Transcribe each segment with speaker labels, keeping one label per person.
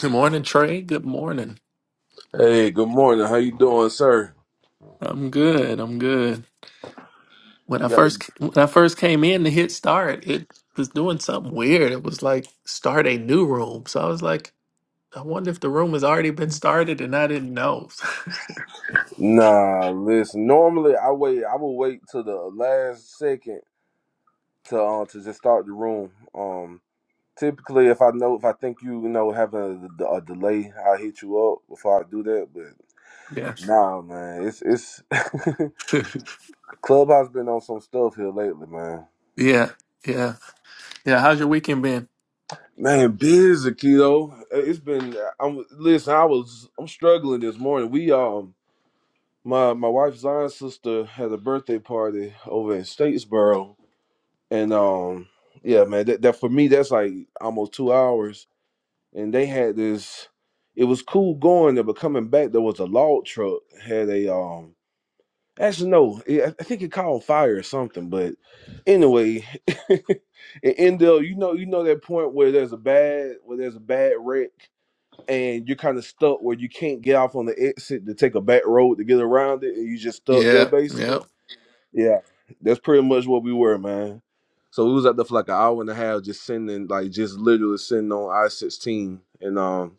Speaker 1: Good morning, Trey. Good morning.
Speaker 2: Hey, good morning. How you doing, sir?
Speaker 1: I'm good. I'm good. When
Speaker 2: You
Speaker 1: I
Speaker 2: got the
Speaker 1: first when I first came in to hit start, it was doing something weird. It was like start a new room. So I was like, I wonder if the room has already been started, and I didn't know.
Speaker 2: Nah, listen. Normally I wait I will wait till the last second to uh, to just start the room. Um typically if I know if I think you, you know having a, a delay, I'll hit you up before I do that, but
Speaker 1: yeah,
Speaker 2: nah, man. It's it's Clubhouse been on some stuff here lately, man.
Speaker 1: yeah, yeah, yeah. How's your weekend been?
Speaker 2: Man, busy, kiddo. It's been I'm listen, I was I'm struggling this morning. We um My my wife Zion's sister had a birthday party over in Statesboro, and um, yeah, man, that, that for me that's like almost two hours, and they had this. It was cool going there, but coming back there was a log truck had a um. Actually, no, it, I I think it caught on fire or something. But anyway, in Endell, you know, you know that point where there's a bad where there's a bad wreck and you're kind of stuck where you can't get off on the exit to take a back road to get around it, and you just stuck there
Speaker 1: Yeah, yeah.
Speaker 2: basically. Yeah, that's pretty much what we were, man. So we was out there for like an hour and a half, just sending, like, just literally sitting on I sixteen, and um,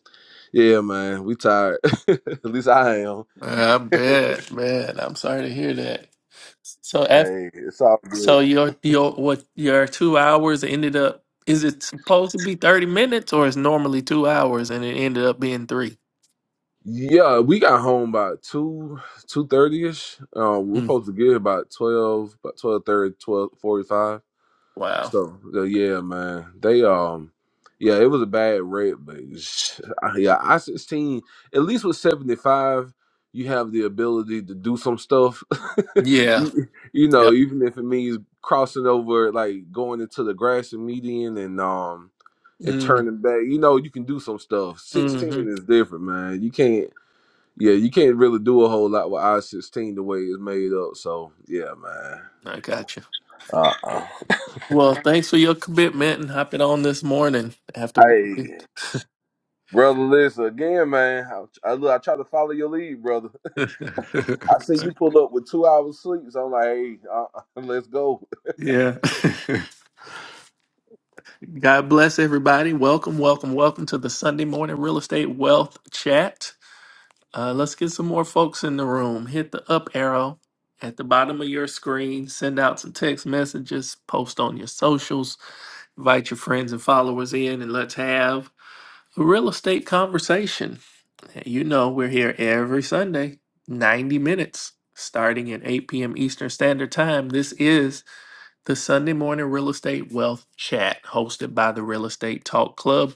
Speaker 2: yeah, man, we tired. At least I am.
Speaker 1: I bet, man. I'm sorry to hear that. So,
Speaker 2: Hey, it's all good.
Speaker 1: So your your what your two hours ended up is it supposed to be thirty minutes or is normally two hours and it ended up being three?
Speaker 2: Yeah, we got home about two two thirty ish. Um, we were
Speaker 1: Mm.
Speaker 2: supposed to get here about twelve, about twelve thirty, twelve forty five.
Speaker 1: Wow.
Speaker 2: So so, yeah, man, they um, yeah, it was a bad rep, but sh- I- yeah, I sixteen at least with seventy five, you have the ability to do some stuff.
Speaker 1: Yeah.
Speaker 2: you you know,
Speaker 1: Yep.
Speaker 2: even if it means crossing over, like going into the grassy median and um and
Speaker 1: Mm.
Speaker 2: turning back, you know, you can do some stuff.
Speaker 1: hmm
Speaker 2: Sixteen is different, man. You can't. Yeah, you can't really do a whole lot with I sixteen the way it's made up. So yeah, man.
Speaker 1: I got you.
Speaker 2: Uh, uh
Speaker 1: Well, thanks for your commitment and hopping on this morning after. wo-
Speaker 2: hey. Brother, listen again, man. I, I look, I try to follow your lead, brother. I see you pull up with two hours sleep, so I'm like, hey, uh, let's go.
Speaker 1: yeah. God bless everybody. Welcome, welcome, welcome to the Sunday morning real estate wealth chat. Uh, let's get some more folks in the room. Hit the up arrow at the bottom of your screen. Send out some text messages, post on your socials, invite your friends and followers in, and let's have a real estate conversation. You know, we're here every Sunday, 90 minutes, starting at 8 p.m. Eastern Standard Time. This is the Sunday Morning Real Estate Wealth Chat hosted by the Real Estate Talk Club.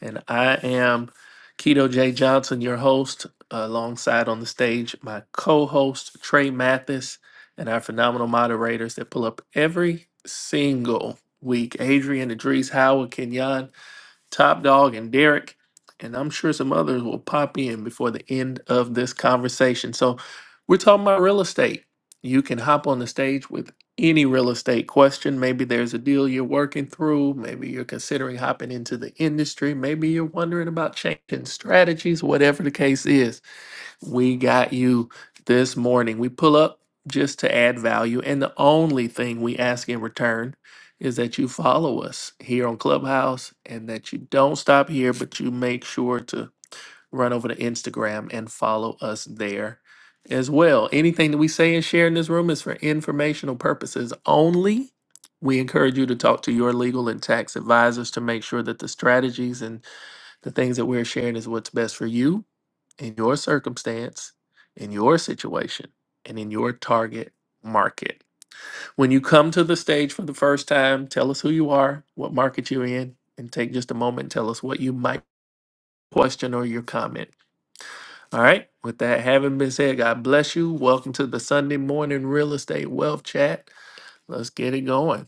Speaker 1: And I am Keto J. Johnson, your host, alongside on the stage my co host, Trey Mathis, and our phenomenal moderators that pull up every single week Adrian, Idris, Howard, Kenyon. Top Dog, and Derek. And I'm sure some others will pop in before the end of this conversation. So we're talking about real estate. You can hop on the stage with any real estate question. Maybe there's a deal you're working through. Maybe you're considering hopping into the industry. Maybe you're wondering about changing strategies, whatever the case is we got you this morning. We pull up just to add value. And the only thing we ask in return is that you follow us here on Clubhouse and that you don't stop here, but you make sure to run over to Instagram and follow us there as well. Anything that we say and share in this room is for informational purposes only. We encourage you to talk to your legal and tax advisors to make sure that the strategies and the things that we're sharing is what's best for you in your circumstance, in your situation, and in your target market. When you come to the stage for the first time, tell us who you are, what market you're in, and take just a moment and tell us what you might question or your comment. All right. With that having been said, God bless you. Welcome to the Sunday morning real estate wealth chat. Let's get it going.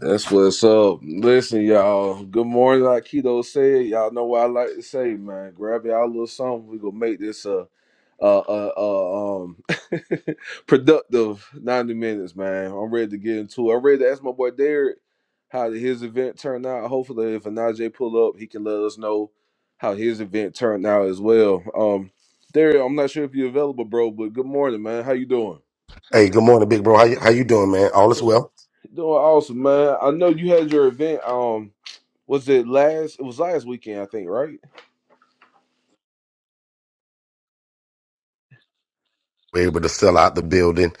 Speaker 2: That's what's up. Listen, y'all. Good morning, like Keto said. Y'all know what I like to say, man. Grab y'all a little something. We gonna make this a, a, a, a um productive ninety minutes, man. I'm ready to get into it. I'm ready to ask my boy Derek how did his event turned out. Hopefully, if Anaje pull up, he can let us know how his event turned out as well. Um, Derek, I'm not sure if you're available, bro, but good morning, man. How you doing?
Speaker 3: Hey, good morning, big bro. How you, how you doing, man? All is well.
Speaker 2: Doing awesome, man. I know you had your event. Um. Was it last? It was last weekend, I think, right?
Speaker 3: We are able to sell out the building.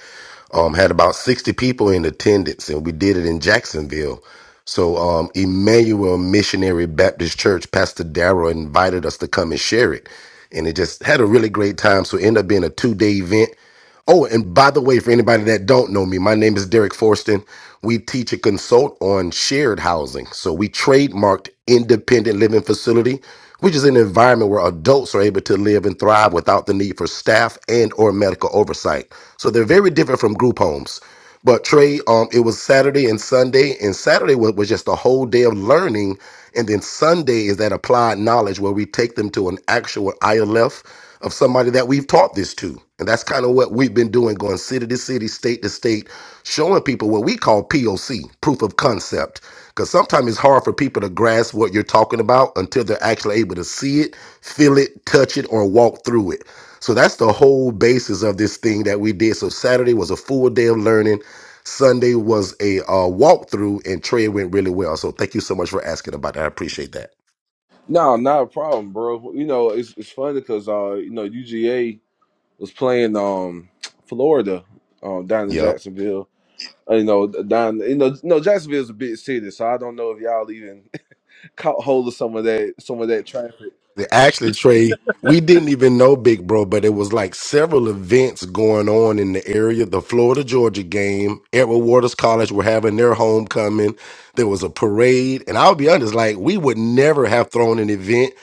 Speaker 3: Um, had about sixty people in attendance, and we did it in Jacksonville. So, um, Emmanuel Missionary Baptist Church, Pastor Darrell invited us to come and share it, and it just had a really great time. So, it ended up being a two day event. Oh, and by the way, for anybody that don't know me, my name is Derek Forston. We teach and consult on shared housing. So we trademarked independent living facility, which is an environment where adults are able to live and thrive without the need for staff and or medical oversight. So they're very different from group homes. But Trey, um, it was Saturday and Sunday, and Saturday was, was just a whole day of learning, and then Sunday is that applied knowledge where we take them to an actual ILF of somebody that we've taught this to, and that's kind of what we've been doing, going city to city, state to state, showing people what we call POC, proof of concept, because sometimes it's hard for people to grasp what you're talking about until they're actually able to see it, feel it, touch it, or walk through it. So that's the whole basis of this thing that we did. So Saturday was a full day of learning. Sunday was a uh, walkthrough, and Trey went really well. So thank you so much for asking about that. I appreciate that.
Speaker 2: No, not a problem, bro. You know, it's it's funny because uh, you know, UGA was playing um Florida, um down in
Speaker 3: Yep.
Speaker 2: Jacksonville. Uh, You know, down you know, no Jacksonville's a big city, so I don't know if y'all even caught hold of some of that some of that traffic.
Speaker 3: Actually, Trey, we didn't even know Big Bro, but it was like several events going on in the area. The Florida Georgia game, Edward Waters College were having their homecoming. There was a parade, and I'll be honest, like we would never have thrown an event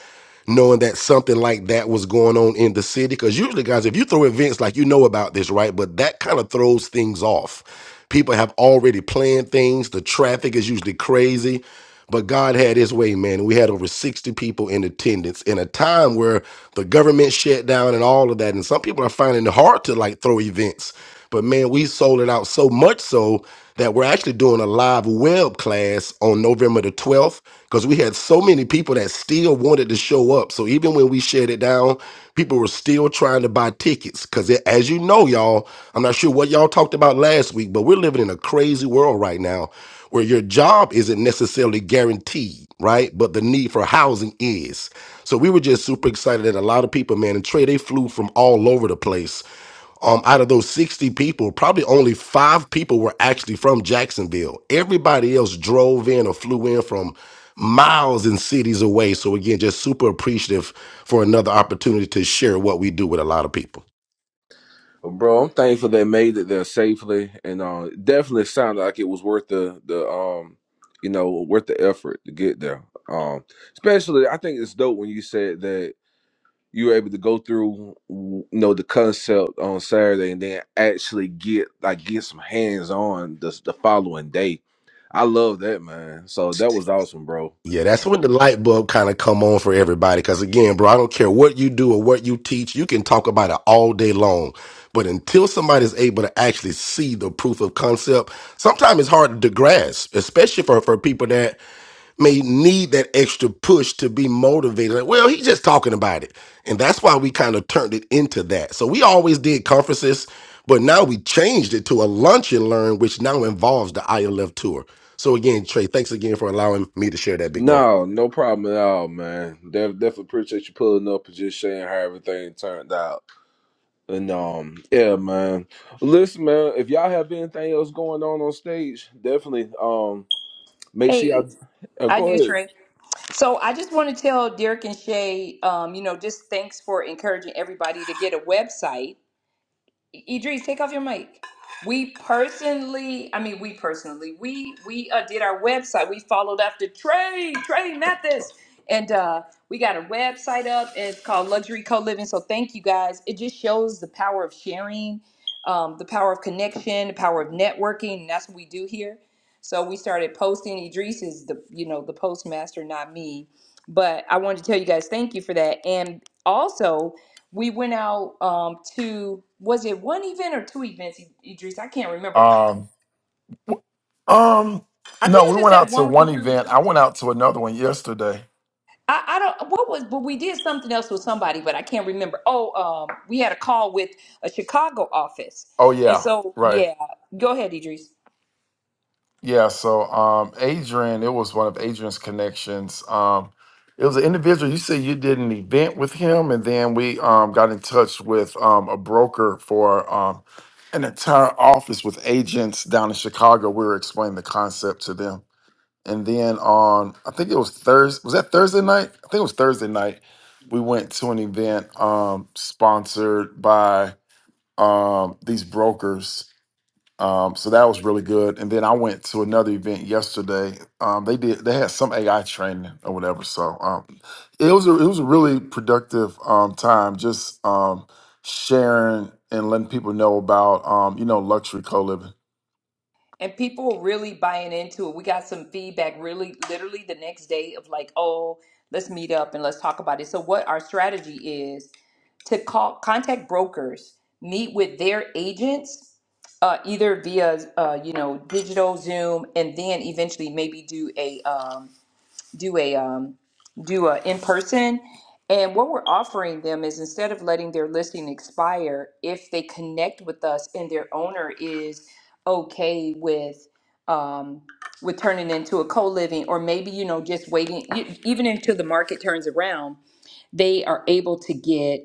Speaker 3: knowing that something like that was going on in the city? Because usually, guys, if you throw events like you know about this, right? But that kind of throws things off. People have already planned things. The traffic is usually crazy. But God had his way, man. We had over 60 people in attendance in a time where the government shut down and all of that. And some people are finding it hard to like throw events but man, we sold it out so much so that we're actually doing a live web class on November the 12th because we had so many people that still wanted to show up. So even when we shut it down, people were still trying to buy tickets because as you know, y'all, I'm not sure what y'all talked about last week, but we're living in a crazy world right now where your job isn't necessarily guaranteed, right? But the need for housing is. So we were just super excited that a lot of people, man, and Trey, they flew from all over the place um, out of those 60 people, probably only five people were actually from Jacksonville. Everybody else drove in or flew in from miles and cities away. So, again, just super appreciative for another opportunity to share what we do with a lot of people.
Speaker 2: But bro, I'm thankful they made it there safely, and uh, it definitely sounded like it was worth the the um you know worth the effort to get there. Um, especially I think it's dope when you said that you were able to go through you know the concept on Saturday and then actually get like get some hands on the the following day. I love that man. So that was awesome, bro.
Speaker 3: Yeah, that's when the light bulb kind of come on for everybody. Because again, bro, I don't care what you do or what you teach, you can talk about it all day long. But until somebody's able to actually see the proof of concept, sometimes it's hard to grasp, especially for, for people that may need that extra push to be motivated. Like, well, he's just talking about it. And that's why we kind of turned it into that. So we always did conferences, but now we changed it to a lunch and learn, which now involves the ILF tour. So again, Trey, thanks again for allowing me to share that, big bro.
Speaker 2: No, no problem at all, man. Def- definitely appreciate you pulling up and just sharing how everything turned out. And um, yeah, man. Listen, man, if y'all have anything else going on on stage, definitely um, make sure
Speaker 4: Hey,
Speaker 2: y'all uh,
Speaker 4: I
Speaker 2: go
Speaker 4: do,
Speaker 2: ahead.
Speaker 4: Trey. So I just want to tell Derek and Shay, um, you know, just thanks for encouraging everybody to get a website. Idris, take off your mic. We personally, I mean, we personally, we we uh, did our website. We followed after Trey, Trey Mathis, and uh, we got a website up. It's called Luxury Co Living. So thank you guys. It just shows the power of sharing, um, the power of connection, the power of networking. And that's what we do here. So we started posting. Idris is the you know the postmaster, not me. But I wanted to tell you guys thank you for that. And also, we went out um to was it one event or two events E-, idris i can't remember
Speaker 5: Um, um,
Speaker 4: i think
Speaker 5: no,
Speaker 4: it
Speaker 5: we
Speaker 4: was just
Speaker 5: went out
Speaker 4: that
Speaker 5: to
Speaker 4: one with the
Speaker 5: one
Speaker 4: roof
Speaker 5: event. I went out to another one yesterday.
Speaker 4: I, I don't what was but we did something else with somebody but i can't remember oh um we had a call with a chicago office
Speaker 5: Oh
Speaker 4: and
Speaker 5: yeah,
Speaker 4: so
Speaker 5: right.
Speaker 4: yeah go ahead idris
Speaker 5: Yeah, so um Adrian, it was one of Adrian's connections. Um it was an individual. You said you did an event with him, and then we um got in touch with um a broker for um an entire office with agents down in Chicago. We were explaining the concept to them. And then on, I think it was Thursday. Was that Thursday night? I think it was Thursday night. We went to an event um, sponsored by um, these brokers. Um, so that was really good. And then I went to another event yesterday. Um, they did. They had some AI training or whatever. So um, it was a, it was a really productive um, time. Just um, sharing and letting people know about um, you know luxury co living.
Speaker 4: and people really buying into it. We got some feedback really literally the next day of like, oh, let's meet up and let's talk about it. So what our strategy is to call contact brokers, meet with their agents, uh, either via uh, you know digital Zoom, and then eventually maybe do a um, do a um, do a in person. And what we're offering them is instead of letting their listing expire, if they connect with us and their owner is okay with um, with turning into a co living, or maybe you know just waiting e- even until the market turns around they are able to get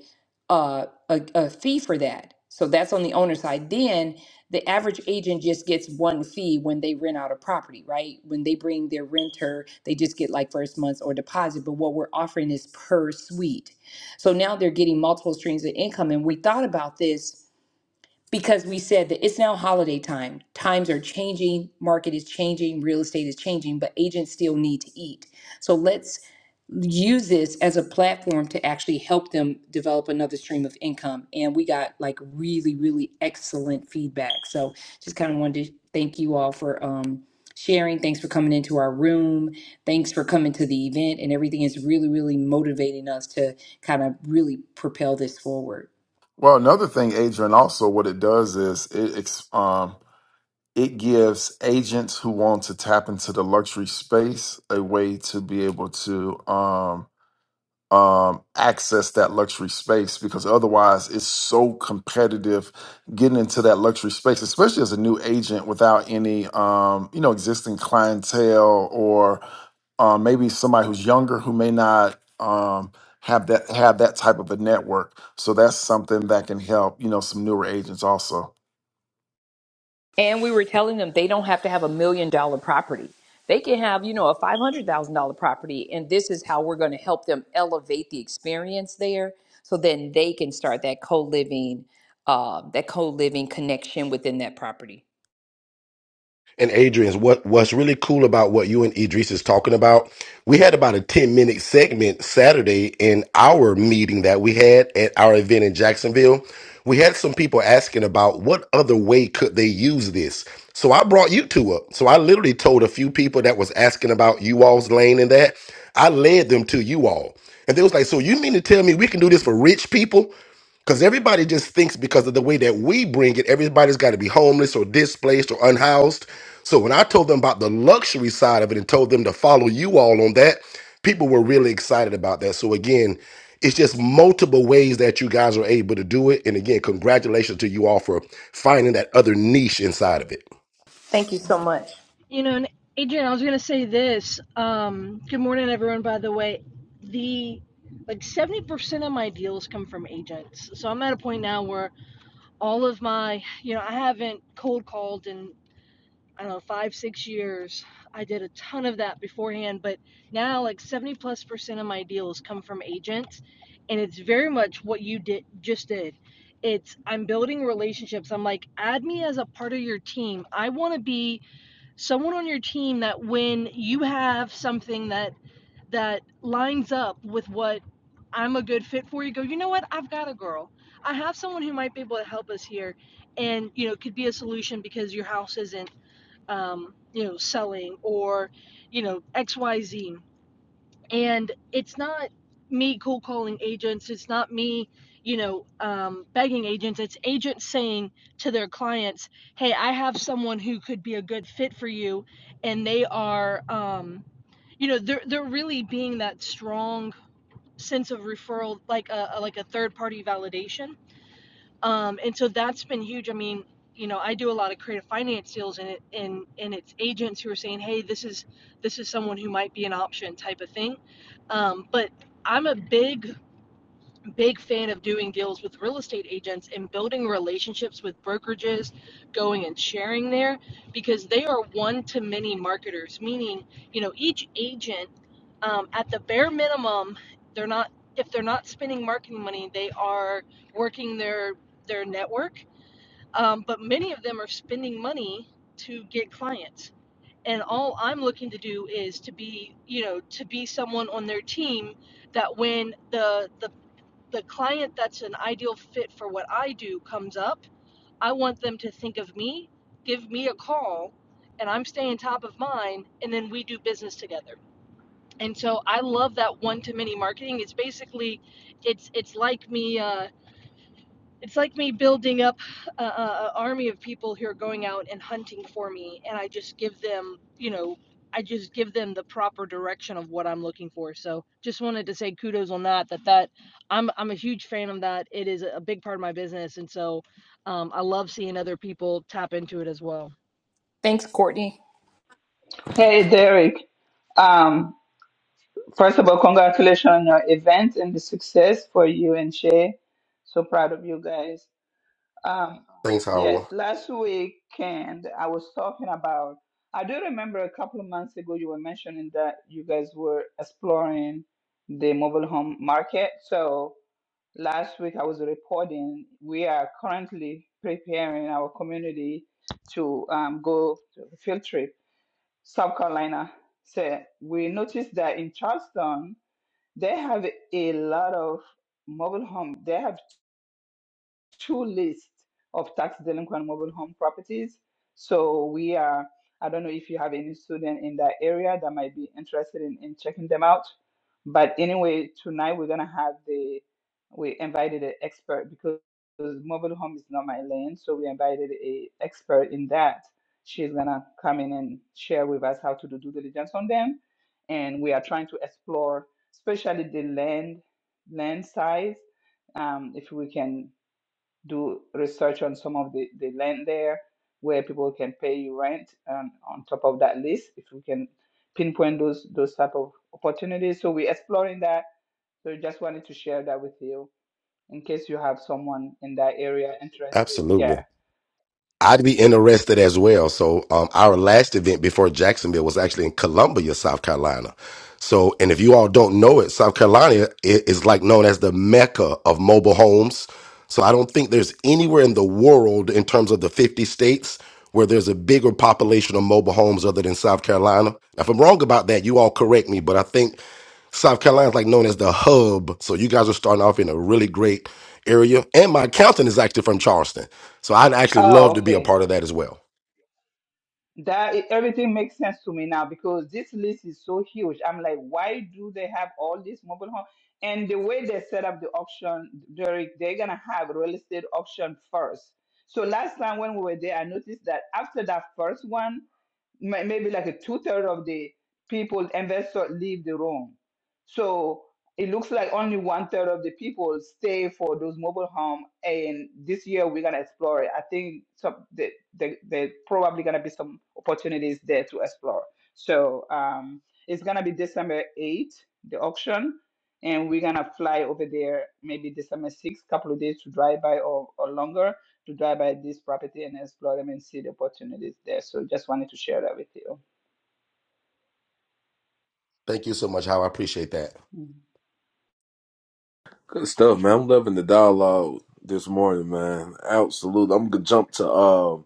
Speaker 4: uh, a, a fee for that. So that's on the owner side. Then the average agent just gets one fee when they rent out a property, right? When they bring their renter, they just get like first month's or deposit. But what we're offering is per suite. So now they're getting multiple streams of income. And we thought about this because we said that it's now holiday time. Times are changing, market is changing, real estate is changing, but agents still need to eat. So let's use this as a platform to actually help them develop another stream of income. And we got like really, really excellent feedback. So just kind of wanted to thank you all for um sharing. Thanks for coming into our room. Thanks for coming to the event and everything is really, really motivating us to kind of really propel this forward.
Speaker 5: Well, another thing, Adrian, also what it does is it it's, um, It gives agents who want to tap into the luxury space a way to be able to um, um, access that luxury space because otherwise it's so competitive getting into that luxury space, especially as a new agent without any um, you know existing clientele or um, maybe somebody who's younger who may not um, have that have that type of a network. So that's something that can help you know some newer agents also.
Speaker 4: And we were telling them they don't have to have a million dollar property. They can have, you know, a $500,000 property, and this is how we're going to help them elevate the experience there so then they can start that co living, uh, that co living connection within that property.
Speaker 3: and Adrian's what what's really cool about what you and Idris is talking about, we had about a 10 minute segment Saturday in our meeting that we had at our event in Jacksonville. We had some people asking about what other way could they use this. So I brought you two up. So I literally told a few people that was asking about you all's lane and that. I led them to you all. And they was like, so you mean to tell me we can do this for rich people? Because everybody just thinks because of the way that we bring it, everybody's got to be homeless or displaced or unhoused. So when I told them about the luxury side of it and told them to follow you all on that, people were really excited about that. So again, it's just multiple ways that you guys are able to do it. And again, congratulations to you all for finding that other niche inside of it.
Speaker 4: Thank you so much.
Speaker 6: You know, and Adrian, I was gonna say this. Um, good morning, everyone. By the way, the like seventy percent of my deals come from agents. So I'm at a point now where all of my, you know, I haven't cold called in I don't know five six years. I did a ton of that beforehand, but now like seventy plus percent of my deals come from agents, and it's very much what you did just did. It's I'm building relationships. I'm like, add me as a part of your team. I want to be someone on your team that when you have something that that lines up with what I'm a good fit for, you go, you know what, I've got a girl. I have someone who might be able to help us here and you know could be a solution because your house isn't um, you know selling or you know xyz and it's not me cold calling agents it's not me you know um, begging agents it's agents saying to their clients hey i have someone who could be a good fit for you and they are um, you know they're, they're really being that strong sense of referral like a a- like a third party validation um, and so that's been huge. I mean, you know, I do a lot of creative finance deals, and it, and and it's agents who are saying, "Hey, this is this is someone who might be an option," type of thing. Um, but I'm a big big fan of doing deals with real estate agents and building relationships with brokerages, going and sharing there because they are one to many marketers, meaning, you know, each agent um, at the bare minimum, they're not, if they're not spending marketing money, they are working their, their network. Um, but many of them are spending money to get clients. And all I'm looking to do is to be, you know, to be someone on their team that when the the the client that's an ideal fit for what I do comes up, I want them to think of me, give me a call, and I'm staying top of mind, and then we do business together. And so I love that one to many marketing. It's basically, it's it's like me. Uh, it's like me building up an army of people who are going out and hunting for me and i just give them you know i just give them the proper direction of what i'm looking for so just wanted to say kudos on that that that i'm i'm a huge fan of that it is a big part of my business and so um, i love seeing other people tap into it as well
Speaker 4: Thanks, Courtney.
Speaker 7: Hey, Derek. Um, first of all, congratulations on your event and the success for you and Shay. So proud of you guys. Um,
Speaker 3: Thanks,
Speaker 7: yes,
Speaker 3: Howell.
Speaker 7: last weekend I was talking about, I do remember a couple of months ago you were mentioning that you guys were exploring the mobile home market. So last week I was reporting we are currently preparing our community to um, go to a field trip South Carolina. So we noticed that in Charleston, they have a lot of mobile home. They have two lists of tax delinquent mobile home properties. So we are, I don't know if you have any student in that area that might be interested in, in checking them out. But anyway, tonight we're gonna have the, we invited an expert because mobile home is not my lane, so we invited a expert in that. She's gonna come in and share with us how to do due diligence on them. And we are trying to explore, especially the land, land size um, if we can do research on some of the, the land there where people can pay you rent and on top of that list if we can pinpoint those those type of opportunities so we're exploring that so just wanted to share that with you in case you have someone in that area interested
Speaker 3: Absolutely.
Speaker 7: yeah
Speaker 3: I'd be interested as well. So um, our last event before Jacksonville was actually in Columbia, South Carolina. So, and if you all don't know it, South Carolina i- is like known as the mecca of mobile homes. So I don't think there's anywhere in the world in terms of the 50 states where there's a bigger population of mobile homes other than South Carolina. Now, if I'm wrong about that, you all correct me, but I think South Carolina is like known as the hub. So you guys are starting off in a really great area. And my accountant is actually from Charleston. So I'd actually love
Speaker 7: oh
Speaker 3: to be a
Speaker 7: okay
Speaker 3: part of that as well.
Speaker 7: That it- everything makes sense to me now because this list is so huge. I'm like, why do they have all these mobile home? And the way they set up the auction, Derek, they're gonna have real estate auction first. So last time when we were there, I noticed that after that first one, may- maybe like a two third of the people investor leave the room. So it looks like only one-third of the people stay for those mobile home. And this year we're gonna explore it. I think some the the there probably gonna be some opportunities there to explore. So um, it's gonna be December 8th, the auction. And we're gonna fly over there maybe December 6th, couple of days to drive by or, or longer to drive by this property and explore them and see the opportunities there. So just wanted to share that with you.
Speaker 3: Thank you so much, Howard. I appreciate that.
Speaker 7: Mhm.
Speaker 2: Good stuff, man. I'm loving the dialogue this morning, man. Absolutely. I'm gonna jump to um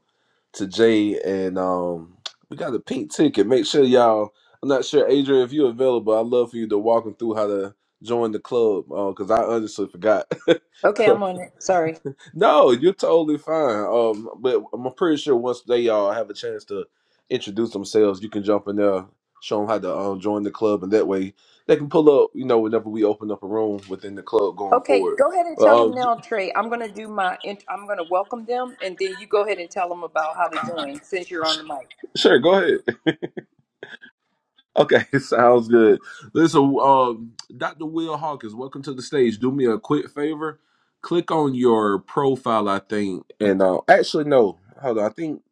Speaker 2: to Jay and um we got a pink ticket. Make sure y'all I'm not sure, Adrian, if you're available, I'd love for you to walk them through how to join the club. Uh, cause I honestly forgot.
Speaker 4: Okay, I'm on it. Sorry.
Speaker 2: No, you're totally fine. Um, but I'm pretty sure once they all have a chance to introduce themselves, you can jump in there, show them how to um, join the club, and that way they can pull up. You know, whenever we open up a room within the club going
Speaker 4: Okay,
Speaker 2: forward.
Speaker 4: go ahead and tell
Speaker 2: Well,
Speaker 4: them
Speaker 2: um,
Speaker 4: now, Trey. I'm going to do my, int- I'm going to welcome them, and then you go ahead and tell them about how to join since you're on the mic.
Speaker 2: sure, go ahead. Okay, sounds good. Listen, um, Dr. Will Hawkins, welcome to the stage. Do me a quick favor, click on your profile, I think, and uh, actually no, hold on, I think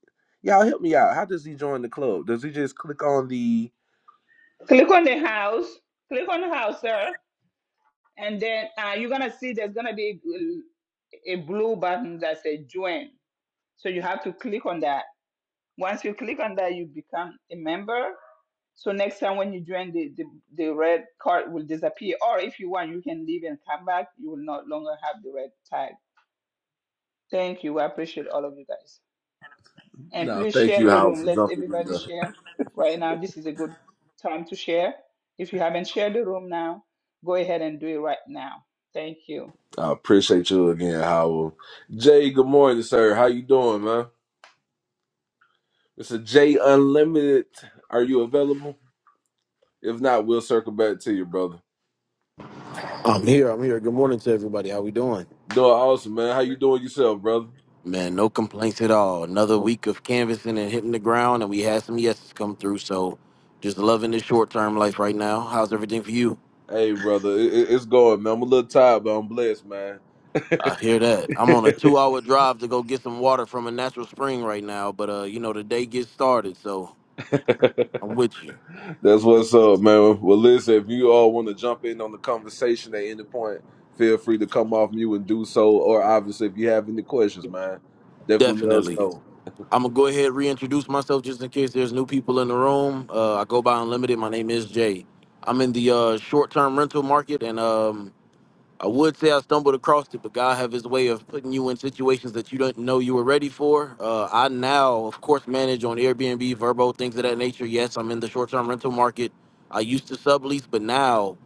Speaker 2: y'all help me out. How does he join the club? Does he just click on the?
Speaker 7: Click on the house, click on the house, sir, and then uh, you're gonna see there's gonna be a, a blue button that says join. So you have to click on that. Once you click on that, you become a member. So next time when you join, the, the, the red card will disappear. Or if you want, you can leave and come back. You will not longer have the red tag. Thank you. I appreciate all of you guys. And
Speaker 2: No,
Speaker 7: please
Speaker 2: thank
Speaker 7: share
Speaker 2: you,
Speaker 7: the
Speaker 2: Howard,
Speaker 7: room.
Speaker 2: for
Speaker 7: Let's
Speaker 2: jumping in.
Speaker 7: everybody
Speaker 2: There.
Speaker 7: share. Right now, this is a good time to share. If you haven't shared the room now, go ahead and do it right now. Thank you.
Speaker 2: I appreciate you again, Howard. Jay, good morning, sir. How you doing, man? It's a Jay Unlimited. Are you available? If not, we'll circle back to you, brother.
Speaker 8: I'm here. I'm here. Good morning to everybody. How we doing?
Speaker 2: Doing awesome, man. How you doing yourself, brother?
Speaker 8: Man, no complaints at all. Another week of canvassing and hitting the ground, and we had some yeses come through. So, just loving this short term life right now. How's everything for you?
Speaker 2: Hey, brother, it, it- it's going, man. I'm a little tired, but I'm blessed, man.
Speaker 8: I hear that. I'm on a two hour drive to go get some water from a natural spring right now, but uh, you know the day gets started, so I'm with you.
Speaker 2: That's what's up, man. Well, listen, if you all want to jump in on the conversation at any point, feel free to come off mute and do so. Or obviously, if you have any questions, man, definitely let us
Speaker 8: Definitely.
Speaker 2: know.
Speaker 8: I'm gonna go ahead and reintroduce myself just in case there's new people in the room. Uh, I go by Unlimited. My name is Jay. I'm in the uh, short-term rental market, and um, I would say I stumbled across it, but God have His way of putting you in situations that you do not know you were ready for. Uh, I now, of course, manage on Airbnb, Verbo, things of that nature. Yes, I'm in the short-term rental market. I used to sublease, but now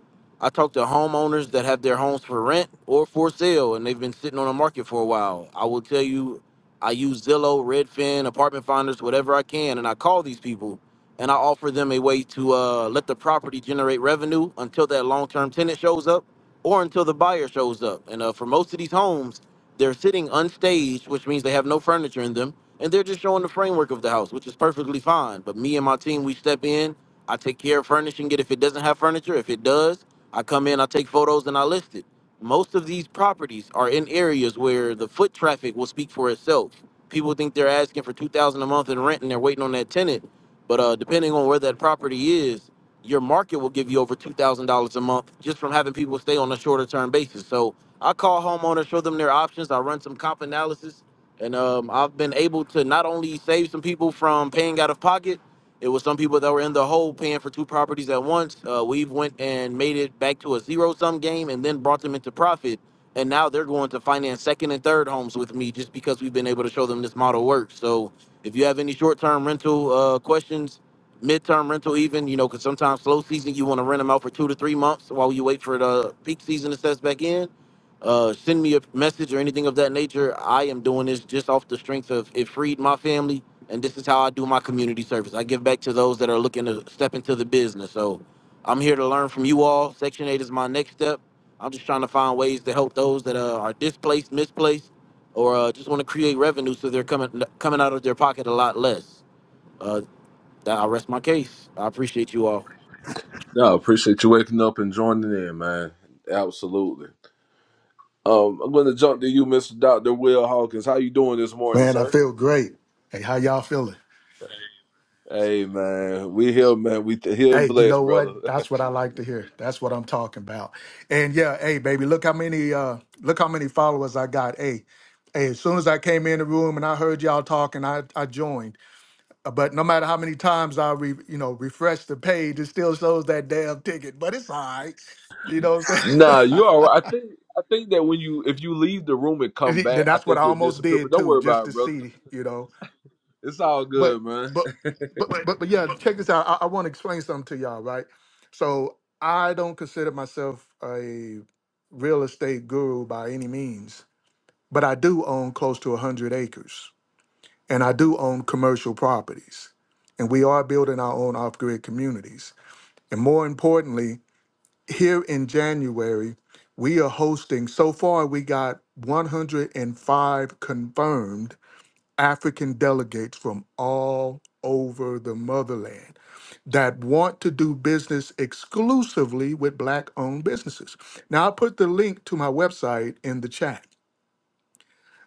Speaker 8: I talk to homeowners that have their homes for rent or for sale, and they've been sitting on the market for a while. I will tell you, I use Zillow, Redfin, Apartment Finders, whatever I can, and I call these people and I offer them a way to uh, let the property generate revenue until that long-term tenant shows up or until the buyer shows up. And uh, for most of these homes, they're sitting unstaged, which means they have no furniture in them, and they're just showing the framework of the house, which is perfectly fine. But me and my team, we step in. I take care of furnishing it if it doesn't have furniture. If it does, I come in, I take photos, and I list it. Most of these properties are in areas where the foot traffic will speak for itself. People think they're asking for two thousand dollars a month in rent, and they're waiting on that tenant. But uh, depending on where that property is, your market will give you over two thousand dollars a month just from having people stay on a shorter term basis. So I call homeowners, show them their options. I run some comp analysis, and um, I've been able to not only save some people from paying out of pocket. It was some people that were in the hole paying for two properties at once. Uh, we've went and made it back to a zero sum game, and then brought them into profit. And now they're going to finance second and third homes with me just because we've been able to show them this model works. So if you have any short term rental uh, questions, midterm rental even you know because sometimes slow season you want to rent them out for two to three months while you wait for the peak season to set back in uh, send me a message or anything of that nature i am doing this just off the strength of it freed my family and this is how i do my community service i give back to those that are looking to step into the business so i'm here to learn from you all section 8 is my next step i'm just trying to find ways to help those that uh, are displaced misplaced or uh, just want to create revenue so they're coming coming out of their pocket a lot less Uh, that I rest my case. I appreciate you all.
Speaker 2: No, I appreciate you waking up and joining in, man. Absolutely. Um, I'm gonna jump to you, Mr. Doctor Will Hawkins. How you doing this morning,
Speaker 9: Man, I
Speaker 2: sir?
Speaker 9: feel great. Hey, how y'all feeling?
Speaker 2: Hey, man, we here, man. We th- here and
Speaker 9: Hey, you
Speaker 2: blessed,
Speaker 9: know
Speaker 2: brother.
Speaker 9: what? That's what I like to hear. That's what I'm talking about. And yeah, hey, baby, look how many uh look how many followers I got. Hey, hey, as soon as I came in the room and I heard y'all talking, I I joined. Uh, But no matter how many times I re, you know, refresh the page, it still shows that damn ticket, but it's all right. You know what
Speaker 2: nah,
Speaker 9: I'm
Speaker 2: you all right. I think I think that when you if you leave the room and come
Speaker 9: saying?
Speaker 2: back,
Speaker 9: then
Speaker 2: I
Speaker 9: that's what I
Speaker 2: think it
Speaker 9: almost
Speaker 2: disappear. But
Speaker 9: did
Speaker 2: don't
Speaker 9: too,
Speaker 2: worry
Speaker 9: just
Speaker 2: about it,
Speaker 9: to
Speaker 2: brother.
Speaker 9: see, you know.
Speaker 2: It's all
Speaker 9: but
Speaker 2: good, man.
Speaker 9: but but but but yeah check this out i, I want to explain something to y'all right so i don't consider myself a real estate guru by any means but i do own close to 100 acres and i do own commercial properties and we are building our own off-grid communities and more importantly here in january we are hosting so far we got 105 confirmed African delegates from all over the motherland that want to do business exclusively with Black owned businesses. Now, I put the link to my website in the chat.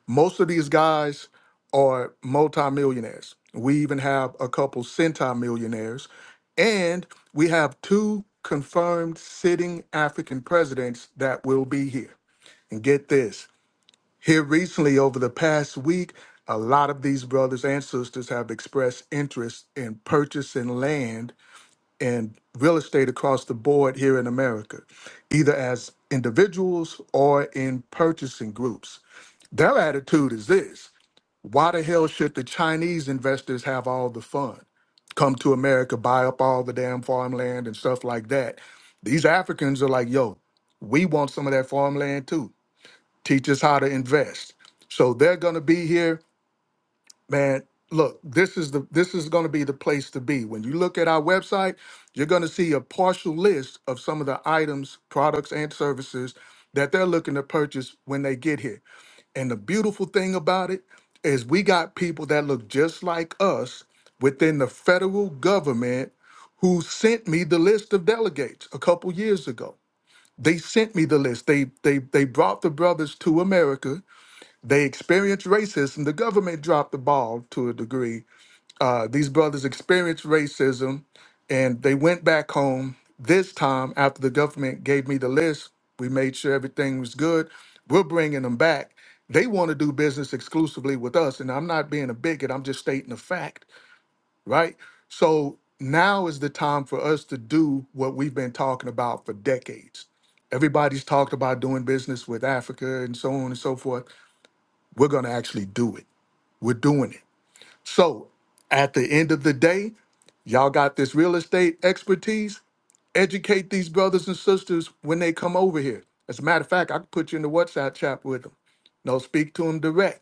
Speaker 9: Most of these guys are multimillionaires. We even have a couple centimillionaires. And we have two confirmed sitting African presidents that will be here. And get this here recently, over the past week, a lot of these brothers and sisters have expressed interest in purchasing land and real estate across the board here in America, either as individuals or in purchasing groups. Their attitude is this why the hell should the Chinese investors have all the fun? Come to America, buy up all the damn farmland and stuff like that. These Africans are like, yo, we want some of that farmland too teach us how to invest. So they're going to be here, man. Look, this is the this is going to be the place to be. When you look at our website, you're going to see a partial list of some of the items, products, and services that they're looking to purchase when they get here. And the beautiful thing about it is we got people that look just like us within the federal government who sent me the list of delegates a couple years ago. They sent me the list. They they they brought the brothers to America they experienced racism. The government dropped the ball to a degree. Uh, these brothers experienced racism and they went back home. This time, after the government gave me the list, we made sure everything was good. We're bringing them back. They want to do business exclusively with us. And I'm not being a bigot, I'm just stating a fact, right? So now is the time for us to do what we've been talking about for decades. Everybody's talked about doing business with Africa and so on and so forth. We're going to actually do it we're doing it. So at the end of the day, y'all got this real estate expertise. Educate these brothers and sisters when they come over here. As a matter of fact, I can put you in the WhatsApp chat with them. No, speak to them direct.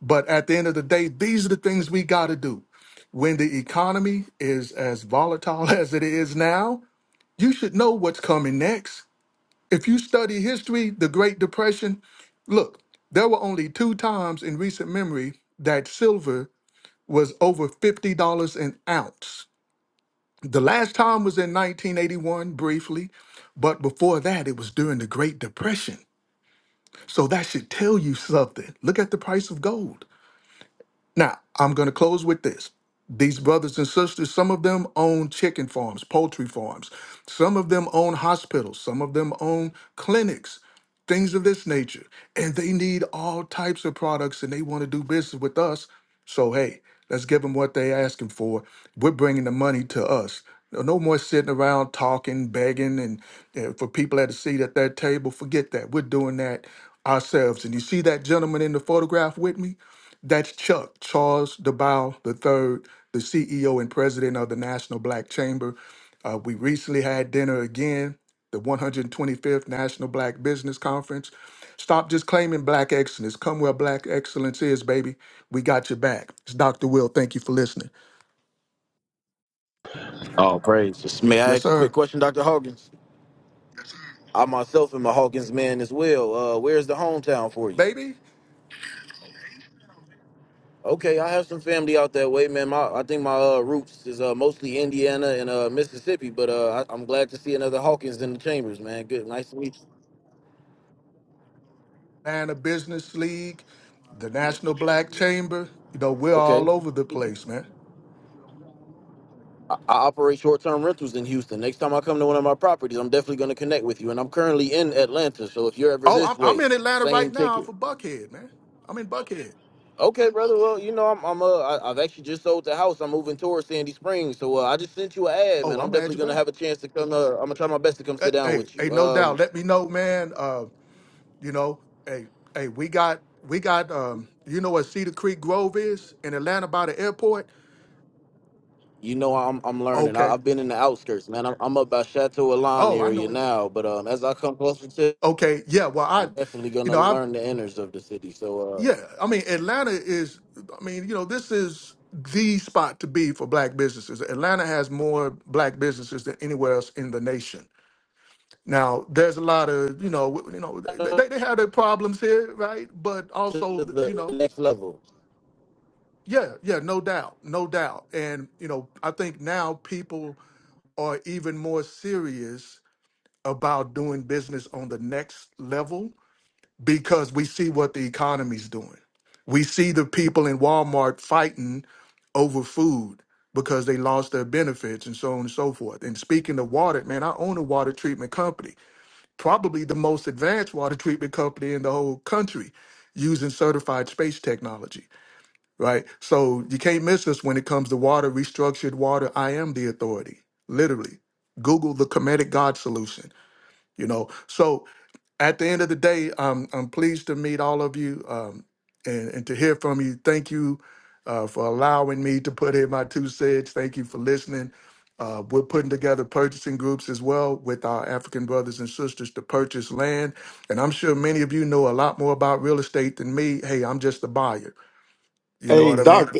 Speaker 9: But at the end of the day, these are the things we got to do. When the economy is as volatile as it is now, you should know what's coming next. If you study history, the Great Depression, look, there were only two times in recent memory that silver was over $50 an ounce. The last time was in 1981, briefly, but before that, it was during the Great Depression. So that should tell you something. Look at the price of gold. Now, I'm going to close with this. These brothers and sisters, some of them own chicken farms, poultry farms. Some of them own hospitals. Some of them own clinics, things of this nature. And they need all types of products and they want to do business with us. So, hey, let's give them what they're asking for. We're bringing the money to us. No no more sitting around talking, begging, and, and for people at the seat at that table. Forget that. We're doing that ourselves. And you see that gentleman in the photograph with me? That's Chuck, Charles DeBow III, the CEO and president of the National Black Chamber. Uh, we recently had dinner again, the 125th National Black Business Conference. Stop just claiming black excellence. Come where black excellence is, baby. We got your back. It's Dr. Will. Thank you for listening.
Speaker 8: Oh, praise. Just may I
Speaker 9: Yes,
Speaker 8: ask a quick
Speaker 9: sir.
Speaker 8: question, Dr. Hawkins? I myself am a Hawkins man as well. Uh, where's the hometown for you?
Speaker 9: Baby,
Speaker 8: Okay, I have some family out that way, man. My, I think my uh, roots is uh, mostly Indiana and uh, Mississippi, but uh, I, I'm glad to see another Hawkins in the chambers, man. Good, nice to meet you.
Speaker 9: Atlanta Business League, the National Black Chamber. You know, we're
Speaker 8: Okay,
Speaker 9: all over the place, man.
Speaker 8: I, I operate short-term rentals in Houston. Next time I come to one of my properties, I'm definitely going to connect with you. And I'm currently in Atlanta, so if you're ever
Speaker 9: Oh,
Speaker 8: this
Speaker 9: I'm, I'm
Speaker 8: way,
Speaker 9: in Atlanta
Speaker 8: same
Speaker 9: right now
Speaker 8: ticket.
Speaker 9: for Buckhead, man. I'm in Buckhead.
Speaker 8: Okay, brother. Well, you know, I'm, I'm uh, I, I've actually just sold the house. I'm moving towards Sandy Springs, so uh, I just sent you an ad, man.
Speaker 9: Oh,
Speaker 8: I'm
Speaker 9: I'm at
Speaker 8: definitely
Speaker 9: your
Speaker 8: gonna
Speaker 9: back.
Speaker 8: have a chance to come. Uh, I'm gonna try my best to come
Speaker 9: Uh,
Speaker 8: sit down
Speaker 9: Hey,
Speaker 8: with
Speaker 9: hey,
Speaker 8: you.
Speaker 9: no doubt.
Speaker 8: Um,
Speaker 9: Let me know, man. Uh, you know, hey, hey, we got we got um you know what Cedar Creek Grove is in Atlanta by the airport?
Speaker 8: you know, I'm I'm learning. I,
Speaker 9: Okay.
Speaker 8: I've been in the outskirts, man. I'm, I'm up by Chateau Alon
Speaker 9: Oh, I know
Speaker 8: area
Speaker 9: what you
Speaker 8: now, but um, as I come closer to,
Speaker 9: okay, yeah. Well I
Speaker 8: I'm definitely
Speaker 9: you
Speaker 8: gonna
Speaker 9: know, I
Speaker 8: learn the inners of the city. So
Speaker 9: yeah, I mean Atlanta is I mean, you know, this is the spot to be for black businesses. Atlanta has more black businesses than anywhere else in the nation. Now, there's a lot of, you know, w- you know, they,
Speaker 8: uh,
Speaker 9: they they have their problems here, right? But
Speaker 8: to
Speaker 9: also, you
Speaker 8: the
Speaker 9: know,
Speaker 8: next level.
Speaker 9: Yeah, yeah, no doubt, no doubt. And, you know, I think now people are even more serious about doing business on the next level because we see what the economy's doing. We see the people in Walmart fighting over food because they lost their benefits and so on and so forth. And speaking of water, man, I own a water treatment company, probably the most advanced water treatment company in the whole country using certified space technology right? So you can't miss us when it comes to water, restructured water. I am the authority, literally. Google the comedic God solution, you know. So at the end of the day, I'm, I'm pleased to meet all of you um, and, and to hear from you. Thank you uh, for allowing me to put in my two cents. Thank you for listening. Uh, we're putting together purchasing groups as well with our African brothers and sisters to purchase land. And I'm sure many of you know a lot more about real estate than me. Hey, I'm just a buyer. You know
Speaker 5: Hey,
Speaker 9: what I mean?
Speaker 5: Doc.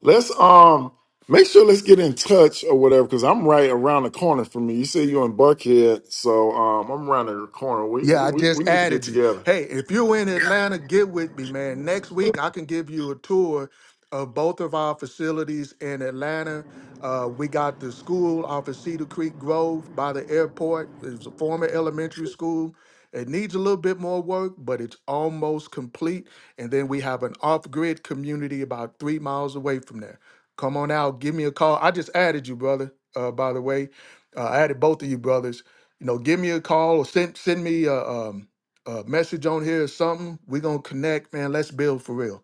Speaker 5: Let's um make sure let's get in touch or whatever because I'm right around the corner from you. You say you're in Buckhead, so um I'm around the corner. We
Speaker 9: Yeah,
Speaker 5: we
Speaker 9: I
Speaker 5: we
Speaker 9: just
Speaker 5: we need to get
Speaker 9: added you.
Speaker 5: together.
Speaker 9: Hey, if you're in Atlanta, get with me, man. Next week, I can give you a tour of both of our facilities in Atlanta. Uh, we got the school off of Cedar Creek Grove by the airport. It was a former elementary school. It needs a little bit more work, but it's almost complete. And then we have an off grid community about three miles away from there. Come on out, give me a call. I just added you, brother, uh, by the way. Uh, I added both of you brothers you know, give me a call or send send me a, um, a message on here or something. We're gonna connect, man. Let's build for real.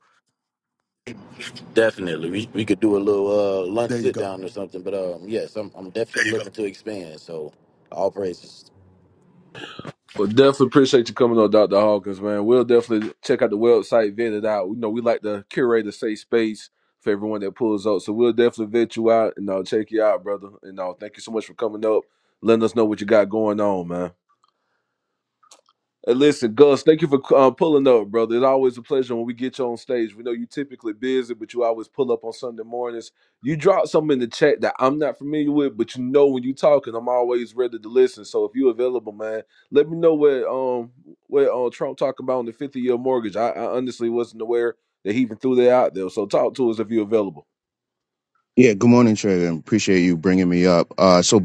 Speaker 8: Definitely, we we could do a little uh lunch
Speaker 9: There you
Speaker 8: sit
Speaker 9: go.
Speaker 8: down or something. But um, yes, I'm I'm definitely looking to expand. So all praises.
Speaker 2: Well, definitely appreciate you coming on, Dr. Hawkins, man. We'll definitely check out the website, vet it out. You know, we like to curate a safe space for everyone that pulls up. So we'll definitely vet you out and I'll check you out, brother. And uh, thank you so much for coming up, letting us know what you got going on, man. Hey, listen, Gus, thank you for uh, pulling up, brother. It's always a pleasure when we get you on stage. We know you typically busy, but you always pull up on Sunday mornings. You drop something in the chat that I'm not familiar with, but you know when you talking, I'm always ready to listen. So if you're available, man, let me know what um what uh, Trump talking about on the 50 year mortgage. I, I honestly wasn't aware that he even threw that out there. So talk to us if you're available.
Speaker 10: Yeah, good morning, Trey. and Appreciate you bringing me up. Uh, so,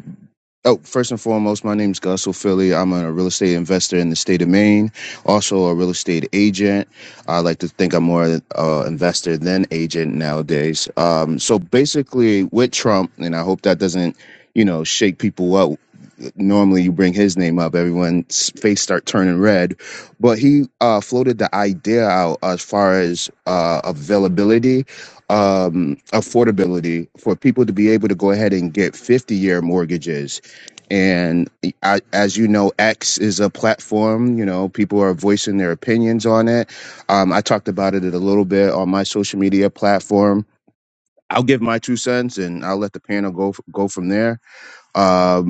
Speaker 10: oh, first and foremost, my name is Gus O'Philly. I'm a real estate investor in the state of Maine, also a real estate agent. I like to think I'm more uh, investor than agent nowadays. Um, so, basically, with Trump, and I hope that doesn't, you know, shake people up normally you bring his name up, everyone's face start turning red. But he uh, floated the idea out as far as uh, availability, um, affordability for people to be able to go ahead and get 50 year mortgages. And I, as you know, X is a platform. You know, people are voicing their opinions on it. Um, I talked about it a little bit on my social media platform. I'll give my two cents, and I'll let the panel go go from there. Um,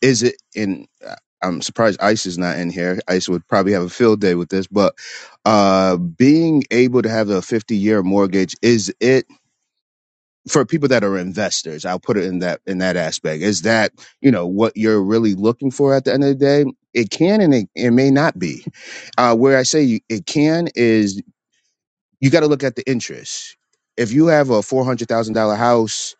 Speaker 10: is it in uh, i'm surprised ice is not in here ice would probably have a field day with this but uh being able to have a 50 year mortgage is it for people that are investors i'll put it in that in that aspect is that you know what you're really looking for at the end of the day it can and it, it may not be uh where i say you, it can is you got to look at the interest if you have a $400000 house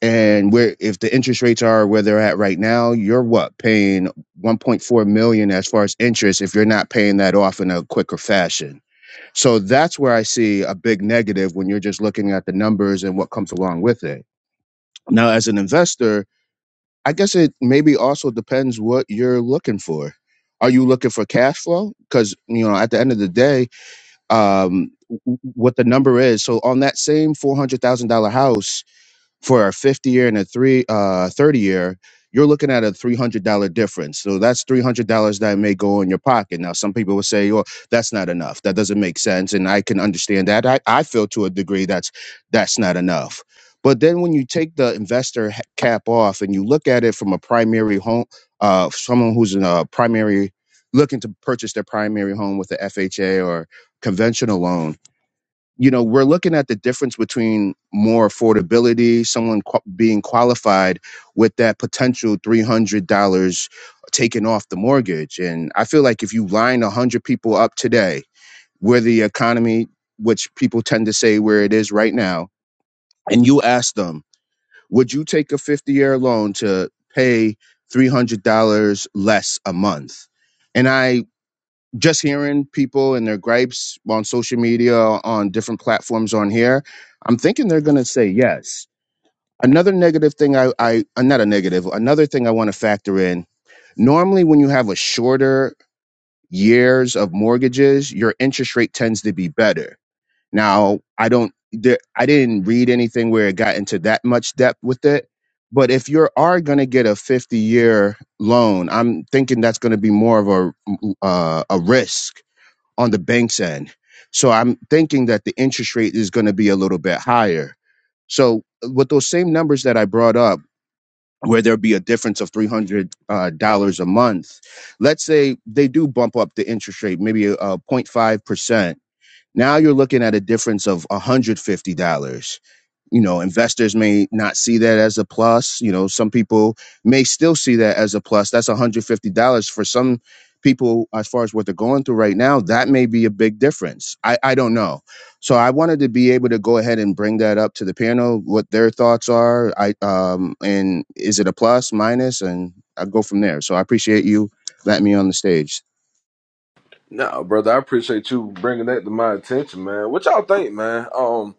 Speaker 10: and where if the interest rates are where they're at right now you're what paying 1.4 million as far as interest if you're not paying that off in a quicker fashion so that's where i see a big negative when you're just looking at the numbers and what comes along with it now as an investor i guess it maybe also depends what you're looking for are you looking for cash flow because you know at the end of the day um w- w- what the number is so on that same $400000 house for a 50 year and a three uh 30 year you're looking at a $300 difference so that's $300 that may go in your pocket now some people will say well that's not enough that doesn't make sense and i can understand that i, I feel to a degree that's that's not enough but then when you take the investor ha- cap off and you look at it from a primary home uh someone who's in a primary looking to purchase their primary home with the fha or conventional loan you know we're looking at the difference between more affordability someone qu- being qualified with that potential $300 taken off the mortgage and i feel like if you line 100 people up today where the economy which people tend to say where it is right now and you ask them would you take a 50 year loan to pay $300 less a month and i just hearing people and their gripes on social media, on different platforms on here, I'm thinking they're going to say yes. Another negative thing I, I, uh, not a negative, another thing I want to factor in. Normally, when you have a shorter years of mortgages, your interest rate tends to be better. Now, I don't, there, I didn't read anything where it got into that much depth with it. But if you are going to get a 50 year loan, I'm thinking that's going to be more of a, uh, a risk on the bank's end. So I'm thinking that the interest rate is going to be a little bit higher. So with those same numbers that I brought up, where there'll be a difference of three hundred uh, dollars a month, let's say they do bump up the interest rate, maybe a a zero point 0.5 percent. Now you're looking at a difference of $150. You know, investors may not see that as a plus. You know, some people may still see that as a plus. That's $150 for some people, as far as what they're going through right now, that may be a big difference. I, I don't know. So I wanted to be able to go ahead and bring that up to the panel, what their thoughts are. I, um, and is it a plus, minus, and I'll go from there. So I appreciate you letting me on the stage.
Speaker 2: No, brother, I appreciate you bringing that to my attention, man. What y'all think, man? Um,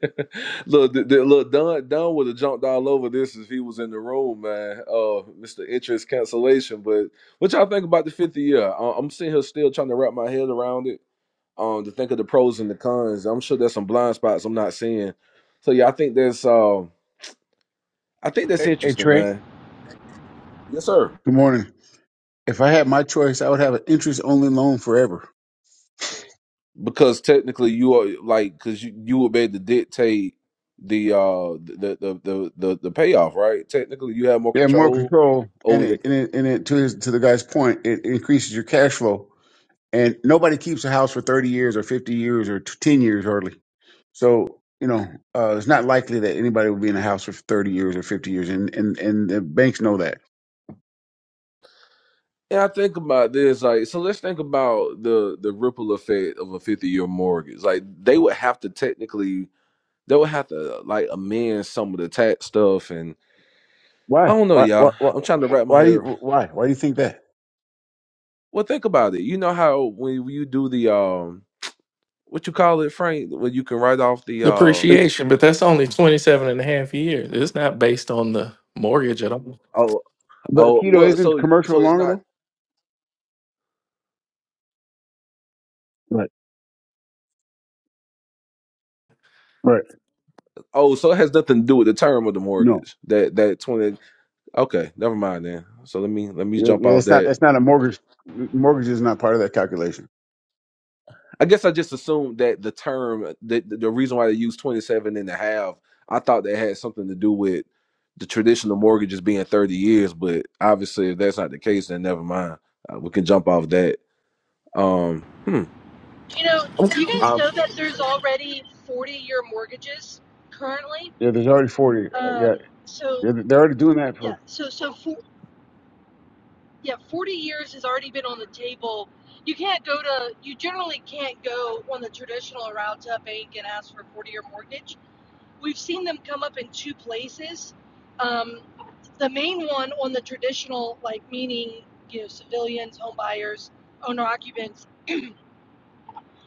Speaker 2: look, the, the, look, Don Don would have jumped all over this if he was in the room, man. Uh, Mr. Interest cancellation. But what y'all think about the 50 year? I, I'm sitting here still trying to wrap my head around it. Um, to think of the pros and the cons. I'm sure there's some blind spots I'm not seeing. So yeah, I think that's um, I think that's
Speaker 11: Hey, hey,
Speaker 2: interesting,
Speaker 11: Trey.
Speaker 2: man. Yes, sir.
Speaker 11: Good morning. If I had my choice, I would have an interest-only loan forever.
Speaker 2: Because technically, you are like, because you you would be able to dictate the uh the the the the, the the payoff, right? Technically, you have more
Speaker 11: Yeah, more
Speaker 2: control
Speaker 11: control, and
Speaker 2: over the
Speaker 11: it, and it, and it to his, to the guy's point, it increases your cash flow. And nobody keeps a house for thirty years or fifty years or t- ten years hardly. So you know, uh, it's not likely that anybody will be in a house for thirty years or fifty years, and and and the banks know that.
Speaker 2: Yeah, I think about this. Like, so let's think about the the ripple effect of a fifty year mortgage. Like, they would have to technically, they would have to like amend some of the tax stuff, and I
Speaker 11: Why?
Speaker 2: don't know,
Speaker 11: Why? Why?
Speaker 2: y'all.
Speaker 11: Why?
Speaker 2: I'm trying to wrap my
Speaker 11: Why? Do
Speaker 2: head.
Speaker 11: you,
Speaker 2: around.
Speaker 11: why? why do you think that?
Speaker 2: Well, think about it. You know how when you do the um, what you call it, Frank, when you can write off the um,
Speaker 1: Depreciation, but that's only 27 and a half years. It's not based on the mortgage at all.
Speaker 2: oh,
Speaker 11: But
Speaker 2: oh,
Speaker 11: keto
Speaker 2: well,
Speaker 11: isn't
Speaker 2: so
Speaker 11: commercial
Speaker 2: so it's
Speaker 11: longer
Speaker 2: not.
Speaker 11: though. Right. Right.
Speaker 2: Oh, so it has nothing to do with the term of the
Speaker 11: No.
Speaker 2: mortgage. That that twenty. Okay, never mind then. So let me let me
Speaker 11: Yeah,
Speaker 2: jump
Speaker 11: yeah,
Speaker 2: off
Speaker 11: it's not.
Speaker 2: that.
Speaker 11: It's not a mortgage. Mortgage is not part of that calculation.
Speaker 2: I guess I just assumed that the term, uh, the, the reason why they use 27 and a half, I thought that had something to do with the traditional mortgages being 30 years, but obviously if that's not the case, then never mind. Uh, we can jump off that. Um, hmm.
Speaker 6: you know do you guys
Speaker 8: Um.
Speaker 6: know that there's already 40 year mortgages currently
Speaker 11: Yeah, there's already forty. Uh, yeah,
Speaker 6: um, so
Speaker 11: yeah, they're already doing that
Speaker 6: yeah
Speaker 11: for.
Speaker 6: so so for, yeah, 40 years has already been on the table. You can't go to, you generally can't go on the traditional route to a bank and ask for a 40 year mortgage. We've seen them come up in two places. Um, the main one on the traditional, like meaning, you know, civilians, home buyers, owner occupants,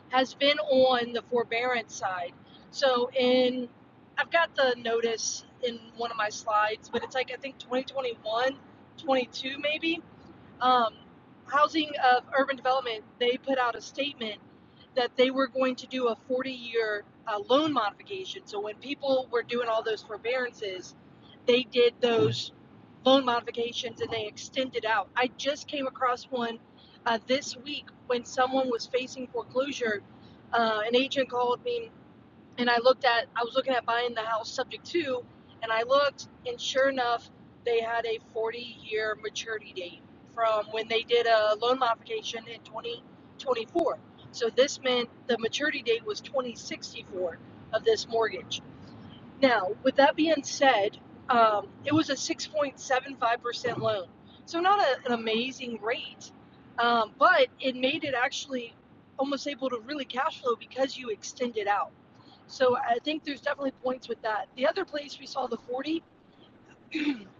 Speaker 6: has been on the forbearance side. So in, I've got the notice in one of my slides, but it's like, I think 2021, 22 maybe um, Housing of Urban Development, they put out a statement that they were going to do a 40 year uh, loan modification. So when people were doing all those forbearances, they did those loan modifications and they extended out. I just came across one uh, this week when someone was facing foreclosure. Uh, an agent called me and I looked at I was looking at buying the house subject to, and I looked, and sure enough, they had a 40 year maturity date from when they did a loan modification in 2024. So this meant the maturity date was 2064 of this mortgage. Now, with that being said, um, it was a 6.75% loan, so not a, an amazing rate, um, but it made it actually almost able to really cash flow because you extend it out. So I think there's definitely points with that. The other place we saw the 40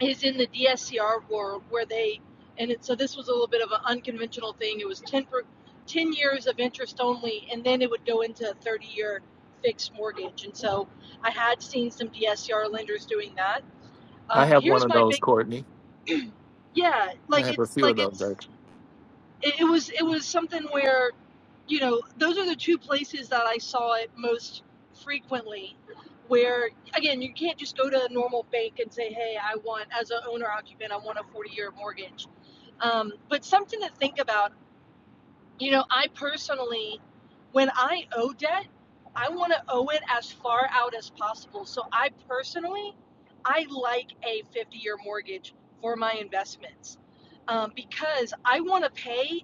Speaker 6: is in the DSCR world where they, and it, so this was a little bit of an unconventional thing. It was 10, per, 10 years of interest only, and then it would go into a 30 year fixed mortgage. And so I had seen some DSCR lenders doing that.
Speaker 1: I
Speaker 6: Um,
Speaker 1: have one
Speaker 6: here's
Speaker 1: of
Speaker 6: my
Speaker 1: those,
Speaker 6: big,
Speaker 1: Courtney.
Speaker 6: yeah,
Speaker 1: I
Speaker 6: like
Speaker 1: have a
Speaker 6: it's,
Speaker 1: few of
Speaker 6: like
Speaker 1: those
Speaker 6: it's,
Speaker 1: actually.
Speaker 6: it, it was it was something where you know those are the two places that i saw it most frequently where again you can't just go to a normal bank and say hey i want as an owner occupant i want a 40 year mortgage um, but something to think about you know i personally when i owe debt i want to owe it as far out as possible so i personally i like a 50 year mortgage for my investments um, because i want to pay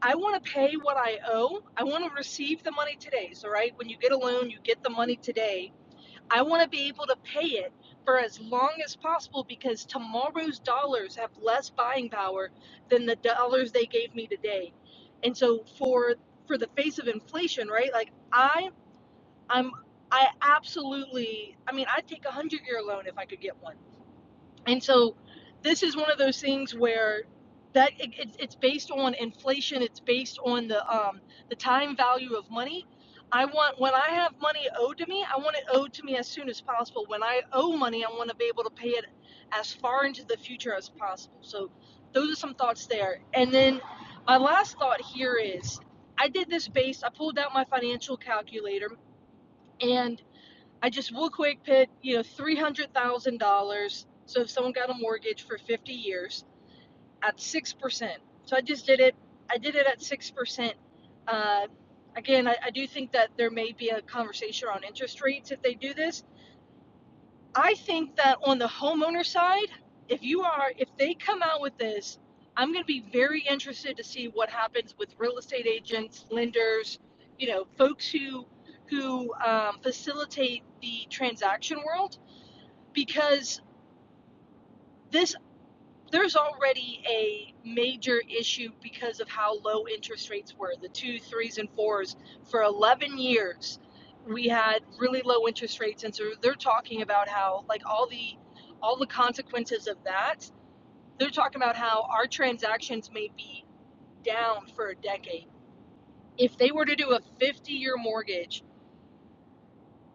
Speaker 6: I want to pay what I owe. I want to receive the money today. So, right when you get a loan, you get the money today. I want to be able to pay it for as long as possible because tomorrow's dollars have less buying power than the dollars they gave me today. And so, for for the face of inflation, right? Like I, I'm, I absolutely. I mean, I'd take a hundred year loan if I could get one and so this is one of those things where that it, it's it's based on inflation. It's based on the um, the time value of money. I want when I have money owed to me, I want it owed to me as soon as possible. When I owe money, I want to be able to pay it as far into the future as possible. So those are some thoughts there. And then my last thought here is I did this based I pulled out my financial calculator and I just real quick put, you know, three hundred thousand dollars. So if someone got a mortgage for fifty years at six percent, so I just did it. I did it at six percent. Uh, again, I, I do think that there may be a conversation on interest rates if they do this. I think that on the homeowner side, if you are, if they come out with this, I'm going to be very interested to see what happens with real estate agents, lenders, you know, folks who who um, facilitate the transaction world because this there's already a major issue because of how low interest rates were the two threes and fours for 11 years we had really low interest rates and so they're talking about how like all the all the consequences of that they're talking about how our transactions may be down for a decade if they were to do a 50 year mortgage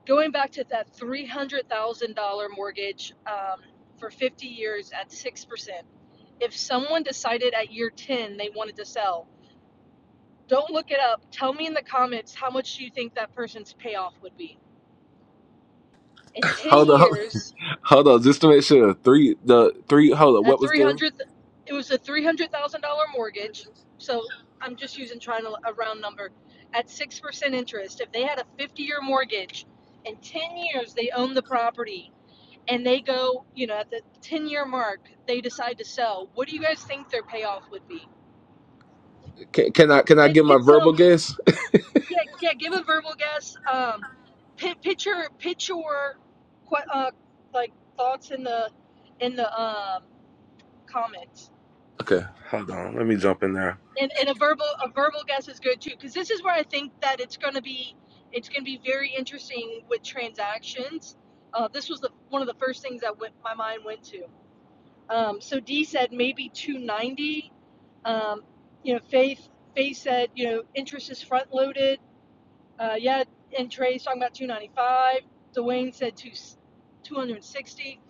Speaker 6: going back to that $300000 mortgage um, for 50 years at 6% if someone decided at year 10 they wanted to sell, don't look it up. Tell me in the comments how much you think that person's payoff would be. In 10
Speaker 2: Hold on, hold on,
Speaker 6: years,
Speaker 2: Hold on, just to make sure. Three, the three. Hold on,
Speaker 6: a
Speaker 2: what was the?
Speaker 6: 300 it was a $300,000 mortgage. So I'm just using trying to a round number at 6% interest. If they had a 50-year mortgage, in 10 years they own the property and they go, you know, at the 10-year mark, they decide to sell. What do you guys think their payoff would be?
Speaker 2: Can, can I can I
Speaker 6: Pick,
Speaker 2: get my
Speaker 6: pick some
Speaker 2: verbal guess?
Speaker 6: Yeah, yeah. Give a verbal guess. Um, pi pitch your pitch your, que- uh, like thoughts in the in the um comments.
Speaker 2: Okay, hold on. Let me jump in there.
Speaker 6: And and a verbal a verbal guess is good too, because this is where I think that it's gonna be it's gonna be very interesting with transactions. Uh, this was the one of the first things that went, my mind went to. Um, so D said maybe 290. Um, you know, Faith Faith said you know interest is front loaded Uh, yeah, and Trey's talking about 295. Dwayne said two, 260.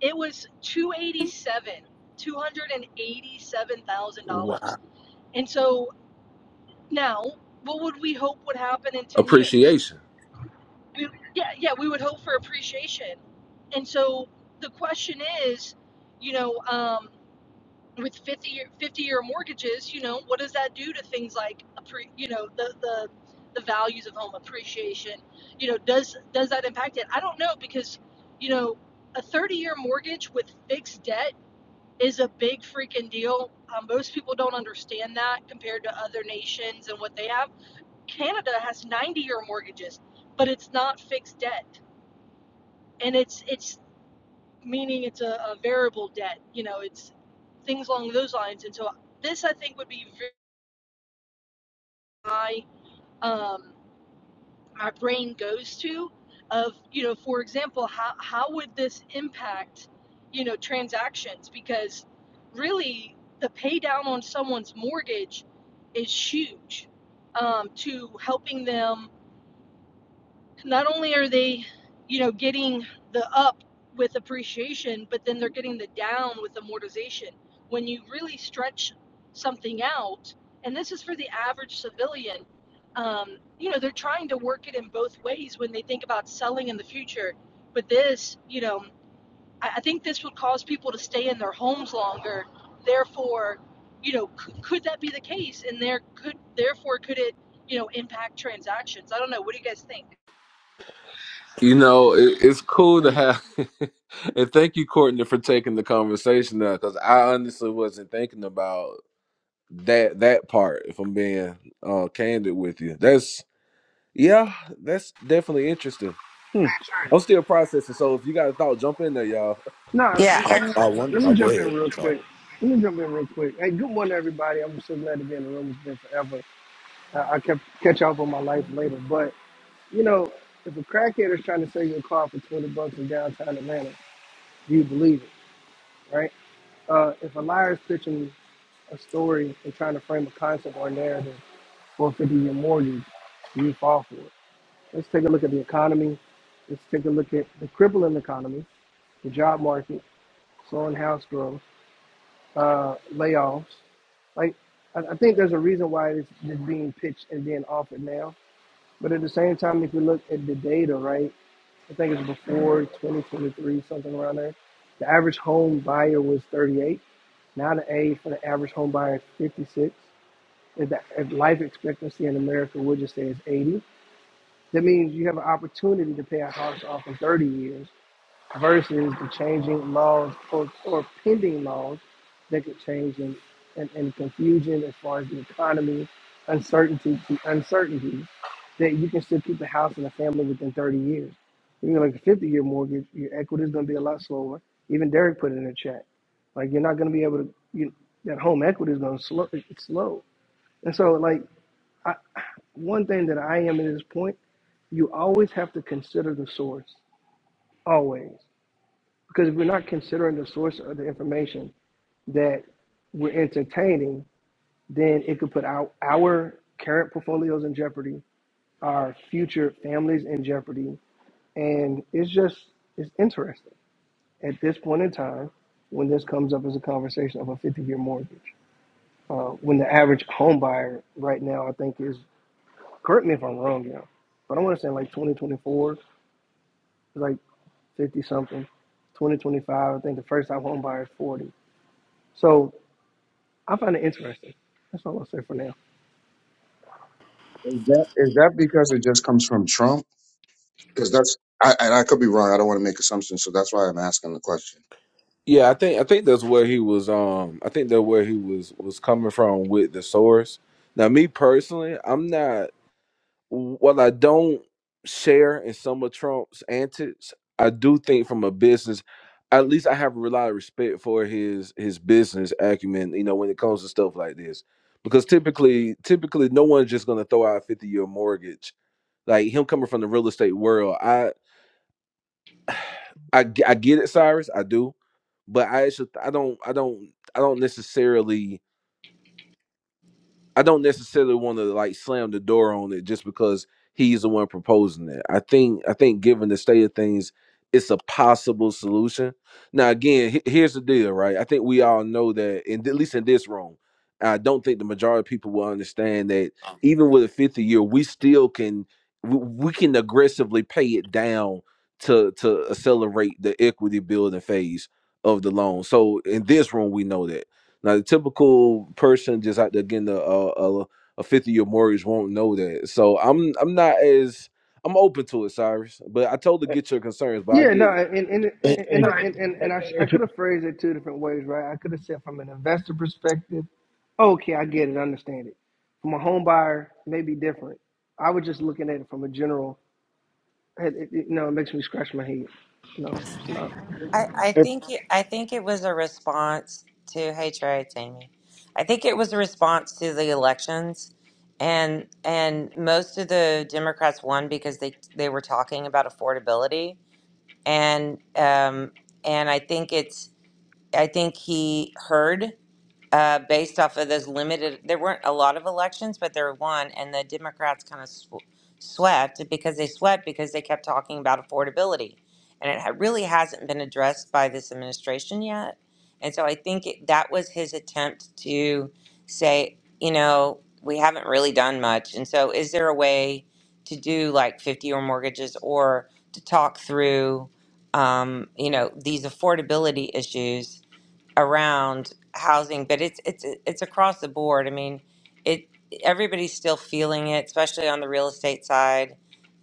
Speaker 6: It was 287, $287,000.
Speaker 2: Wow,
Speaker 6: And so now, what would we hope would happen in 10 years?
Speaker 2: appreciation.
Speaker 6: We, yeah, yeah, we would hope for appreciation. And so the question is, you know, um, with 50 year, 50 year mortgages, you know, what does that do to things like, you know, the, the, the values of home appreciation, you know, does, does that impact it? I don't know because, you know, a 30 year mortgage with fixed debt is a big freaking deal. Um, most people don't understand that compared to other nations and what they have. Canada has 90 year mortgages, but it's not fixed debt. And it's, it's meaning it's a, a variable debt. You know, it's things along those lines. And so this, I think, would be very my um, my brain goes to of you know, for example, how how would this impact you know transactions? Because really, the pay down on someone's mortgage is huge um, to helping them not only are they, you know, getting the up with appreciation, but then they're getting the down with amortization. When you really stretch something out, and this is for the average civilian, um, you know, they're trying to work it in both ways when they think about selling in the future. But this, you know, I, I think this would cause people to stay in their homes longer. Therefore, you know, could, could that be the case? And there could, therefore, could it, you know, impact transactions? I don't know. What do you guys think?
Speaker 2: You know, it, it's cool
Speaker 12: Mm. Hey,
Speaker 2: to have, and thank you, Courtney, for taking the conversation now, because I honestly wasn't thinking about that that part. If I'm being uh, candid with you, that's yeah, that's definitely interesting. Hmm.
Speaker 12: Trey.
Speaker 2: I'm still processing, so if you got a thought, jump in there, y'all.
Speaker 12: No,
Speaker 13: Yeah,
Speaker 12: listen,
Speaker 13: I
Speaker 8: I,
Speaker 13: mean,
Speaker 8: I
Speaker 12: let
Speaker 8: wonder.
Speaker 12: let me
Speaker 8: Oh, go
Speaker 12: jump in
Speaker 8: ahead.
Speaker 12: real
Speaker 8: I'm sorry.
Speaker 12: quick. Let me jump in real quick. Hey, good morning, everybody. I'm so glad to be in the room. It's been forever. I, I kept catch up on my life later, but you know, if a crackhead is trying to sell you a car for 20 bucks in downtown Atlanta, do you believe it, right? Uh, if a liar is pitching a story and trying to frame a concept or narrative for a 50-year mortgage, do you fall for it? Let's take a look at the economy. Let's take a look at the crippling economy, the job market, slowing house growth. uh, layoffs. Like, I, I think there's a reason why it's, it's being pitched and being offered now. But at the same time, if you look at the data, right, I think it's before 2023, something around there, the average home buyer was 38. Now the age for the average home buyer is 56. If, the, if life expectancy in America, we'll just say is 80. That means you have an opportunity to pay a house off in 30 years versus the changing laws or, or pending laws that could change and, and, and confusion as far as the economy, uncertainty, the uncertainty that you can still keep a house and a family within 30 years. You Even like a 50 year mortgage, your equity is going to be a lot slower. Even Derek put it in a chat. Like you're not going to be able to, you, know, that home equity is going to slow, it's slow. And so like I, one thing that I am at this point, you always have to consider the source, always. Because if we're not considering the source of the information that we're entertaining, then it could put our, our current portfolios in jeopardy, our future families in jeopardy. And it's just, it's interesting at this point in time when this comes up as a conversation of a 50 year mortgage. Uh, when the average home buyer right now, I think is, correct me if I'm wrong, you know, but I want to say like 2024 is like 50 something. 2025, I think the first time home buyer is 40. So I find it interesting. That's all I'll say for now.
Speaker 10: because that's I, and I could be wrong. I don't want to make assumptions, so that's why I'm asking the question.
Speaker 2: Yeah, I think I think that's where he was. Um, I think that where he was was coming from with the source. Now, me personally, I'm not. while I don't share in some of Trump's antics, I do think from a business, at least I have a lot of respect for his his business acumen. You know, when it comes to stuff like this, because typically, typically, no one's just gonna throw out a fifty year mortgage. Like him coming from the real estate world, I I g- I get it, Cyrus, I do, but I actually I don't I don't I don't necessarily I don't necessarily want to like slam the door on it just because he's the one proposing it. I think I think given the state of things, it's a possible solution. Now again, he- here's the deal, right? I think we all know that, in, at least in this room, I don't think the majority of people will understand that even with a 50 year, we still can we, we can aggressively pay it down to to accelerate the equity building phase of the loan. So in this room, we know that. Now, the typical person just out there getting a a, a 50 year mortgage won't know that. So I'm I'm not as I'm open to it, Cyrus. But I totally
Speaker 11: It,
Speaker 2: get your concerns, but I
Speaker 12: Yeah, no,
Speaker 2: get it.
Speaker 12: and and and and
Speaker 11: it,
Speaker 12: and,
Speaker 11: it,
Speaker 12: and I, sh- I
Speaker 11: it,
Speaker 12: could
Speaker 11: it-
Speaker 12: have phrased it two different ways, right? I could have said from an investor perspective, okay, I get it, I understand it. From a home buyer, maybe different. I was just looking at it from a general. It, it, it- you know, it makes me scratch my head. You know, so no.
Speaker 13: I, I think it, I think it was a response to hey Trey, it's I think it was a response to the elections, and and most of the Democrats won because they they were talking about affordability, and um and I think it's I think he heard. uh, based off of those limited. There weren't a lot of elections, but there were one, and the Democrats kind of sw- swept because they swept because they kept talking about affordability, and it ha- really hasn't been addressed by this administration yet. And so I think it, that was his attempt to say, you know, we haven't really done much, and so is there a way to do like fifty-year mortgages or to talk through, um, you know, these affordability issues? around housing, but it's it's it's across the board. I mean, it everybody's still feeling it, especially on the real estate side.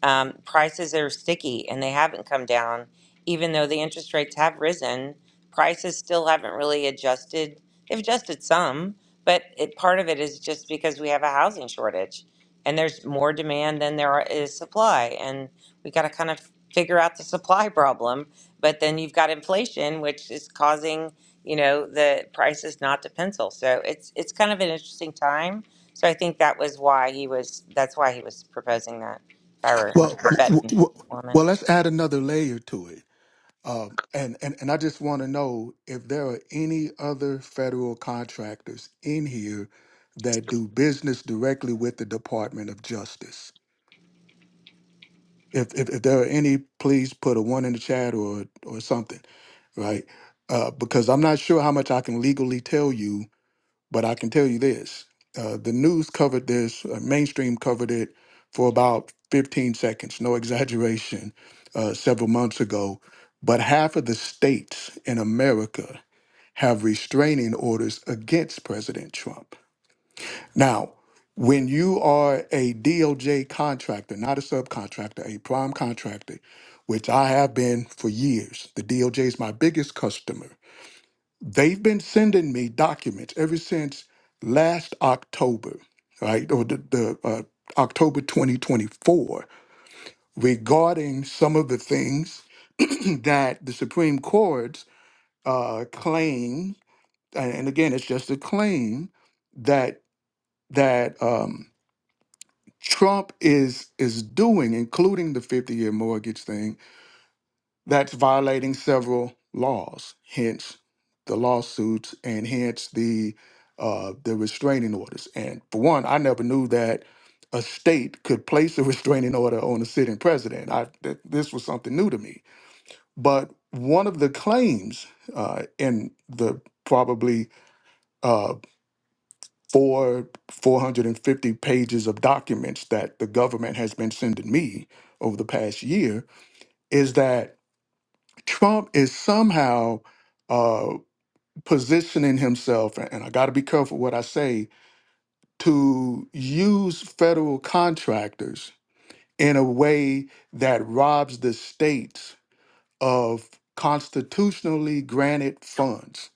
Speaker 13: Um, prices are sticky and they haven't come down, even though the interest rates have risen. Prices still haven't really adjusted. They've adjusted some, but it, part of it is just because we have a housing shortage and there's more demand than there are- is supply, and we got to kind of figure out the supply problem. But then you've got inflation, which is causing you know the price is not to pencil so it's it's kind of an interesting time so i think that was why he was that's why he was proposing that if i were
Speaker 9: Well,
Speaker 13: a
Speaker 9: w-
Speaker 13: betting
Speaker 9: w-
Speaker 13: woman
Speaker 9: well, let's add another layer to it. Um, and and and I just want to know if there are any other federal contractors in here that do business directly with the Department of Justice. If if, if there are any, please put a one in the chat or or something, right? Uh, because I'm not sure how much I can legally tell you But I can tell you this uh, the news covered this, uh, mainstream covered it for about 15 seconds, no exaggeration, uh, several months ago. But half of the states in America have restraining orders against President Trump. Now, when you are a DOJ contractor, not a subcontractor, a prime contractor, which I have been for years, the DOJ is my biggest customer they've been sending me documents ever since last October, right, or the, the uh, October 2024, regarding some of the things that the Supreme Court's uh, claim, and and again, it's just a claim that that um, Trump is is doing, including the 50 year mortgage thing That's violating several laws, hence the lawsuits and hence the uh, the restraining orders. And for one, I never knew that a state could place a restraining order on a sitting president. I th- this was something new to me. But one of the claims uh, in the probably uh, four 450 pages of documents that the government has been sending me over the past year is that Trump is somehow uh, positioning himself, and and I got to be careful what I say, to use federal contractors in a way that robs the states of constitutionally granted funds.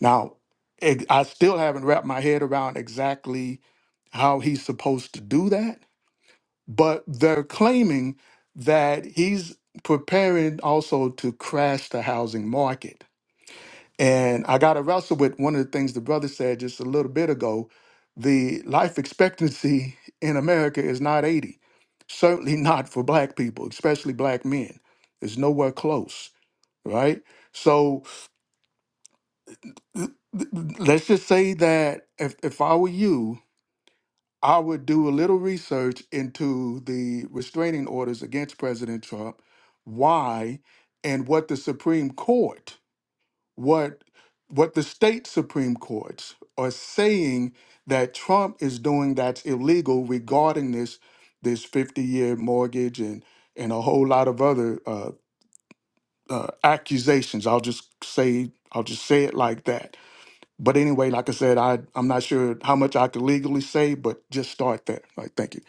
Speaker 9: Now, ex- I still haven't wrapped my head around exactly how he's supposed to do that, but they're claiming that he's preparing also to crash the housing market And I got to wrestle with one of the things the brother said just a little bit ago. The life expectancy in America is not 80, certainly not for black people, especially black men. It's nowhere close, right? So th- th- let's just say that if, if I were you, I would do a little research into the restraining orders against President Trump, why, and what the Supreme Court what what the state supreme courts are saying that Trump is doing that's illegal regarding this this 50 year mortgage and and a whole lot of other uh, uh, accusations. I'll just say I'll just say it like that. But anyway, like I said, I I'm not sure how much I could legally say, but just start there. All right, thank you.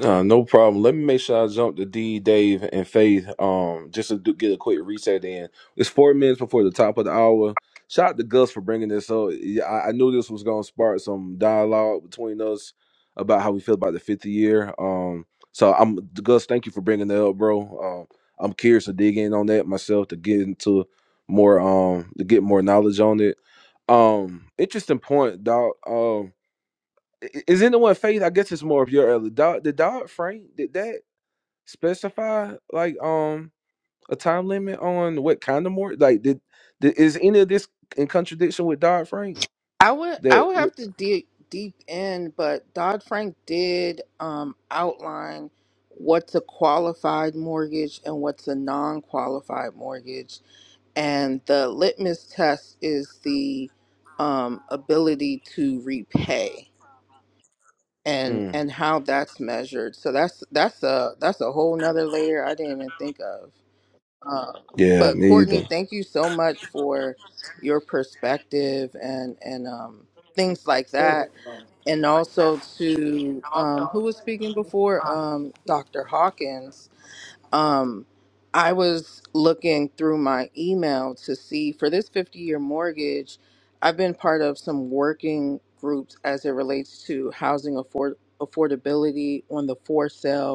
Speaker 2: Uh, no problem. Let me make sure I jump to D, Dave, and Faith. Um, just to do, get a quick reset in. It's four minutes before the top of the hour. Shout out to Gus for bringing this up. Yeah, I, I knew this was gonna spark some dialogue between us about how we feel about the 50 year. Um, so I'm Gus. Thank you for bringing that up, bro. Um, I'm curious to dig in on that myself to get into more um to get more knowledge on it. Um, interesting point, dog i- i- Is anyone faith? I guess it's more of your early. Dodd, did Dodd Frank did that specify like um a time limit on what kind of more like did, did is any of this in contradiction with Dodd Frank
Speaker 14: I would I
Speaker 2: that
Speaker 14: would
Speaker 2: w-
Speaker 14: have to dig deep in, but Dodd Frank did um, outline what's a qualified mortgage and what's a non-qualified mortgage, and the litmus test is the um, ability to repay and
Speaker 2: Mm,
Speaker 14: and how that's measured. So that's that's a that's a whole nother layer I didn't even think of. Uh,
Speaker 2: yeah
Speaker 14: but
Speaker 2: me either.
Speaker 14: Courtney, thank you so much for your perspective and and um, things like that, and also to um, who was speaking before, um, Dr. Hawkins. Um, I was looking through my email to see for this fifty-year mortgage. I've been part of some working groups as it relates to housing afford affordability on the for sale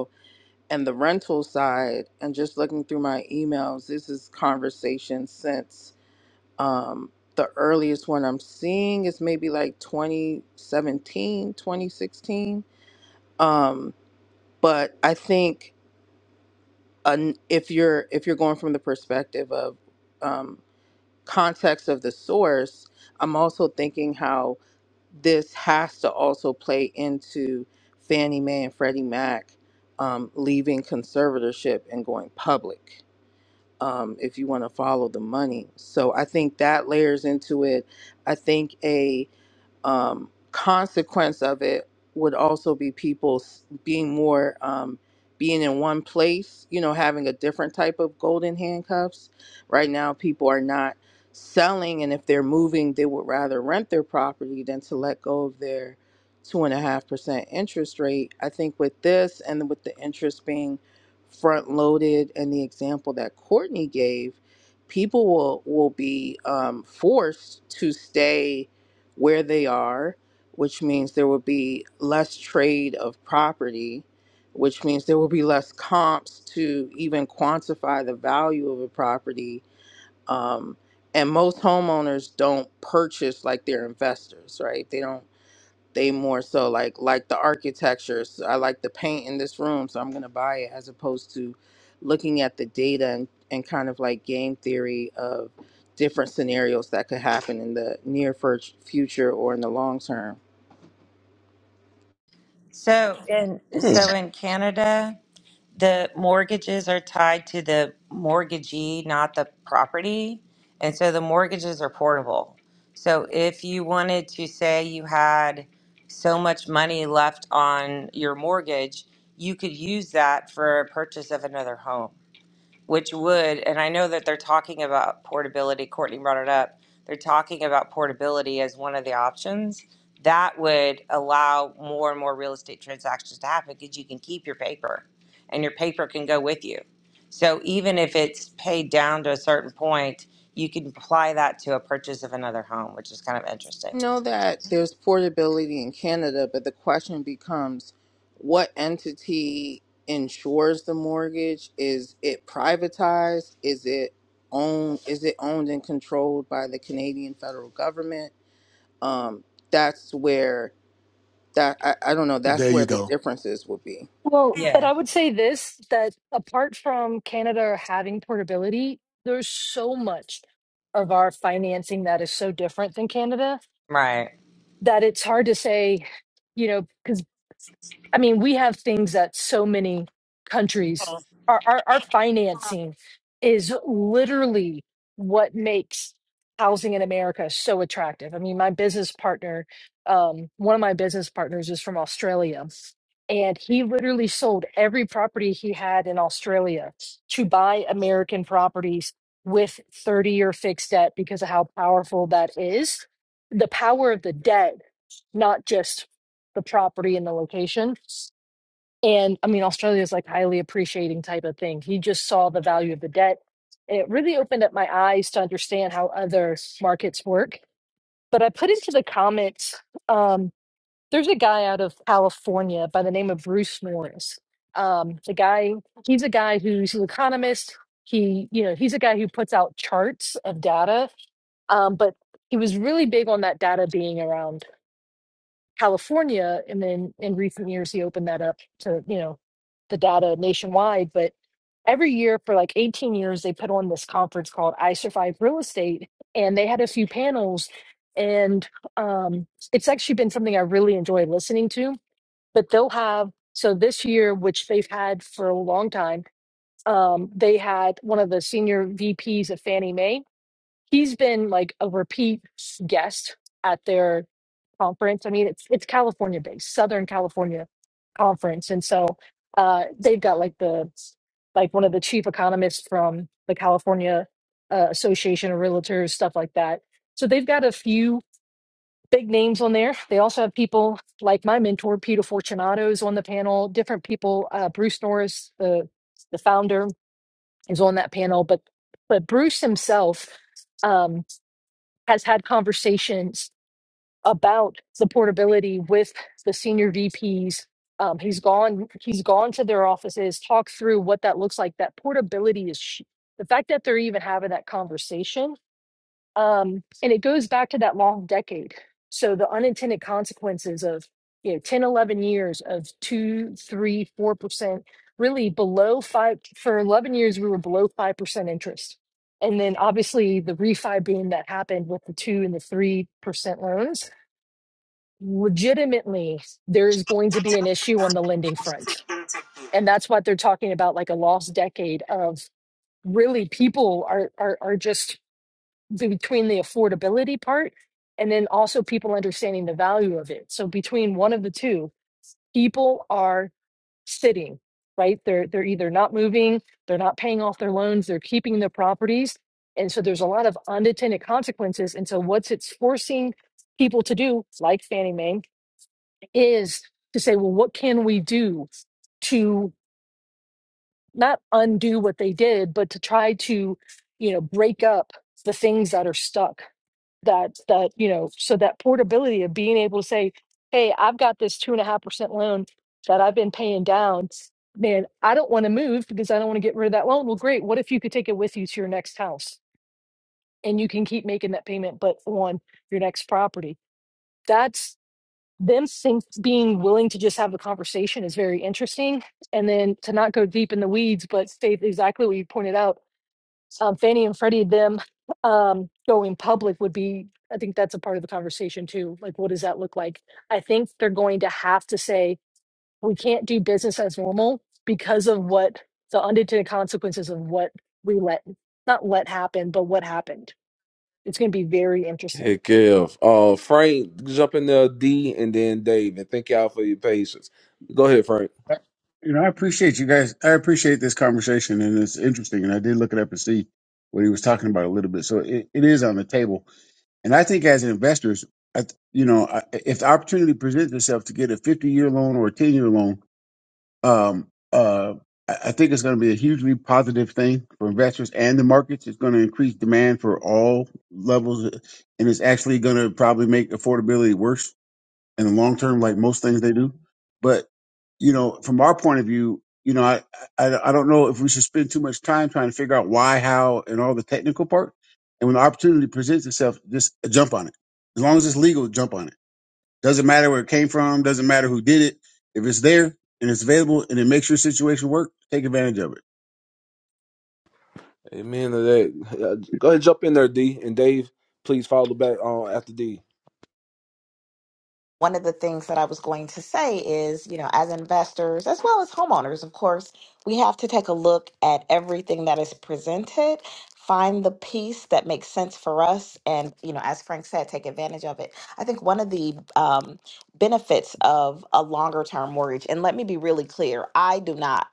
Speaker 14: and the rental side and just looking through my emails this is conversation since um, the earliest one i'm seeing is maybe like 2017, 2016. um, but i think an, if you're if you're going from the perspective of um, context of the source i'm also thinking how this has to also play into fannie mae and freddie mac um, leaving conservatorship and going public um, if you want to follow the money. So I think that layers into it. I think a um, consequence of it would also be people s- being more um, being in one place you know having a different type of golden handcuffs right now people are not selling and if they're moving they would rather rent their property than to let go of their two and a half percent interest rate i think with this and with the interest being front loaded and the example that courtney gave people will will be um, forced to stay where they are, which means there will be less trade of property, which means there will be less comps to even quantify the value of a property. Um, and most homeowners don't purchase like they're investors, right? They don't they more so like like the architecture so i like the paint in this room so i'm going to buy it as opposed to looking at the data and, and kind of like game theory of different scenarios that could happen in the near fur- future or in the long term
Speaker 13: so in
Speaker 2: Hmm.
Speaker 13: so in canada the mortgages are tied to the mortgagee not the property and so the mortgages are portable so if you wanted to say you had so much money left on your mortgage you could use that for a purchase of another home which would, and I know that they're talking about portability, Courtney brought it up, they're talking about portability as one of the options. That would allow more and more real estate transactions to happen because you can keep your paper and your paper can go with you. So even if it's paid down to a certain point, you can apply that to a purchase of another home, which is kind of interesting.
Speaker 14: i know that there's portability in canada but the question becomes what entity insures the mortgage is it privatized is it owned is it owned and controlled by the canadian federal government um, that's where that I, I don't know. That's
Speaker 9: There
Speaker 14: where
Speaker 9: you
Speaker 14: the
Speaker 9: go.
Speaker 14: differences would be.
Speaker 6: Well, but
Speaker 13: Yeah.
Speaker 6: I would say this that apart from Canada having portability, there's so much of our financing that is so different than Canada
Speaker 13: Right.
Speaker 6: that it's hard to say, you know, because I mean, we have things that so many countries, our, our, our financing is literally what makes housing in America so attractive. I mean, my business partner, um, one of my business partners is from Australia, and he literally sold every property he had in Australia to buy American properties with 30 year fixed debt because of how powerful that is. The power of the debt not just the property and the location. And I mean, Australia is like highly appreciating type of thing. He just saw the value of the debt. And it really opened up my eyes to understand how other markets work. But I put into the comments, um, there's a guy out of California by the name of Bruce Morris. Um, the guy, he's a guy who's an economist. He, you know, he's a guy who puts out charts of data um, but he was really big on that data being around California, and then in recent years he opened that up to you know the data nationwide. But every year for like 18 years, they put on this conference called "I Survive Real Estate," and they had a few panels, and um, it's actually been something I really enjoy listening to. But they'll have so this year, which they've had for a long time. Um, they had one of the senior VPs of Fannie Mae. He's been like a repeat guest at their conference. I mean, it's it's California based, Southern California conference, and so uh, they've got like the like one of the chief economists from the California uh, Association of Realtors, stuff like that. So they've got a few big names on there. They also have people like my mentor Peter Fortunato is on the panel. Different people, uh, Bruce Norris, the the founder, is on that panel, but but Bruce himself um, has had conversations about the portability with the senior VPs. Um, he's gone. He's gone to their offices, talked through what that looks like. That portability is sh- the fact that they're even having that conversation, um, and it goes back to that long decade. So the unintended consequences of you know 10, 11 years of two, three, four percent, really below five. For eleven years, we were below five percent interest, and then obviously the refi boom that happened with the two and the three percent loans legitimately there is going to be an issue on the lending front and that's what they're talking about like a lost decade of really people are are, are just between the affordability part and then also people understanding the value of it so between one of the two people are sitting right they're they're either not moving they're not paying off their loans they're keeping their properties and so there's a lot of unintended consequences and so what's it's forcing people to do like fannie mae is to say, well, what can we do to not undo what they did, but to try to, you know, break up the things that are stuck that that you know so that portability of being able to say hey i've got this two and a half percent loan that i've been paying down man i don't want to move because i don't want to get rid of that loan well great what if you could take it with you to your next house and you can keep making that payment but on your next property That's them seem being willing to just have a conversation is very interesting. And then to not go deep in the weeds, but state exactly what you pointed out. Um, Fannie and Freddie, them um, going public would be, I think that's a part of the conversation too. Like, what does that look like? I think they're going to have to say, we can't do business as normal because of what the unintended consequences of what we let, not let happen, but what happened. It's going to be very interesting.
Speaker 2: Heck yeah. Uh, Frank, jump in there, D, and then Dave, and thank y'all for your patience. Go ahead, Frank.
Speaker 11: you know, I appreciate you guys. I appreciate this conversation, and it's interesting. And I did look it up and see what he was talking about a little bit. So it, it is on the table, and I think as investors, I, th- you know, I- if the opportunity presents itself to get a fifty-year loan or a ten-year loan Um, uh, I I think it's going to be a hugely positive thing for investors and the markets. It's going to increase demand for all levels, and it's actually going to probably make affordability worse in the long term, like most things they do. But you know, from our point of view, you know, I I, I don't know if we should spend too much time trying to figure out why, how, and all the technical part. And when the opportunity presents itself, just jump on it. As long as it's legal, jump on it doesn't matter where it came from. Doesn't matter who did it. If it's there and it's available and it makes your situation work, take advantage of it.
Speaker 2: Amen to that. Uh, Go ahead, jump in there, D, and Dave, please follow back on after D.
Speaker 15: one of the things that I was going to say is, you know, as investors, as well as homeowners, of course, we have to take a look at everything that is presented, find the piece that makes sense for us, and, you know, as Frank said, take advantage of it. I think one of the um, benefits of a longer term mortgage, and let me be really clear, I do not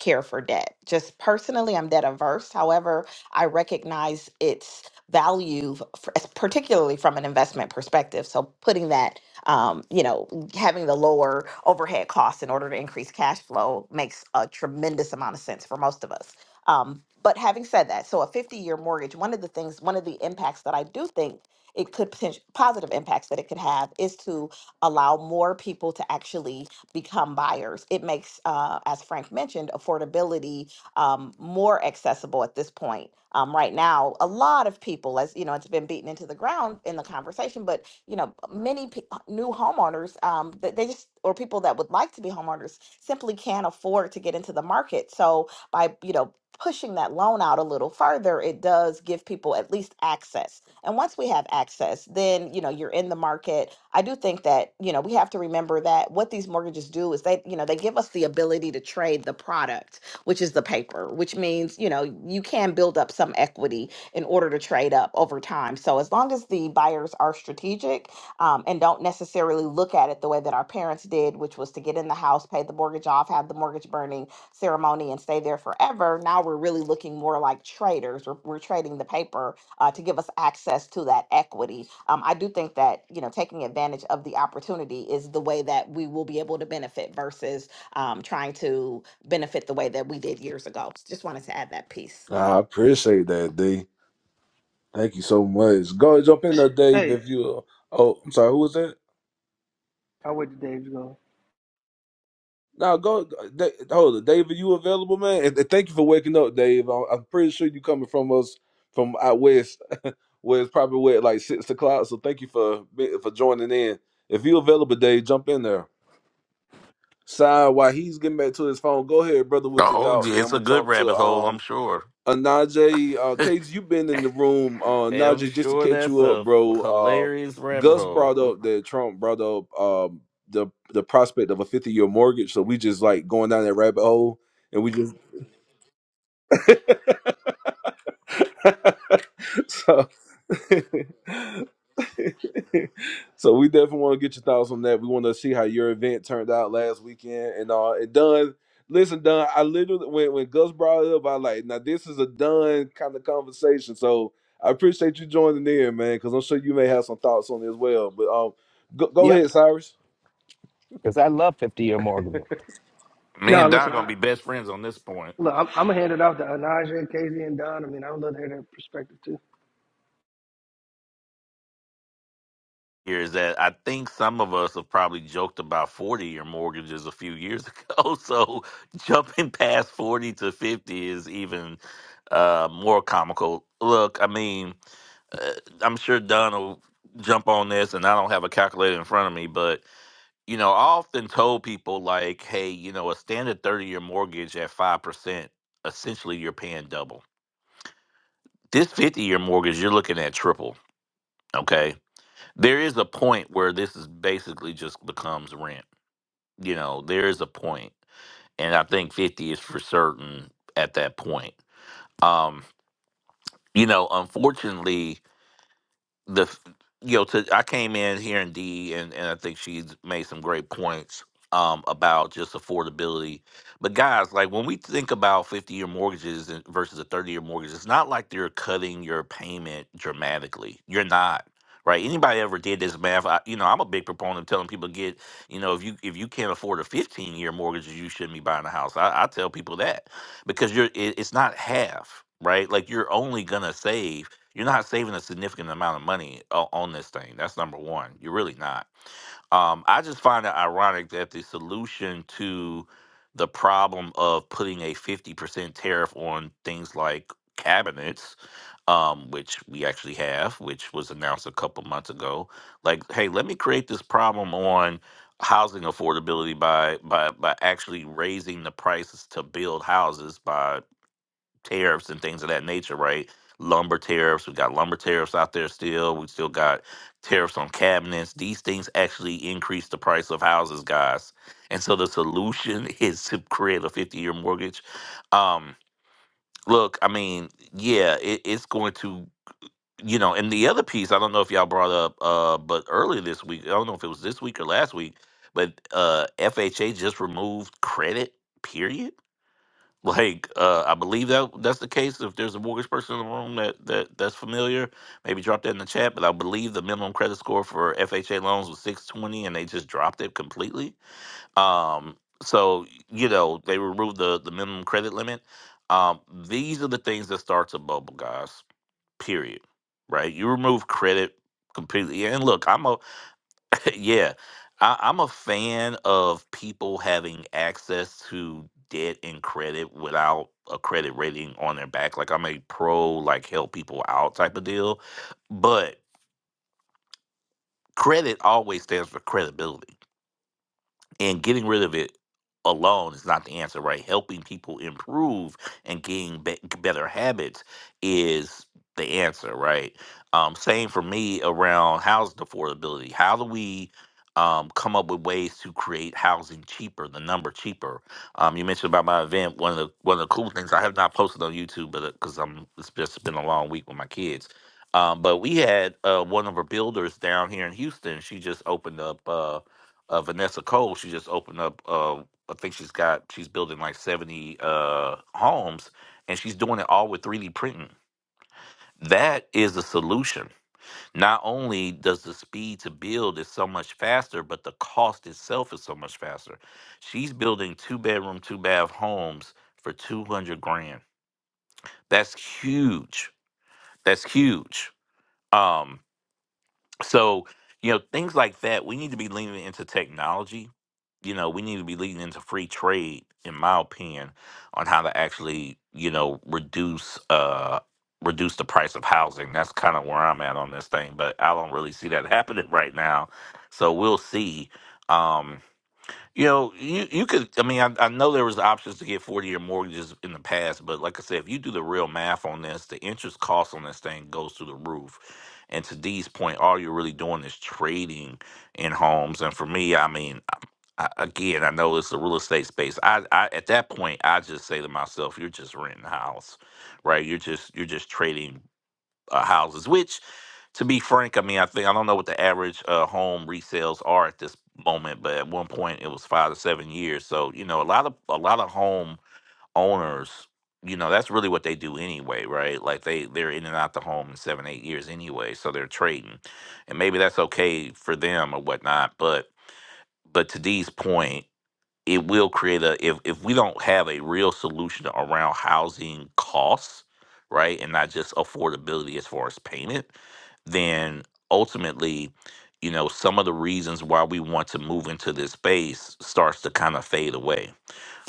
Speaker 15: care for debt. Just personally, I'm debt averse. However, I recognize its value, f- f- particularly from an investment perspective. So putting that, um, you know, having the lower overhead costs in order to increase cash flow makes a tremendous amount of sense for most of us. Um, but having said that, so a 50 year mortgage, one of the things, one of the impacts that I do think it could potential positive impacts that it could have is to allow more people to actually become buyers. It makes, uh, as Frank mentioned, affordability um, more accessible at this point. Um, right now, a lot of people, as you know, it's been beaten into the ground in the conversation, but you know, many pe- uh, new homeowners, um, they, they just or people that would like to be homeowners simply can't afford to get into the market. So by you know pushing that loan out a little further, it does give people at least access and once we have access, then, you know, you're in the market. I do think that, you know, we have to remember that what these mortgages do is they, you know, they give us the ability to trade the product, which is the paper, which means, you know, you can build up some equity in order to trade up over time. So as long as the buyers are strategic, um, and don't necessarily look at it the way that our parents did, which was to get in the house, pay the mortgage off, have the mortgage burning ceremony, and stay there forever. Now we're really looking more like traders. We're, we're trading the paper uh, to give us access to that equity. Um, I do think that you know taking advantage of the opportunity is the way that we will be able to benefit versus um, trying to benefit the way that we did years ago. Just wanted to add that piece.
Speaker 2: I appreciate that, D. Thank you so much. Go ahead, jump in there, Dave,
Speaker 12: Hey,
Speaker 2: if you. Uh, oh, I'm sorry, who was that?
Speaker 12: I wait till Dave's gone.
Speaker 2: No, go. Da- hold it, Dave. Are you available, man? And, and thank you for waking up, Dave. I'm, I'm pretty sure you coming from us from out west. Well, it's probably what like six o'clock. So thank you for be- for joining in. If you available, Dave, jump in there. Side while he's getting back to his phone, go ahead, brother, with your
Speaker 16: Oh,
Speaker 2: thought, and
Speaker 16: yeah,
Speaker 2: then I'm
Speaker 16: it's a
Speaker 2: gonna
Speaker 16: good
Speaker 2: jump to
Speaker 16: rabbit hole, I'm
Speaker 2: um
Speaker 16: sure.
Speaker 2: Anaje. Uh, Case, you've been in the room. Uh,
Speaker 16: I'm
Speaker 2: Najee, just to
Speaker 16: sure
Speaker 2: catch
Speaker 16: that's
Speaker 2: you up,
Speaker 16: a
Speaker 2: bro.
Speaker 16: hilarious
Speaker 2: Uh,
Speaker 16: rabbit
Speaker 2: Gus
Speaker 16: hole.
Speaker 2: brought up that Trump brought up um the the prospect of a 50 year mortgage. So we just like going down that rabbit hole, and we just so. so we definitely want to get your thoughts on that. We want to see how your event turned out last weekend and all and done. Listen, Don, I literally when when Gus brought it up, I like now this is a done kind of conversation. So I appreciate you joining in, man, because I'm sure you may have some thoughts on it as well. But um, go, go
Speaker 17: Yep,
Speaker 2: ahead, Cyrus.
Speaker 17: because I love 50 year mortgages.
Speaker 16: Me
Speaker 12: No,
Speaker 16: and Don
Speaker 12: listen,
Speaker 16: gonna
Speaker 12: I
Speaker 16: be best friends on this point.
Speaker 12: look. I'm, I'm gonna hand it off to Anaja and Casey and Don. I mean, I would love to hear their perspective too.
Speaker 16: Here is that I think some of us have probably joked about 40 year mortgages a few years ago. So jumping past 40 to 50 is even uh, more comical. Look, I mean, uh, I'm sure Don will jump on this, and I don't have a calculator in front of me, but you know, I often told people like, hey, you know, a standard 30 year mortgage at 5%, essentially you're paying double. This 50 year mortgage, you're looking at triple. Okay. There is a point where this is basically just becomes rent. You know, there is a point, And I think 50 is for certain at that point. Um, you know, unfortunately, the f- you know to, i came in hearing dee and, and i think she's made some great points um, about just affordability but guys like when we think about 50 year mortgages and- versus a 30 year mortgage it's not like they're cutting your payment dramatically you're not right anybody ever did this math I, you know i'm a big proponent of telling people get you know if you if you can't afford a 15 year mortgage you shouldn't be buying a house i, I tell people that because you're it, it's not half right like you're only gonna save you're not saving a significant amount of money o- on this thing. That's number one. You're really not. Um, I just find it ironic that the solution to the problem of putting a 50% tariff on things like cabinets, um, which we actually have, which was announced a couple months ago, like, hey, let me create this problem on housing affordability by by by actually raising the prices to build houses by tariffs and things of that nature, right? Lumber tariffs, we got lumber tariffs out there still. We still got tariffs on cabinets. These things actually increase the price of houses, guys. And so the solution is to create a 50 year mortgage. Um, look, I mean, yeah, it, it's going to, you know, and the other piece, I don't know if y'all brought up, uh, but earlier this week, I don't know if it was this week or last week, but uh, FHA just removed credit, period like, uh, I believe that that's the case. If there's a mortgage person in the room that, that that's familiar, maybe drop that in the chat. But I believe the minimum credit score for FHA loans was 620, and they just dropped it completely. Um, so you know they removed the the minimum credit limit. Um, these are the things that starts a bubble, guys. Period. Right? You remove credit completely. And look, I'm a yeah, I, I'm a fan of people having access to debt and credit without a credit rating on their back. Like I'm a pro, like help people out type of deal. But credit always stands for credibility and getting rid of it alone is not the answer right helping people improve and getting be- better habits is the answer right um same for me around housing affordability how do we um, come up with ways to create housing cheaper, the number cheaper. Um, you mentioned about my event. One of the one of the cool things I have not posted on YouTube, but because I'm it's just been a long week with my kids. Um, but we had uh, one of our builders down here in Houston. She just opened up. Uh, uh, Vanessa Cole, she just opened up. Uh, I think she's got she's building like seventy uh, homes, and she's doing it all with three D printing. That is the solution. Not only does the speed to build is so much faster, but the cost itself is so much faster. She's building two bedroom, two bath homes for two hundred grand. That's huge. That's huge. Um, so you know things like that. We need to be leaning into technology you know, we need to be leading into free trade, in my opinion, on how to actually, you know, reduce uh reduce the price of housing. That's kind of where I'm at on this thing, but I don't really see that happening right now. So we'll see. Um you know, you you could. I mean, I, I know there was options to get forty year mortgages in the past, but like I said, if you do the real math on this, the interest cost on this thing goes through the roof. And to Dee's point, all you're really doing is trading in homes. And for me, I mean, um, I, again, I know it's the real estate space. I, I at that point, I just say to myself, "You're just renting a house, right? You're just you're just trading." uh, houses, which, to be frank, I mean, I think I don't know what the average uh, home resales are at this moment, but at one point it was five to seven years. So you know, a lot of a lot of home owners, you know, that's really what they do anyway, right? Like they they're in and out the home in seven eight years anyway, so they're trading, and maybe that's okay for them or whatnot, but. But to Dee's point, it will create a if if we don't have a real solution around housing costs, right, and not just affordability as far as payment, then ultimately, you know, some of the reasons why we want to move into this space starts to kind of fade away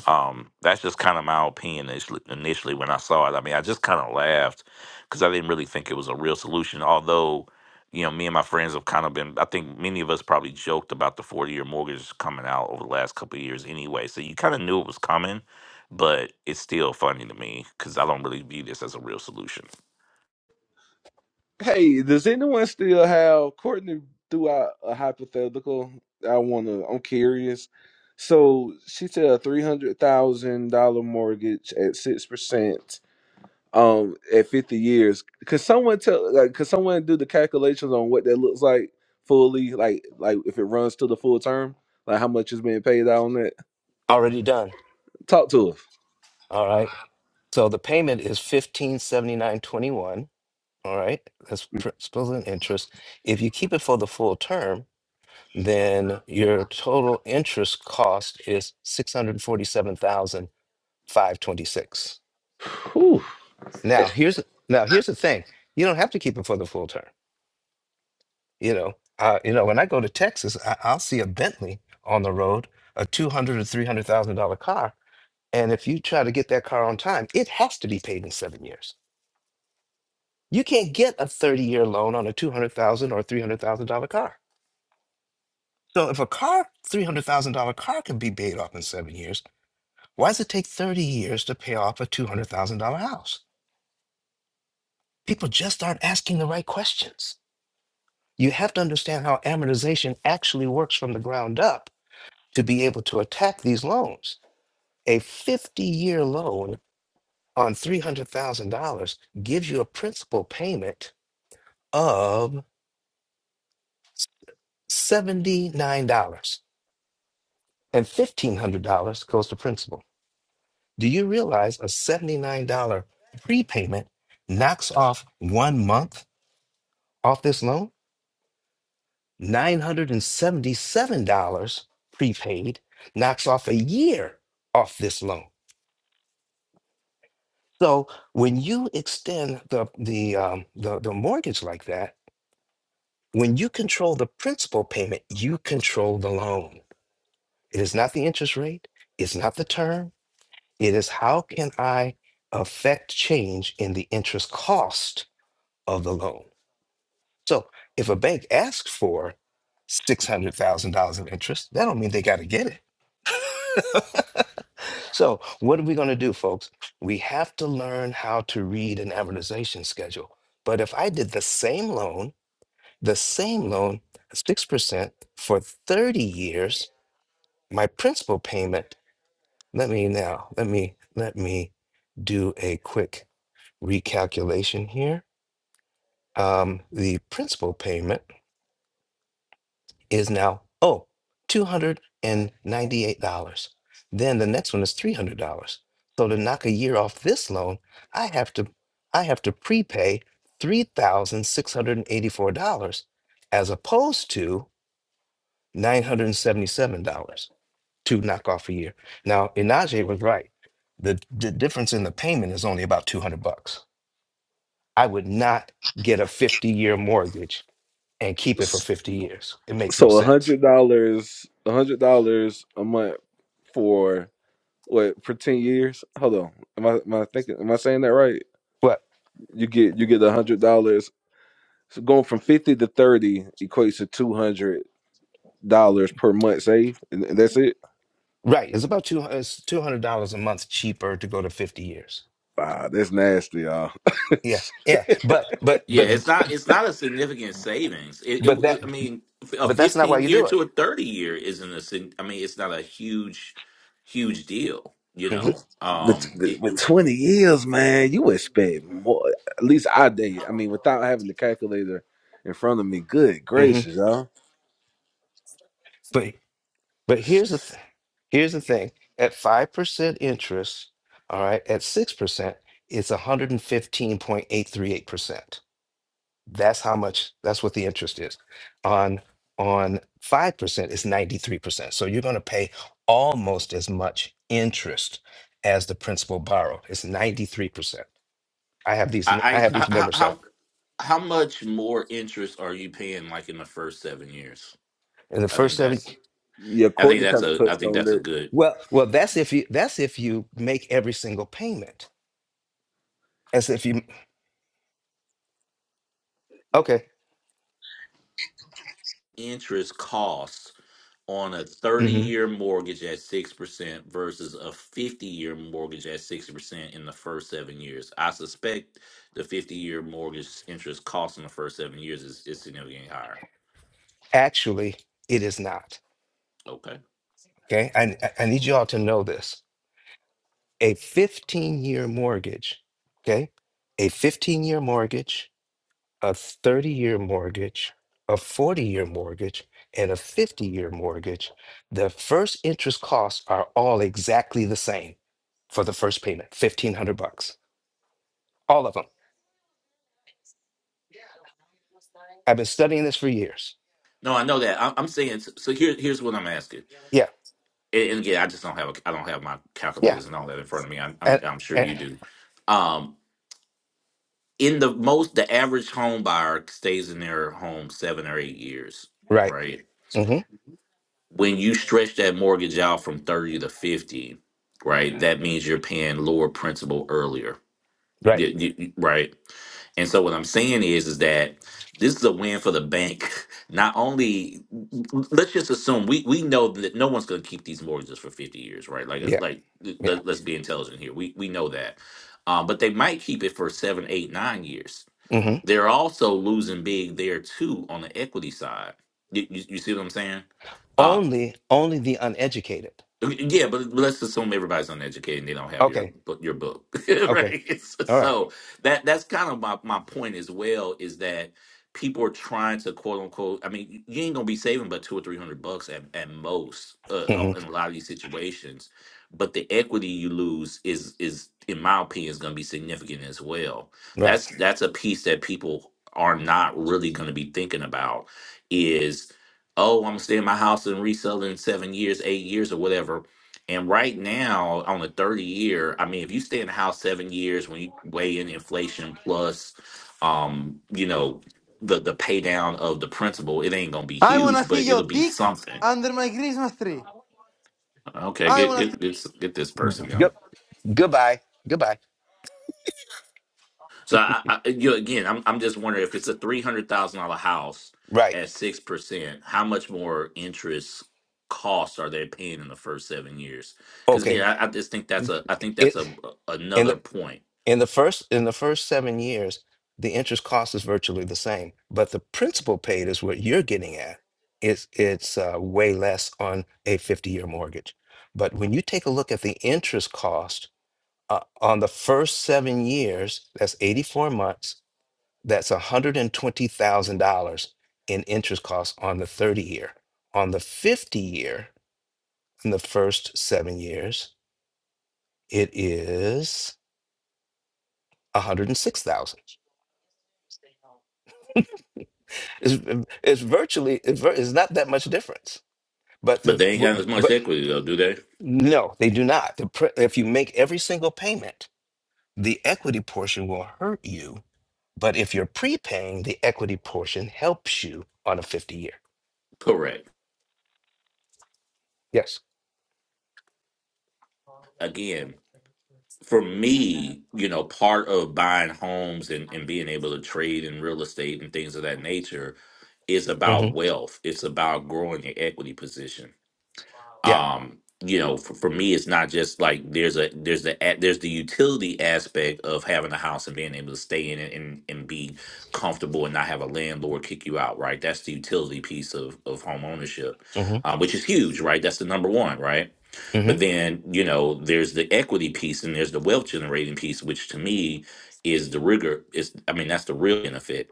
Speaker 16: um, that's just kind of my opinion initially, initially when I saw it. I mean, I just kind of laughed because I didn't really think it was a real solution. Although, you know, me and my friends have kind of been, I think many of us probably joked about the 40 year mortgage coming out over the last couple of years anyway. So you kind of knew it was coming, but it's still funny to me because I don't really view this as a real solution.
Speaker 2: Hey, does anyone still have Courtney? Threw out a hypothetical. I want to. I'm curious. So she said a three hundred thousand dollar mortgage at six percent um at 50 years could someone tell like could someone do the calculations on what that looks like fully like like if it runs to the full term like how much is being paid out on that
Speaker 17: Already done.
Speaker 2: talk to us
Speaker 17: All right. So the payment is fifteen seventy nine twenty one. All right. That's principal and interest. If you keep it for the full term, then your total interest cost is six hundred forty seven thousand five twenty six.
Speaker 2: Whew.
Speaker 17: Now here's now here's the thing. You don't have to keep it for the full term. You know. Uh, you know. When I go to Texas, I, I'll see a Bentley on the road, a two hundred or three hundred thousand dollar car. And if you try to get that car on time, it has to be paid in seven years. You can't get a 30 year loan on a $200,000 or $300,000 car. So if a car, $300,000 car can be paid off in seven years, why does it take 30 years to pay off a $200,000 house? People just aren't asking the right questions. You have to understand how amortization actually works from the ground up to be able to attack these loans. A 50 year loan on $300,000 gives you a principal payment of $79 and $1,500 goes to principal. Do you realize a $79 prepayment knocks off one month off this loan? $977 prepaid knocks off a year off this loan. So when you extend the, the, um, the, the mortgage like that, when you control the principal payment, you control the loan. It is not the interest rate. It's not the term. It is how can I affect change in the interest cost of the loan? So if a bank asks for six hundred thousand dollars in interest, that don't mean they got to get it. so what are we going to do, folks? We have to learn how to read an amortization schedule. But if I did the same loan, the same loan, six percent for thirty years, my principal payment. Let me now. Let me. Let me do a quick recalculation here. Um, the principal payment is now, oh, $298. Then the next one is $300. So to knock a year off this loan, I have to I have to prepay $3,684 as opposed to $977 to knock off a year. Now, Inaje was right. The, the difference in the payment is only about 200 bucks. I would not get a 50 year mortgage and keep it for
Speaker 2: S-
Speaker 17: 50 years. It makes no
Speaker 2: so a
Speaker 17: sense.
Speaker 2: hundred dollars a hundred dollars a month for what for 10 years hold on am i am i thinking am i saying that right
Speaker 17: But
Speaker 2: you get you get a hundred dollars so going from 50 to 30 equates to 200 dollars per month saved and and that's it
Speaker 17: right, it's about two hundred two hundred dollars a month cheaper to go to 50 years.
Speaker 2: Wow, that's nasty, y'all.
Speaker 17: Yeah, yeah. But but
Speaker 16: Yeah,
Speaker 17: but
Speaker 16: it's not it's not a significant savings. It, it,
Speaker 17: but
Speaker 16: it
Speaker 17: that
Speaker 16: I mean, a
Speaker 17: but that's not why
Speaker 16: 15
Speaker 17: you
Speaker 16: year
Speaker 17: do it.
Speaker 16: to a 30 year isn't a sig- I mean, it's not a huge huge deal, you know.
Speaker 17: Mm-hmm.
Speaker 2: With,
Speaker 16: Um
Speaker 2: with,
Speaker 16: it
Speaker 2: with 20 years, man, you expect more. At least I did. I mean, without having the calculator in front of me, good
Speaker 17: Mm-hmm.
Speaker 2: gracious, y'all.
Speaker 17: But but here's the th- here's the thing. At five percent interest, all right, at six percent, it's 115.838%. That's how much, that's what the interest is. On on 5% is 93%. So you're going to pay almost as much interest as the principal borrowed. It's 93%. I have these I
Speaker 16: I,
Speaker 17: have
Speaker 16: I
Speaker 17: these
Speaker 16: how
Speaker 17: members out.
Speaker 16: how how much more interest are you paying like in the first 7 years?
Speaker 17: In the
Speaker 16: I think
Speaker 17: first seven
Speaker 16: that's
Speaker 2: Yeah,
Speaker 16: I think
Speaker 2: Courtney
Speaker 16: that's
Speaker 2: kind of
Speaker 16: a I
Speaker 2: touched
Speaker 16: think
Speaker 2: on
Speaker 16: that's a
Speaker 2: that.
Speaker 16: good
Speaker 17: well, well, that's if you that's if you make every single payment. As if you okay.
Speaker 16: interest costs on a 30
Speaker 17: hmm
Speaker 16: year mortgage at 6% versus a 50 year mortgage at six percent in the first seven years. I suspect the 50 year mortgage interest cost in the first seven years is, is significantly higher.
Speaker 17: Actually, it is not.
Speaker 16: Okay.
Speaker 17: Okay. I I I need you all to know this. A 15-year mortgage, okay? A 15-year mortgage a 30 year mortgage, a 40 year mortgage, and a 50 year mortgage, the first interest costs are all exactly the same for the first payment 1500 bucks. All of them. I've been studying this for years.
Speaker 16: No, I know that. I, I'm saying so. so Here, here's what I'm asking,
Speaker 17: Yeah.
Speaker 16: and, and again, I just don't have a, I don't have my
Speaker 17: Yeah.
Speaker 16: calculators and all that in front of me. i I'm,
Speaker 17: And,
Speaker 16: I'm sure
Speaker 17: and
Speaker 16: you do. Um, in the most, the average home buyer stays in their home seven or eight years,
Speaker 17: right.
Speaker 16: right?
Speaker 17: hmm
Speaker 16: when you stretch that mortgage out from 30 to 50 right that means you're paying lower principal earlier
Speaker 17: Right.
Speaker 16: Y- y- y- right and so what i'm saying is is that this is a win for the bank not only let's just assume we we know that no one's going to keep these mortgages for 50 years right like
Speaker 17: Yeah.
Speaker 16: like
Speaker 17: Yeah.
Speaker 16: let, us be intelligent here we we know that um, but they might keep it for seven eight nine years
Speaker 17: hmm
Speaker 16: they're also losing big there too on the equity side you, you, you see what i'm saying Um,
Speaker 17: Only, only the uneducated.
Speaker 16: yeah, but let's assume everybody's uneducated and they don't have your
Speaker 17: Okay.
Speaker 16: book, your book,
Speaker 17: Okay.
Speaker 16: right? So
Speaker 17: All right.
Speaker 16: so that that's kind of my my point as well is that people are trying to quote unquote. I mean, you ain't gonna be saving but two or three hundred bucks at at most uh, on-
Speaker 17: Mhm.
Speaker 16: in a lot of these situations, but the equity you lose is is in my opinion is gonna be significant as well.
Speaker 17: Right.
Speaker 16: That's that's a piece that people are not really gonna be thinking about oh, I'm gonna stay in my house and resell it in seven years, eight years, or whatever. And right now, on the 30 year, I mean, if you stay in the house seven years, when you weigh in inflation plus, um, you know, the the pay down of the principal, it ain't gonna be
Speaker 18: I wanna
Speaker 16: huge,
Speaker 18: see
Speaker 16: but
Speaker 18: your
Speaker 16: it'll be
Speaker 18: dick
Speaker 16: something.
Speaker 18: under my Christmas tree.
Speaker 16: Okay,
Speaker 18: I
Speaker 16: get
Speaker 18: wanna see.
Speaker 16: get get s- get this person, you
Speaker 17: Good. Goodbye. Goodbye.
Speaker 16: So I, I you know, again, I'm I'm just wondering if it's a three hundred thousand dollar house
Speaker 17: Right.
Speaker 16: at six percent, how much more interest costs are they paying in the first seven years? Because
Speaker 17: Okay.
Speaker 16: again, I, I just think that's a I think that's
Speaker 17: It.
Speaker 16: a
Speaker 17: and.
Speaker 16: another point.
Speaker 17: In the first in the first seven years, the interest cost is virtually the same, but the principal paid is what you're getting at. It's it's uh, way less on a 50 year mortgage. But when you take a look at the interest cost uh, on the first seven years, that's 84 months. That's $120,000 in interest costs on the 30 year. On the 50 year, in the first seven years, it is 106,000. It's, it's virtually it's, vir- it's not that much difference. But
Speaker 16: But
Speaker 17: the
Speaker 16: they ain't got
Speaker 17: w-
Speaker 16: as much
Speaker 17: but
Speaker 16: equity though, do they?
Speaker 17: no, they do not. The pre, if you make every single payment, the equity portion will hurt you. But if you're prepaying, the equity portion helps you on a 50 year.
Speaker 16: Correct.
Speaker 17: Yes.
Speaker 16: Again, for me, you know, part of buying homes and, and being able to trade in real estate and things of that nature is
Speaker 17: hmm
Speaker 16: about wealth. It's about growing your equity position
Speaker 17: Yeah.
Speaker 16: um you know for, for me it's not just like there's a there's the a- there's the utility aspect of having a house and being able to stay in it and, and be comfortable and not have a landlord kick you out right that's the utility piece of of home ownership
Speaker 17: hmm
Speaker 16: um, which is huge right that's the number one right
Speaker 17: hmm
Speaker 16: but then you know there's the equity piece and there's the wealth generating piece which to me is the rigor is i mean that's the real benefit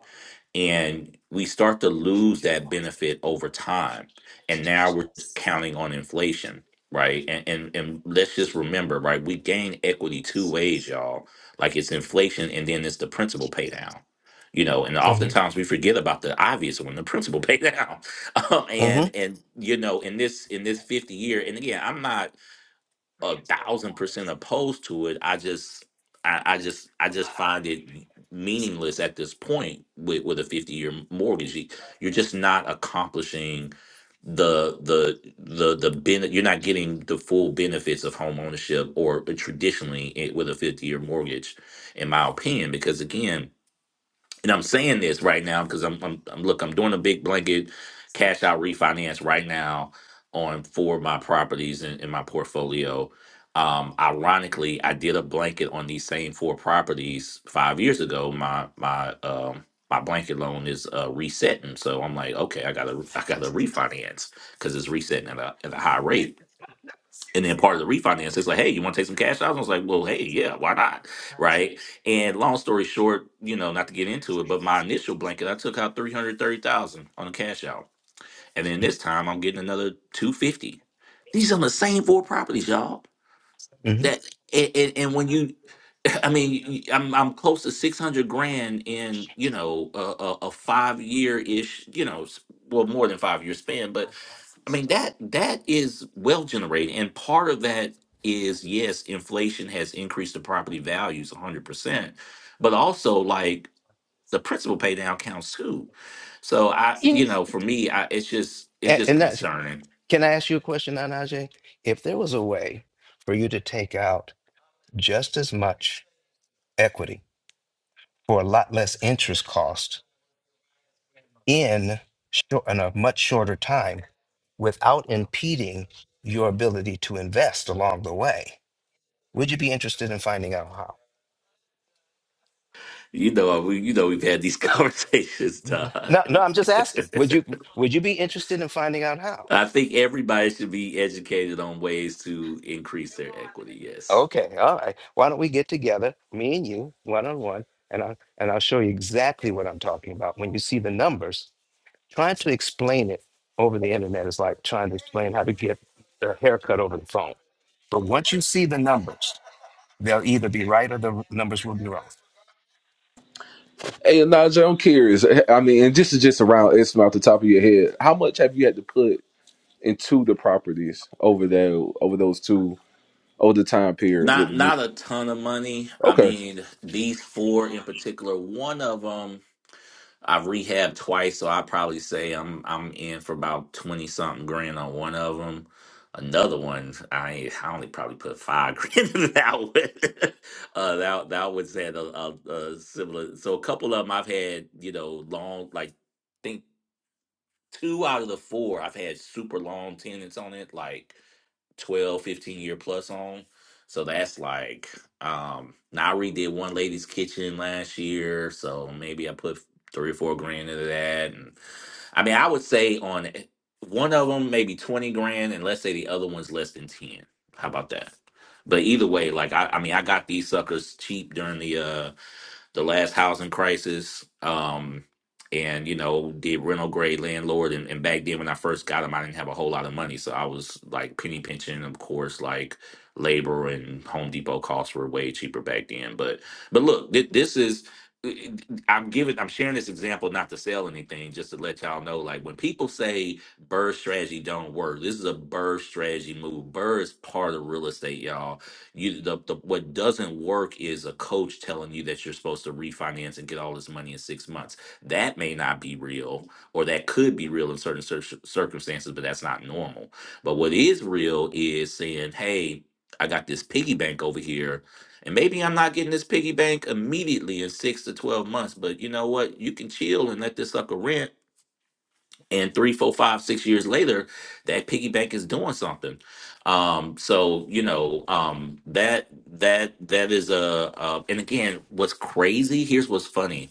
Speaker 16: and we start to lose that benefit over time and now we're just counting on inflation right and, and and let's just remember right we gain equity two ways y'all like it's inflation and then it's the principal pay down you know and
Speaker 17: hmm
Speaker 16: oftentimes we forget about the obvious one the principal pay down um,
Speaker 17: hmm
Speaker 16: and and you know in this in this 50 year and again i'm not a thousand percent opposed to it. I just I, I just I just find it meaningless at this point with, with a 50 year mortgage. You- You're just not accomplishing the the the the benefit you're not getting the full benefits of home ownership or traditionally it, with a 50 year mortgage in my opinion because again and I'm saying this right now because I'm, I'm, I'm look, I'm doing a big blanket cash out refinance right now on four of my properties in, in my portfolio. Um, ironically, I did a blanket on these same four properties five years ago. My my um my blanket loan is uh, resetting, so I'm like, okay, I gotta I gotta refinance because it's resetting at a at a high rate and then part of the refinance it's like hey you want to take some cash out i was like well hey yeah why not right and long story short you know not to get into it but my initial blanket i took out 330000 on a cash out and then this time i'm getting another 250 these are the same four properties y'all
Speaker 17: hmm
Speaker 16: that and, and, and when you i mean y- y- i'm, I'm close to 600 grand in you know a, a, a five year ish you know s- well more than five year span but I mean that that is well generated, and part of that is yes, inflation has increased the property values 100, percent but also like the principal pay down counts too. So I, you know, for me, I, it's just it's
Speaker 17: And,
Speaker 16: just
Speaker 17: and that's,
Speaker 16: concerning.
Speaker 17: can I ask you a question, Anaje? If there was a way for you to take out just as much equity for a lot less interest cost in, short, in a much shorter time without impeding your ability to invest along the way. Would you be interested in finding out how?
Speaker 16: You know, we, you know, we've had these conversations,
Speaker 17: Mhm.
Speaker 16: Todd.
Speaker 17: No, no, I'm just asking. Would you would you be interested in finding out how?
Speaker 16: I think everybody should be educated on ways to increase their equity. Yes.
Speaker 17: Okay, all right. Why don't we get together, me and you, one on one, and I and I'll show you exactly what I'm talking about. When you see the numbers, Trying to explain it over the internet is like trying to explain how to get a haircut over the phone. But once you see the numbers, they'll either be right or the numbers will be wrong.
Speaker 2: Hey, Elijah, I'm curious. I mean, and this is just around estimate off the top of your head. How much have you had to put into the properties over there over those two over the time period with
Speaker 16: Not
Speaker 2: the roof?
Speaker 16: not a ton of money. I
Speaker 2: Okay.
Speaker 16: mean, these four in particular, one of them I've rehabbed twice, so I probably say I'm I'm in for about twenty something grand on one of them. Another one, I I only probably put five grand in that one. uh, that that was at a, a, a similar. So a couple of them I've had, you know, long like think two out of the four I've had super long tenants on it, like. 12, 15 year plus on so that's like um now i redid one lady's kitchen last year so maybe i put three or four grand into that and i mean i would say on e, one of them maybe 20 grand and let's say the other one's less than 10 how about that but either way like i, I mean i got these suckers cheap during the uh, the last housing crisis, um, and you know, did rental grade landlord. And, and back then, when I first got them, I didn't have a whole lot of money, so I was like penny pinching. Of course, like labor and Home Depot costs were way cheaper back then. But but look, thi- this is. I'm giving, I'm sharing this example not to sell anything, just to let y'all know. Like when people say Burr strategy don't work, this is a Burr strategy move. Burr is part of real estate, y'all you the, the what doesn't work is a coach telling you that you're supposed to refinance and get all this money in six months. That may not be real, or that could be real in certain cir- circumstances, but that's not normal. But what is real is saying, "Hey, I got this piggy bank over here." And maybe I'm not getting this piggy bank immediately in six to 12 months, but you know what? You can chill and let this sucker rent and three, four, five, six years later, that piggy bank is doing something. Um, so you know um, that that that is a uh, and again, what's crazy? Here's what's funny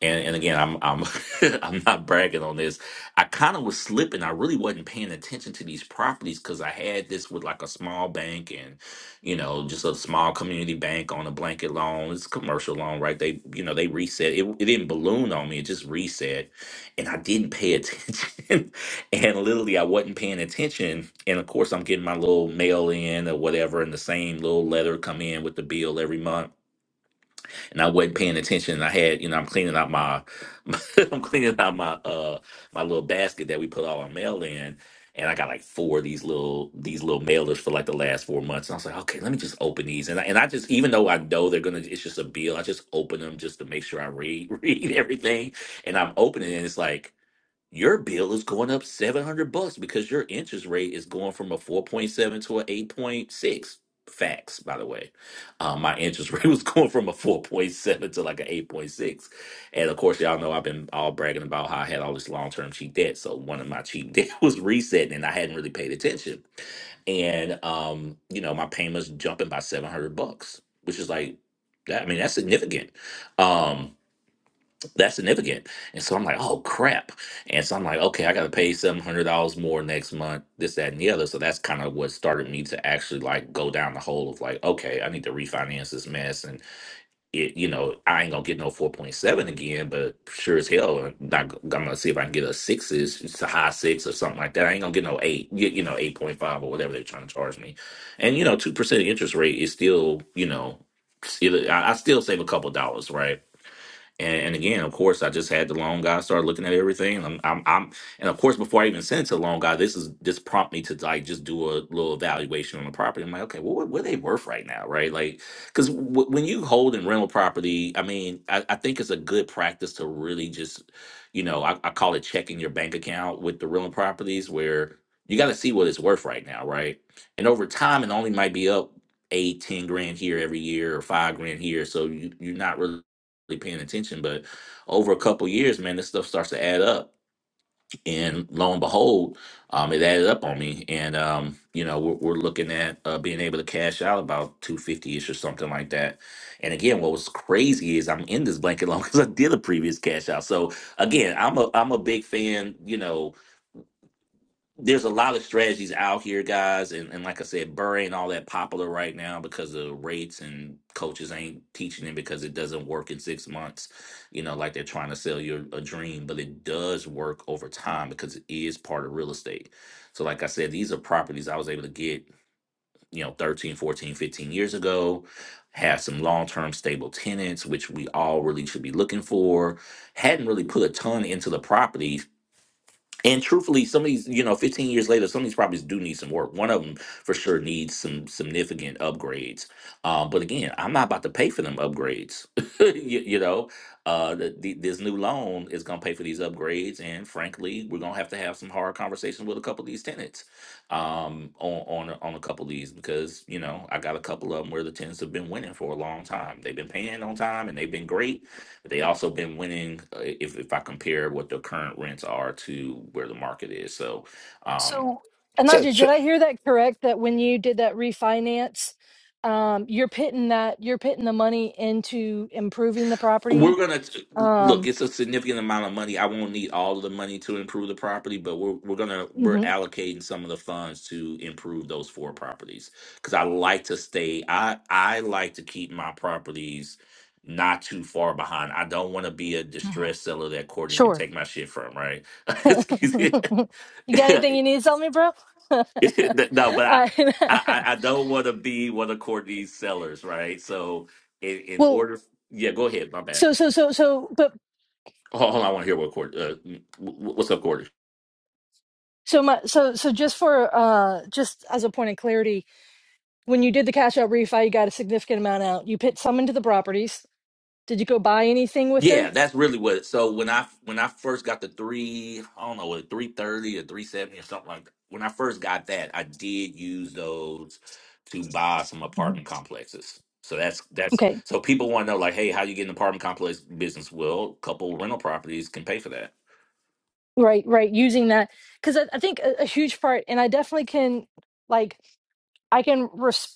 Speaker 16: and and again i'm i'm i'm not bragging on this i kind of was slipping i really wasn't paying attention to these properties because i had this with like a small bank and you know just a small community bank on a blanket loan it's a commercial loan right they you know they reset it, it didn't balloon on me it just reset and i didn't pay attention and literally i wasn't paying attention and of course i'm getting my little mail in or whatever and the same little letter come in with the bill every month and I wasn't paying attention. And I had, you know, I'm cleaning out my, I'm cleaning out my uh my little basket that we put all our mail in, and I got like four of these little these little mailers for like the last four months. And I was like, okay, let me just open these, and I, and I just even though I know they're gonna, it's just a bill. I just open them just to make sure I read read everything, and I'm opening it, and it's like your bill is going up 700 bucks because your interest rate is going from a 4.7 to a 8.6 facts by the way um, my interest rate was going from a 4.7 to like an 8.6 and of course y'all know i've been all bragging about how i had all this long-term cheap debt so one of my cheap debt was resetting and i hadn't really paid attention and um, you know, my payments jumping by seven hundred bucks, which is like that. I mean, that's significant. Um, that's significant. And so I'm like, oh crap. And so I'm like, okay, I gotta pay seven hundred dollars more next month, this, that, and the other. So that's kind of what started me to actually like go down the hole of like, okay, I need to refinance this mess and it, you know, I ain't gonna get no four point seven again, but sure as hell, I'm not g- I'm gonna see if I can get a sixes, it's a high six or something like that. I ain't gonna get no eight, you, you know, eight point five or whatever they're trying to charge me. And you know, two percent interest rate is still, you know, still, I I still save a couple dollars, right? And, and again, of course, I just had the loan guy start looking at everything. I'm, I'm, I'm, and of course, before I even sent it to the loan guy, this is this prompt me to like just do a little evaluation on the property. I'm like, okay, well, what, what are they worth right now, right? Like, because w- when you hold in rental property, I mean, I, I think it's a good practice to really just, you know, I, I call it checking your bank account with the rental properties, where you got to see what it's worth right now, right? And over time, it only might be up eight, ten grand here every year, or five grand here. So you, you're not really really paying attention, but over a couple years, man, this stuff starts to add up. And lo and behold, um, it added up on me. And um, you know, we're, we're looking at uh, being able to cash out about two fifty ish or something like that. And again, what was crazy is I'm in this blanket loan because I did a previous cash out. So again, I'm a I'm a big fan, you know, there's a lot of strategies out here, guys, and, and like I said, Burr ain't all that popular right now because of rates and coaches ain't teaching it because it doesn't work in six months. You know, like they're trying to sell you a dream, but it does work over time because it is part of real estate. So, like I said, these are properties I was able to get, you know, 13, 14, 15 years ago, have some long term stable tenants, which we all really should be looking for. Hadn't really put a ton into the property and truthfully, some of these, you know, 15 years later, some of these properties do need some work. One of them for sure needs some significant upgrades. Um, but again, I'm not about to pay for them upgrades. you, you know, uh, the, the, this new loan is going to pay for these upgrades, and frankly, we're going to have to have some hard conversations with a couple of these tenants um, on on a- on a couple of these because you know I got a couple of them where the tenants have been winning for a long time. They've been paying on time, and they've been great they also been winning uh, if if I compare what the current rents are to where the market is. So um
Speaker 6: So,
Speaker 17: So.
Speaker 6: Anaji, did I hear that correct? That when you did that refinance, um, you're putting that you're putting the money into improving the
Speaker 16: we're
Speaker 6: property.
Speaker 16: gonna look.
Speaker 6: Um,
Speaker 16: It's a significant amount of money. I won't need all of the money to improve the property, but we're we're gonna we're
Speaker 6: mhm,
Speaker 16: allocating some of the funds to improve those four properties because I like to stay. I I like to keep my properties not too far behind. I don't want to be a
Speaker 6: mhm,
Speaker 16: distressed seller that Courtney can
Speaker 6: Sure.
Speaker 16: take my shit from. Right? Excuse me.
Speaker 6: you got anything you need to tell me, bro?
Speaker 16: no, but I,
Speaker 6: I,
Speaker 16: I, I don't want to be one of Courtney's sellers, right? So, in, in
Speaker 6: well,
Speaker 16: order, yeah, go ahead. My bad.
Speaker 6: so so so so, but
Speaker 16: Hold, hold on, I want to hear what Courtney. Uh, wh- wh- what's up, Courtney?
Speaker 6: so my so so just for uh just as a point of clarity, when you did the cash out refi, you got a significant amount out. You put some into the properties. Did you go buy anything with
Speaker 16: Yeah,
Speaker 6: them?
Speaker 16: that's really what. So when I when I first got the three, I don't know, what three thirty or three seventy or something like that. When I first got that, I did use those to buy some
Speaker 6: Mhm.
Speaker 16: apartment complexes. So that's that's
Speaker 6: Okay,
Speaker 16: so people want to know like, hey, how you get an apartment complex business? Well, a couple rental properties can pay for that.
Speaker 6: right right using that because I, I think a, a huge part and i definitely can like i can respect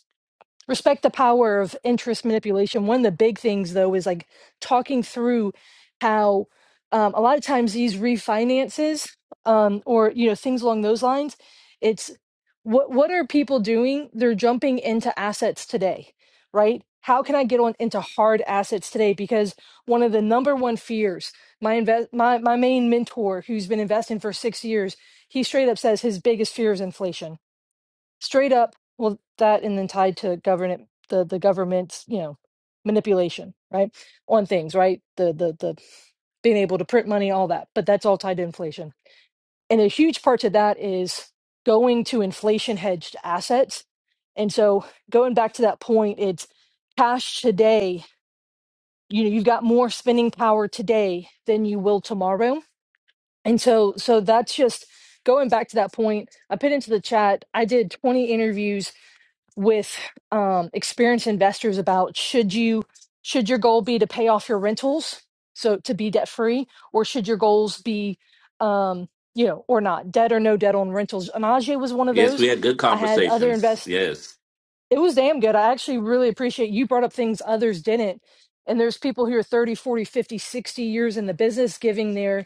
Speaker 6: respect the power of interest manipulation. One of the big things, though, is like talking through how um, a lot of times these refinances um, or you know things along those lines, it's what what are people doing? They're jumping into assets today, right? How can I get on into hard assets today? Because one of the number one fears, my invest, my my main mentor, who's been investing for six years, he straight up says his biggest fear is inflation straight up well that and then tied to government the the government's you know manipulation right on things right the the the being able to print money all that but that's all tied to inflation and a huge part to that is going to inflation hedged assets and so going back to that point it's cash today you know you've got more spending power today than you will tomorrow and so so that's just going back to that point i put into the chat i did 20 interviews with um, experienced investors about should you should your goal be to pay off your rentals so to be debt free or should your goals be um, you know or not debt or no debt on rentals and Ajay was one of
Speaker 16: Yes, we
Speaker 6: those
Speaker 16: had good
Speaker 6: i had other
Speaker 16: conversations.
Speaker 6: invest.
Speaker 16: Yes.
Speaker 6: It was damn good. I actually really appreciate you brought up things others didn't. And there's people who are 30, forty, fifty, sixty years in the business giving their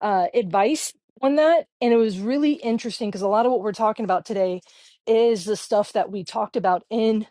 Speaker 6: uh, advice on that. And it was really interesting because a lot of what we're talking about today is the stuff that we talked about in,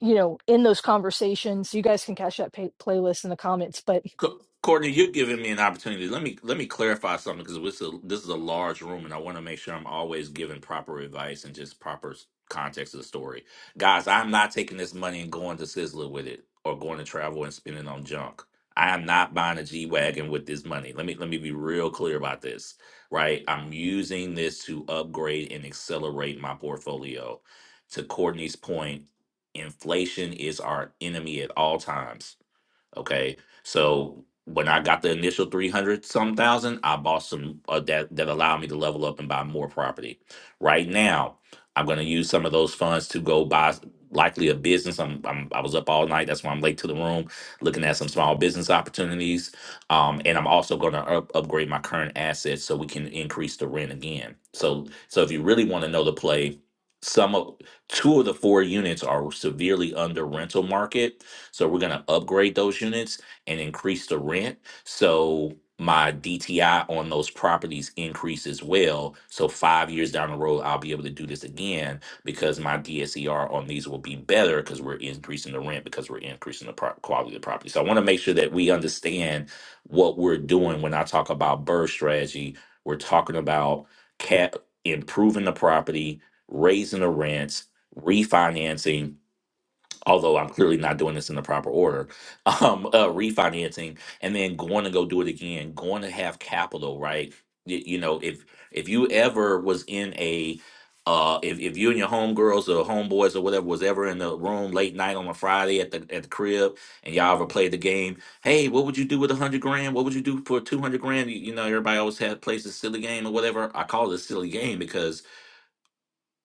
Speaker 6: you know, in those conversations. You guys can catch that pay- playlist in the comments, but
Speaker 16: Co- Courtney, you're giving me an opportunity. Let me let me clarify something because this is a, this is a large room, and I want to make sure I'm always giving proper advice and just proper s- context of the story. Guys, I'm not taking this money and going to Sizzler with it, or going to travel and spending on junk. I am not buying a G wagon with this money. Let me let me be real clear about this, right? I'm using this to upgrade and accelerate my portfolio. To Courtney's point, inflation is our enemy at all times Okay. So when I got the initial 300 some thousand, I bought some uh, that that allowed me to level up and buy more property. Right now, I'm going to use some of those funds to go buy s- likely a business. I'm, I'm I was up all night. That's why I'm late to the room looking at some small business opportunities. Um, and I'm also going to up, upgrade my current assets so we can increase the rent again. So so if you really want to know the play, some of two of the four units are severely under rental market so we're gonna upgrade those units and increase the rent. So my DTI on those properties increase as well. So five years down the road, I'll be able to do this again because my DSER on these will be better because we're increasing the rent because we're increasing the pro- quality of the property. So I want to make sure that we understand what we're doing when I talk about birth strategy. We're talking about cap improving the property, raising the rents, refinancing, although I'm clearly not doing this in the proper order, um, uh, refinancing and then going to go do it again, going to have capital, right? Y- You know, if if you ever was in a uh, if, if you and your homegirls or homeboys or whatever was ever in the room late night on a Friday at the at the crib and y'all ever played the game, hey, what would you do with a hundred grand? What would you do for two hundred grand? You, you know, everybody always had plays a silly game or whatever. I call it a silly game because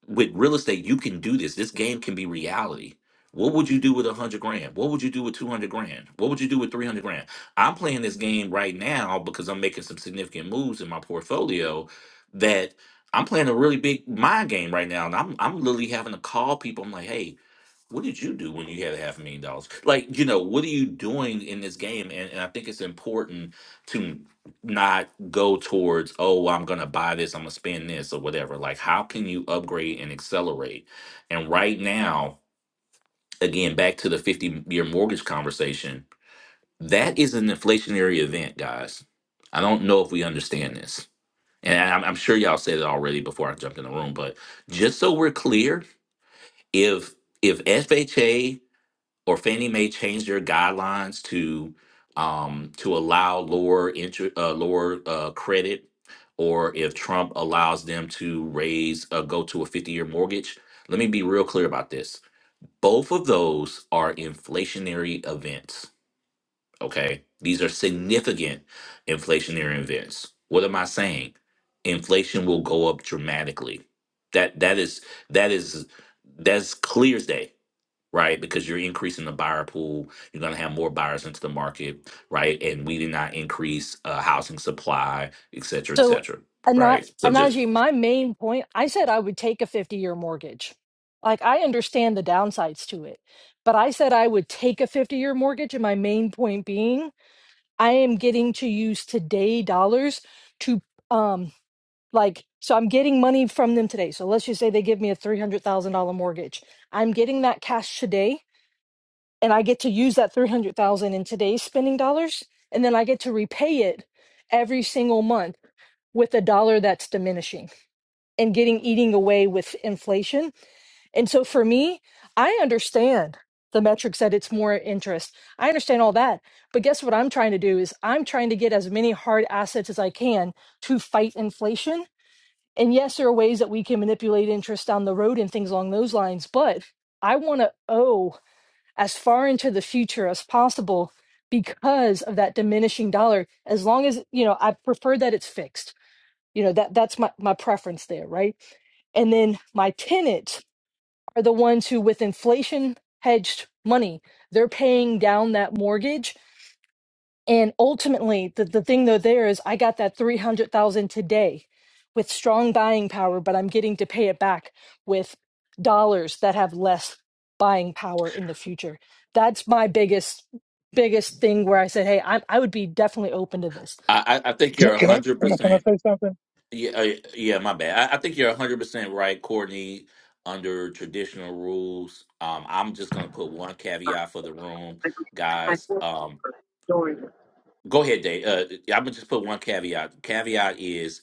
Speaker 16: with real estate, you can do this. This game can be reality. What would you do with a hundred grand? What would you do with two hundred grand? What would you do with three hundred grand? I'm playing this game right now because I'm making some significant moves in my portfolio. That I'm playing a really big mind game right now, and I'm I'm literally having to call people. I'm like, hey, what did you do when you had a half a million dollars? Like, you know, what are you doing in this game? And, and I think it's important to not go towards, oh, well, I'm going to buy this, I'm going to spend this or whatever. Like, how can you upgrade and accelerate? And right now, again, back to the 50 year mortgage conversation, that is an inflationary event, guys. I don't know if we understand this. And I'm, I'm sure y'all said it already before I jumped in the room, but just so we're clear, if if FHA or Fannie may change their guidelines to um, to allow lower interest, uh, lower uh, credit, or if Trump allows them to raise uh, go to a fifty year mortgage. Let me be real clear about this. Both of those are inflationary events. Okay, these are significant inflationary events. What am I saying? Inflation will go up dramatically. That that is that is that's clear as day right? Because you're increasing the buyer pool, you're going to have more buyers into the market, right? And we did not increase uh, housing supply, et cetera, et
Speaker 6: So,
Speaker 16: cetera,
Speaker 6: Ana-
Speaker 16: right? So just,
Speaker 6: Anaji, my main point, I said I would take a 50 year mortgage. Like, I understand the downsides to it, but I said I would take a 50 year mortgage. And my main point being, I am getting to use today dollars to, um, like, so I'm getting money from them today. So let's just say they give me a $300,000 mortgage. I'm getting that cash today and I get to use that 300,000 in today's spending dollars and then I get to repay it every single month with a dollar that's diminishing and getting eating away with inflation. And so for me, I understand the metrics that it's more interest. I understand all that. But guess what I'm trying to do is I'm trying to get as many hard assets as I can to fight inflation. And yes, there are ways that we can manipulate interest down the road and things along those lines, but I want to owe as far into the future as possible because of that diminishing dollar as long as you know I prefer that it's fixed you know, that that's my, my preference there, right? And then my tenants are the ones who, with inflation hedged money, they're paying down that mortgage. And ultimately, the, the thing though there is I got that 300,000 today with strong buying power, but I'm getting to pay it back with dollars that have less buying power in the future. That's my biggest biggest thing where I said, "Hey, I I would be definitely open to this."
Speaker 16: I, I I think
Speaker 19: Can,
Speaker 16: you're
Speaker 19: can I can I
Speaker 16: 100%.
Speaker 19: say something?
Speaker 16: Yeah, uh, yeah, my bad. I, I think you're 100% right, Courtney, under traditional rules. Um, I'm just going to put one caveat for the room, guys. Um, go ahead, Dave. Uh, I'm going to just put one caveat. Caveat is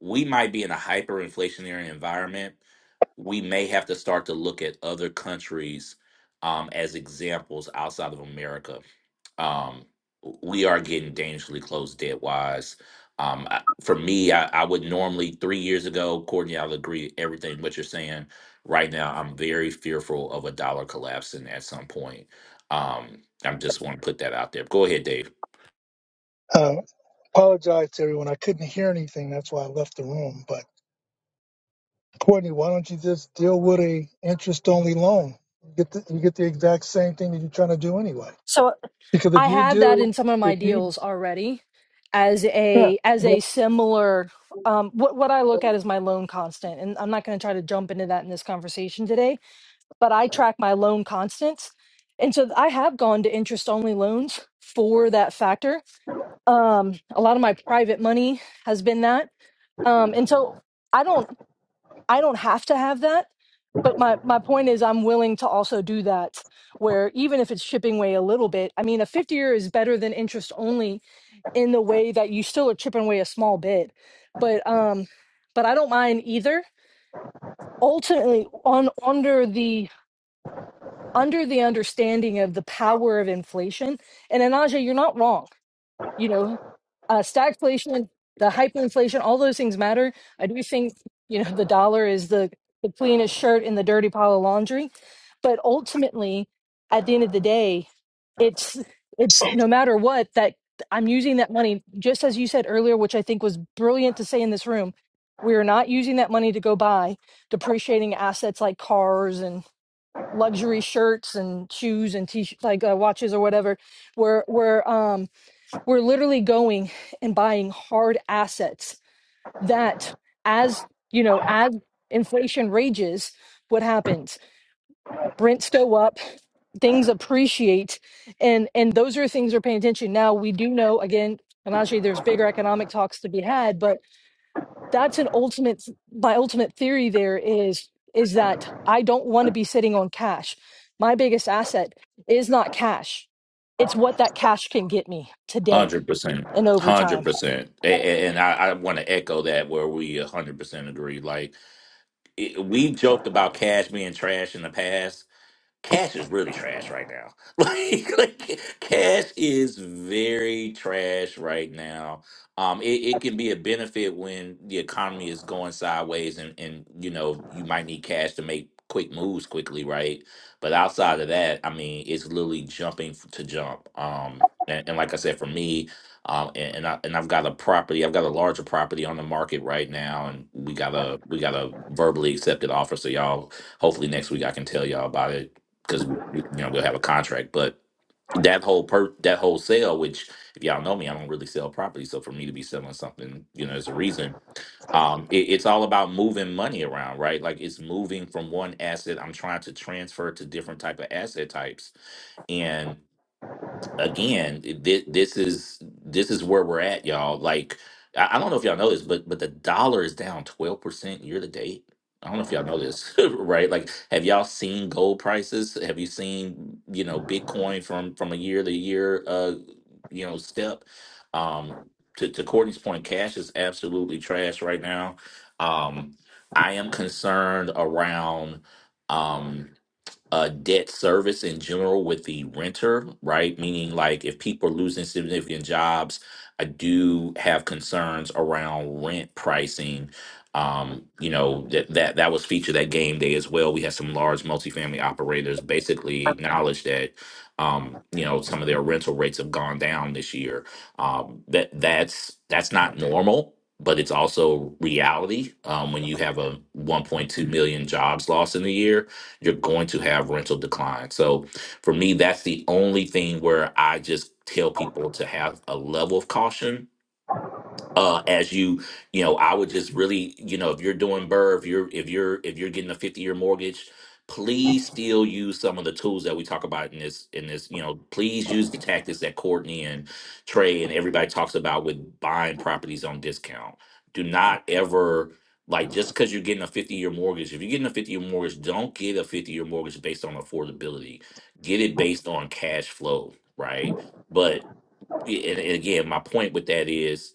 Speaker 16: we might be in a hyperinflationary environment. We may have to start to look at other countries um, as examples outside of America. Um, we are getting dangerously close debt wise. Um, I, for me, I, I would normally three years ago, Courtney, I'll agree everything what you're saying. Right now, I'm very fearful of a dollar collapsing at some point. Um, i just want to put that out there. Go ahead, Dave.
Speaker 19: Um, apologize to everyone. I couldn't hear anything. That's why I left the room. But Courtney, why don't you just deal with a interest only loan? You get the, you get the exact same thing that you're trying to do anyway.
Speaker 6: So
Speaker 19: Because
Speaker 6: I
Speaker 19: if you
Speaker 6: have that
Speaker 19: do,
Speaker 6: in some of my
Speaker 19: if you
Speaker 6: deals already as
Speaker 19: yeah.
Speaker 6: a as
Speaker 19: But
Speaker 6: a similar um what what I look at is my loan constant and I'm not going to try to jump into that in this conversation today but I track my loan constants and so I have gone to interest only loans for that factor um a lot of my private money has been that um and so I don't I don't have to have that. But my, my point is, I'm willing to also do that where even if it's chipping away a little bit, I mean, a 50 year is better than interest only in the way that you still are chipping away a small bit. But, um, but I don't mind either. Ultimately, on under the under the understanding of the power of inflation, and Anaja, you're not wrong you know, uh, stagflation, the hyperinflation, all those things matter. I do think, you know, the dollar is the, the cleanest shirt in the dirty pile of laundry. But ultimately, at the end of the day, it's it's no matter what that I'm using that money, just as you said earlier, which I think was brilliant to say in this room, we are not using that money to go buy depreciating assets like cars and luxury shirts and shoes and t like uh, watches or whatever. We're we're um we're literally going and buying hard assets that as you know as inflation rages what happens rents go up things appreciate and and those are things we're paying attention now we do know again and there's bigger economic talks to be had but that's an ultimate my ultimate theory there is is that i don't want to be sitting on cash my biggest asset is not cash it's what that cash can get me today
Speaker 16: Hundred percent,
Speaker 6: and over
Speaker 16: hundred
Speaker 6: time
Speaker 16: percent, and I, I want to echo that where we hundred percent agree. Like it, we joked about cash being trash in the past, Cash is really trash right now. Like, like cash is very trash right now. Um, it, it can be a benefit when the economy is going sideways and, and you know, you might need cash to make quick moves quickly, right? But outside of that, I mean, it's literally jumping f- to jump. Um, and, and like I said, for me, um, and, and I and I've got a property, I've got a larger property on the market right now, and we got a we got a verbally accepted offer. So y'all hopefully next week I can tell y'all about it because you know we'll have a contract. But that whole per that whole sale, which if y'all know me, I don't really sell property. So for me to be selling something, you know, there's a reason. Um, it, it's all about moving money around, right? Like it's moving from one asset. I'm trying to transfer to different type of asset types, and again, this, this is this is where we're at, y'all. Like, I, I don't know if y'all know this, but but the dollar is down twelve percent year to date. I don't know if y'all know this, right? Like, have y'all seen gold prices? Have you seen you know Bitcoin from from a year to year, uh, you know, step? Um, to to Courtney's point, cash is absolutely trash right now. Um, I am concerned around. Um, uh, debt service in general with the renter, right? Meaning, like, if people are losing significant jobs, I do have concerns around rent pricing. Um, you know that that that was featured at game day as well. We had some large multifamily operators basically acknowledge that um, you know some of their rental rates have gone down this year. Um, that that's that's not normal, but it's also reality um, when you have a 1.2 million jobs lost in a year you're going to have rental decline. So for me, that's the only thing where I just tell people to have a level of caution uh as you you know i would just really you know if you're doing burr if you're if you're if you're getting a 50 year mortgage please still use some of the tools that we talk about in this in this you know please use the tactics that courtney and trey and everybody talks about with buying properties on discount do not ever like just because you're getting a 50 year mortgage if you're getting a 50 year mortgage don't get a 50 year mortgage based on affordability get it based on cash flow right but and and again my point with that is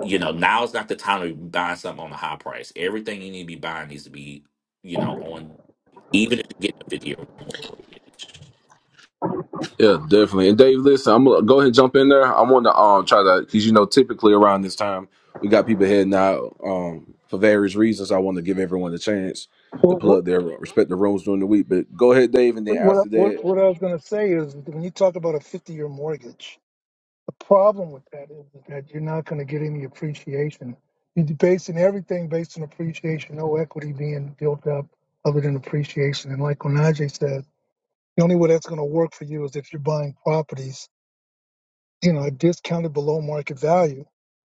Speaker 16: you know, now's not the time to be buying something on a high price. Everything you need to be buying needs to be, you know, on even if you get the video.
Speaker 2: Yeah, definitely. And Dave, listen, I'm gonna go ahead and jump in there. I want to um try to because you know typically around this time we got people heading out um for various reasons. I want to give everyone a chance to
Speaker 19: what
Speaker 2: plug their respective roles during the week. But go ahead, Dave, and then
Speaker 19: what
Speaker 2: after
Speaker 19: what,
Speaker 2: that,
Speaker 19: what I was going to say is when you talk about a 50 year mortgage, The problem with that is that you're not going to get any appreciation. You're basing everything based on appreciation, no equity being built up other than appreciation. And like Onaje says, the only way that's going to work for you is if you're buying properties, you know, discounted below market value.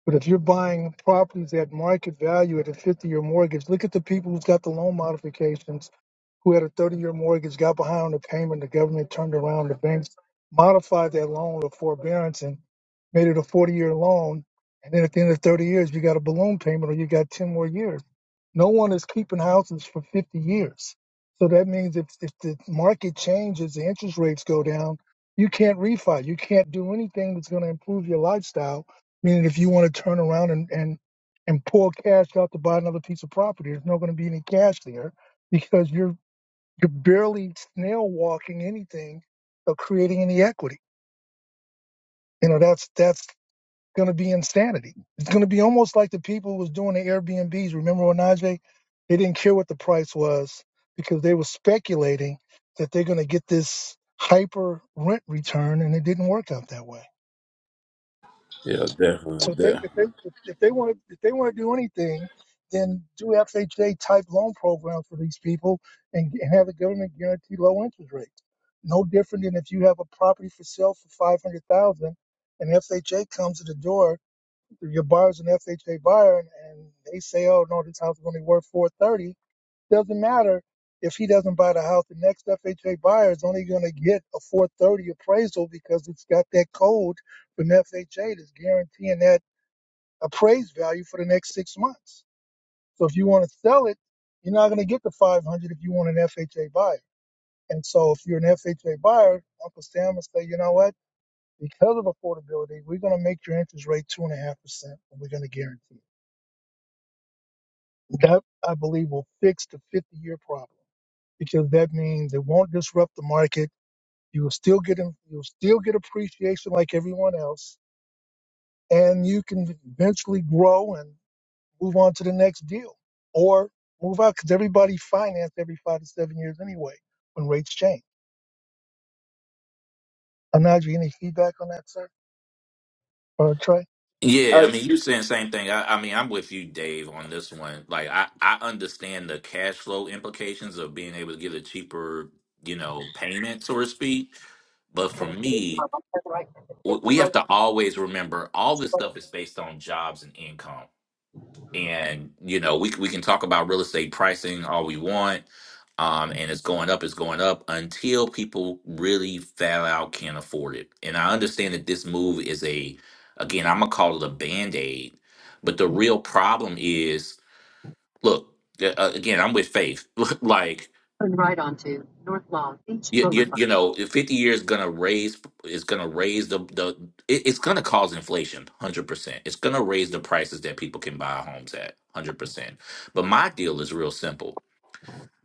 Speaker 19: But if you're buying properties at market value at a 50 year mortgage, look at the people who've got the loan modifications who had a 30 year mortgage, got behind on the payment. The government turned around. The banks modified that loan to forbearance and made it a 40 year loan. And then at the end of 30 years, you got a balloon payment or you got 10 more years. No one is keeping houses for 50 years. So that means if, if the market changes, the interest rates go down, you can't refi. You can't do anything that's going to improve your lifestyle. Meaning, if you want to turn around and, and, and pull cash out to buy another piece of property, there's not going to be any cash there because you're you're barely snail walking anything of creating any equity. You know, that's that's going to be insanity. It's going to be almost like the people who was doing the Airbnbs. Remember when Najee? They didn't care what the price was because they were speculating that they're going to get this hyper rent return, and it didn't work out that way.
Speaker 2: yeah, definitely.
Speaker 19: So if they
Speaker 2: Yeah.
Speaker 19: if they if they want if they want to do anything, then do FHA type loan programs for these people and, and have the government guarantee low interest rates. No different than if you have a property for sale for five hundred thousand, and FHA comes to the door, your buyer's an FHA buyer, and, and they say, "Oh no, this house is only worth four thirty." thirty. Doesn't matter if he doesn't buy the house. The next FHA buyer is only going to get a four thirty appraisal because it's got that code from FHA that's guaranteeing that appraised value for the next six months. So if you want to sell it, you're not going to get the 500 if you want an FHA buyer. And so if you're an FHA buyer, Uncle Sam will say, you know what? Because of affordability, we're going to make your interest rate two and a half percent, and we're going to guarantee it. That I believe will fix the 50-year problem because that means it won't disrupt the market. You will still get in- you'll still get appreciation like everyone else, and you can eventually grow. and. move on to the next deal or move out because everybody financed every five to seven years anyway when rates change. Anaji, any feedback on that, sir? Or Trey?
Speaker 16: Yeah, I mean, you're saying same thing. I, I mean, I'm with you, Dave, on this one. Like, I I understand the cash flow implications of being able to get a cheaper, you know, payment, so to speak. But for me,
Speaker 19: Right. Hit
Speaker 16: w-
Speaker 19: the
Speaker 16: we
Speaker 19: road,
Speaker 16: have to always remember all this stuff is based on jobs and income. and you know we we can talk about real estate pricing all we want um and it's going up it's going up until people really flat out can't afford it and i understand that this move is a again i'm gonna call it a band-aid but the real problem is look uh, uh, again i'm with faith like
Speaker 19: Turn right onto North Long Beach
Speaker 16: you, you,
Speaker 19: Boulevard.
Speaker 16: you know 50 years gonna raise is gonna raise the the it, it's gonna cause inflation 100% it's gonna raise the prices that people can buy homes at 100% but my deal is real simple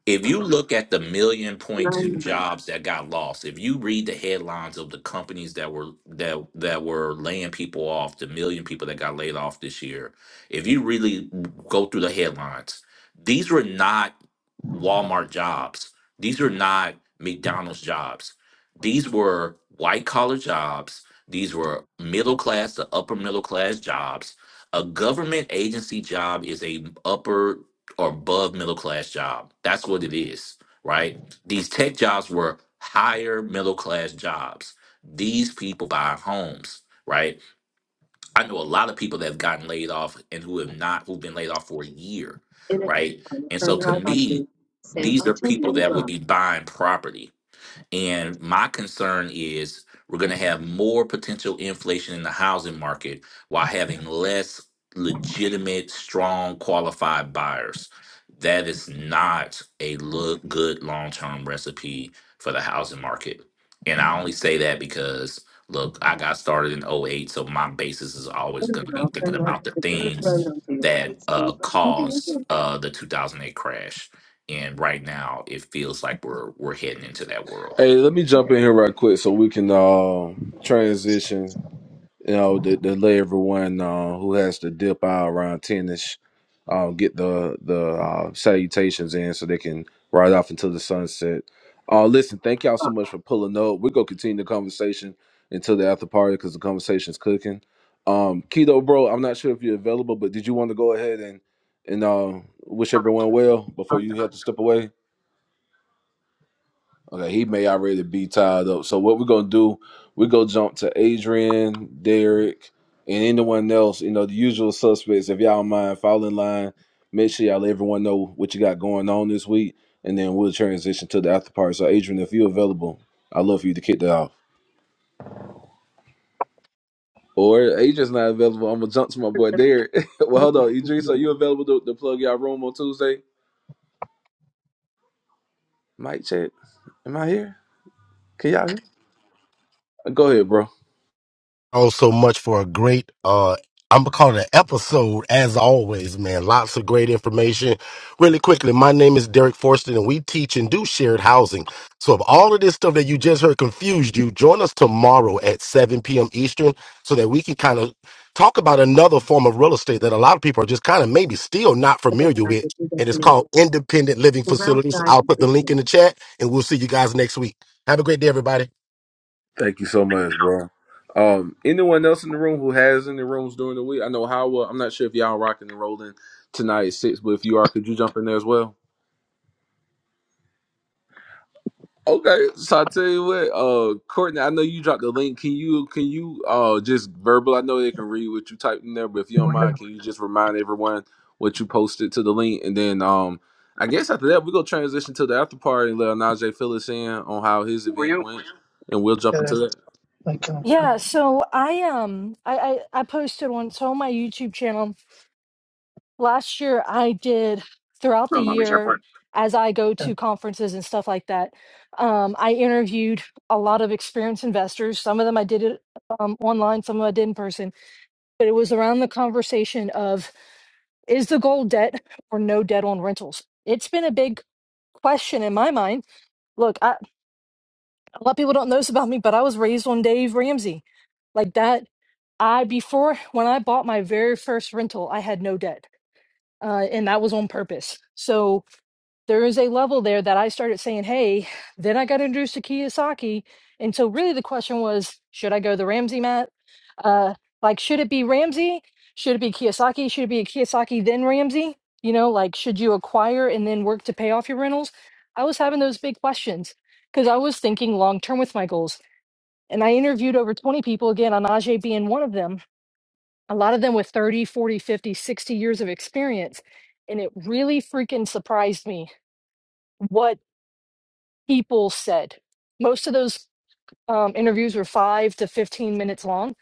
Speaker 16: if
Speaker 19: Nine
Speaker 16: you look at the million point two
Speaker 19: nine.
Speaker 16: jobs that got lost if you read the headlines of the companies that were that that were laying people off the million people that got laid off this year if you really go through the headlines these were not Walmart jobs. These are not McDonald's jobs. These were white collar jobs. These were middle class to upper middle class jobs. A government agency job is a upper or above middle class job. That's what it is, right? These tech jobs were higher middle class jobs. These people buy homes, right? I know a lot of people that have gotten laid off and who have not, who've been laid off for a year,
Speaker 19: In a
Speaker 16: right?
Speaker 19: hill,
Speaker 16: And so
Speaker 19: turn
Speaker 16: to
Speaker 19: right onto
Speaker 16: me,
Speaker 19: San
Speaker 16: these are people
Speaker 19: Antonio
Speaker 16: that would
Speaker 19: Drive.
Speaker 16: be buying property and my concern is we're going to have more potential inflation in the housing market while having less legitimate, strong, qualified buyers. That is not a look good long term recipe for the housing market. And I only say that because look, I got started in '08, so my basis is always
Speaker 19: Turn
Speaker 16: going to be
Speaker 19: around,
Speaker 16: thinking
Speaker 19: turn right
Speaker 16: about
Speaker 19: to
Speaker 16: the
Speaker 19: the third road
Speaker 16: things
Speaker 19: onto
Speaker 16: that
Speaker 19: East San
Speaker 16: uh,
Speaker 19: Antonio
Speaker 16: caused
Speaker 19: Drive.
Speaker 16: uh, the 2008 crash. And right now, it feels like we're we're heading into that world.
Speaker 2: Hey, let me jump in here right quick so we can uh, transition. you know, to, to let everyone uh, who has to dip out around tennis uh, get the the uh, salutations in so they can ride off into the sunset. Uh, listen, thank y'all so
Speaker 19: Drop
Speaker 2: much for pulling up. We're gonna continue the conversation until the after party because the conversation's cooking. Um, Keto, bro, I'm not sure if you're available, but did you want to go ahead and and uh, wish
Speaker 19: five
Speaker 2: everyone well
Speaker 19: onto
Speaker 2: before you have to step away? Okay, he may already be tied up. So what we're gonna do, we go jump to Adrian, Derek, and anyone else, you know, the usual suspects. If y'all don't mind, fall in line. Make sure y'all let everyone know what you got going on this week, and then we'll transition to the after party. So Adrian, if you're available, I'd love for you to kick that off. Or if Adrian's not available, I'm gonna jump to my boy Derek. well, hold
Speaker 19: Vegas
Speaker 2: on, Idris, are
Speaker 19: Avenue.
Speaker 2: you available to, to plug y'all room on Tuesday? Mic check. Am I here? Can y'all hear? Go ahead, bro.
Speaker 3: Oh, so much for a great uh I'm gonna call it an episode as always, man. Lots of great information. Really quickly, my name is Derek Forston and we teach and do shared housing. So if all of this stuff that you just heard confused you, join us tomorrow at 7 p.m. Eastern so that we can kind of talk about another form of real estate that a lot of people are just kind of maybe still not
Speaker 19: Circle
Speaker 3: familiar
Speaker 19: back
Speaker 3: with.
Speaker 19: at
Speaker 3: And it's
Speaker 19: destination.
Speaker 3: called independent living
Speaker 19: The route
Speaker 3: facilities.
Speaker 19: guides
Speaker 3: I'll put
Speaker 19: you
Speaker 3: the link in
Speaker 19: to
Speaker 3: the chat and we'll see you guys next week. Have a great day, everybody.
Speaker 2: Thank you so much, bro. Um, anyone else in the room who has any rooms during the week? I know how well, I'm not sure if y'all rocking and rolling tonight at six, but if you are, could you jump in there as well? Okay, so I tell you what, uh, Courtney, I know you dropped the link. Can you can you uh just verbal? I know they can read what you typed in there, but if you don't
Speaker 19: Were
Speaker 2: mind,
Speaker 19: you?
Speaker 2: can you just remind everyone what you posted to the link, and then um, I guess after that we go transition to the after party and let Najee fill us in on how his
Speaker 19: Were
Speaker 2: event
Speaker 19: you?
Speaker 2: went, and we'll jump
Speaker 19: Okay.
Speaker 2: into that.
Speaker 19: Like, um,
Speaker 6: Yeah, so I um I, I I posted one so on my YouTube channel last year I did throughout the
Speaker 19: from Long Beach
Speaker 6: year
Speaker 19: Airport.
Speaker 6: as I go to conferences and stuff like that. Um I interviewed a lot of experienced investors. Some of them I did it um online, some of them I did in person, but it was around the conversation of is the goal debt or no debt on rentals? It's been a big question in my mind. Look, I, a lot of people don't know this about me, but I was raised on Dave Ramsey. Like that I before when I bought my very first rental, I had no debt, uh, and that was on purpose. So there is a level there that I started saying, "Hey." Then I got introduced to Kiyosaki, and so really the question was, should I go the Ramsey mat? Uh, like, should it be Ramsey? Should it be Kiyosaki? Should it be Kiyosaki then Ramsey? You know, like, should you acquire and then work to pay off your rentals? I was having those big questions because I was thinking long term with my goals. And I interviewed over 20 people, again, on Ajay being one of them a lot of them with 30, 40, 50, 60 years of experience. And it really freaking surprised me what people said. Most of those um, interviews were five to 15 minutes long.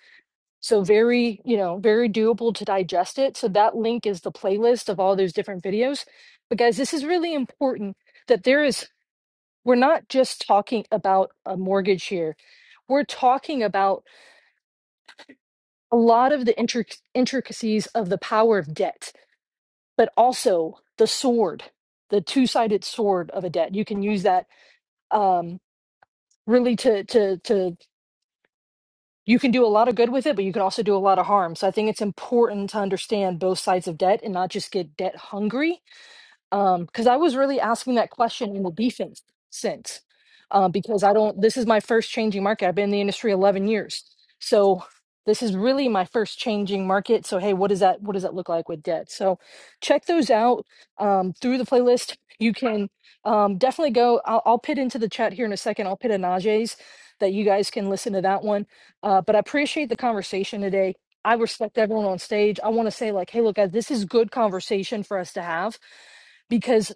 Speaker 6: So very, you know, very doable to digest it. So that link is the playlist of all those different videos. But guys, this is really important that there is, we're not just talking about a mortgage here. We're talking about a lot of the intric- intricacies of the power of debt but also the sword, the two-sided sword of a debt. You can use that um, really to to to you can do a lot of good with it, but you can also do a lot of harm. So I think it's important to understand both sides of debt and not just get debt hungry um because i was really asking that question in the defense sense uh, because i don't this is my first changing market i've been in the industry 11 years so this is really my first changing market so hey what does that what does that look like with debt so check those out um, through the playlist you can um, definitely go I'll, I'll pit into the chat here in a second i'll pit a Naj's that you guys can listen to that one uh, but i appreciate the conversation today i respect everyone on stage i want to say like hey look guys, this is good conversation for us to have because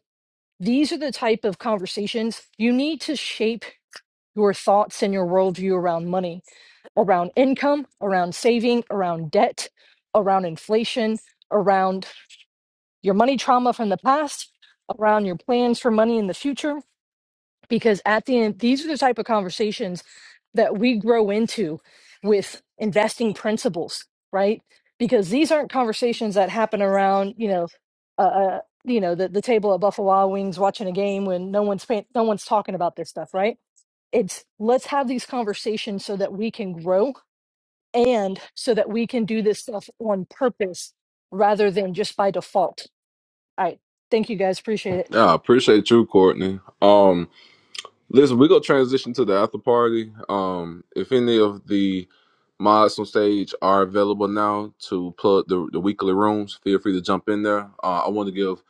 Speaker 6: these are the type of conversations you need to shape your thoughts and your worldview around money, around income, around saving, around debt, around inflation, around your money trauma from the past, around your plans for money in the future because at the end these are the type of conversations that we grow into with investing principles right because these aren't conversations that happen around you know uh, uh you know the, the table at buffalo Wild wings watching a game when no one's paying, no one's talking about this stuff right it's let's have these conversations so that we can grow and so that we can do this stuff on purpose rather than just by default all right thank you guys appreciate it
Speaker 2: Yeah, I appreciate you, Courtney. Um. Listen, we're gonna transition to the after party. Um, if any of the mods on stage are available now to plug the, the weekly rooms, feel free to jump in there. Uh, I want to give,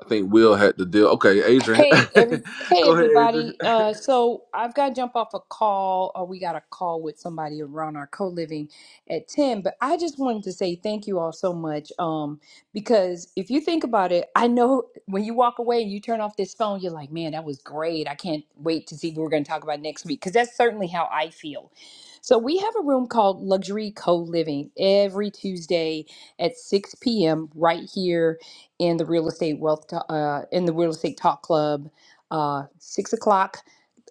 Speaker 2: I think Will had the deal. Okay, Adrian,
Speaker 4: Hey, every hey
Speaker 2: go ahead, Adrian.
Speaker 4: everybody. Uh, so I've got to jump off a call, or we got a call with somebody around our co-living at ten. But I just wanted to say thank you all so much. Um, because if you think about it, I know when you walk away and you turn off this phone, you're like, man, that was great. I can't wait to see what we're going to talk about next week because that's certainly how I feel. So we have a room called Luxury Co-Living every Tuesday at six p.m. right here in the real estate wealth Ta- uh, in the real estate talk club uh, six o'clock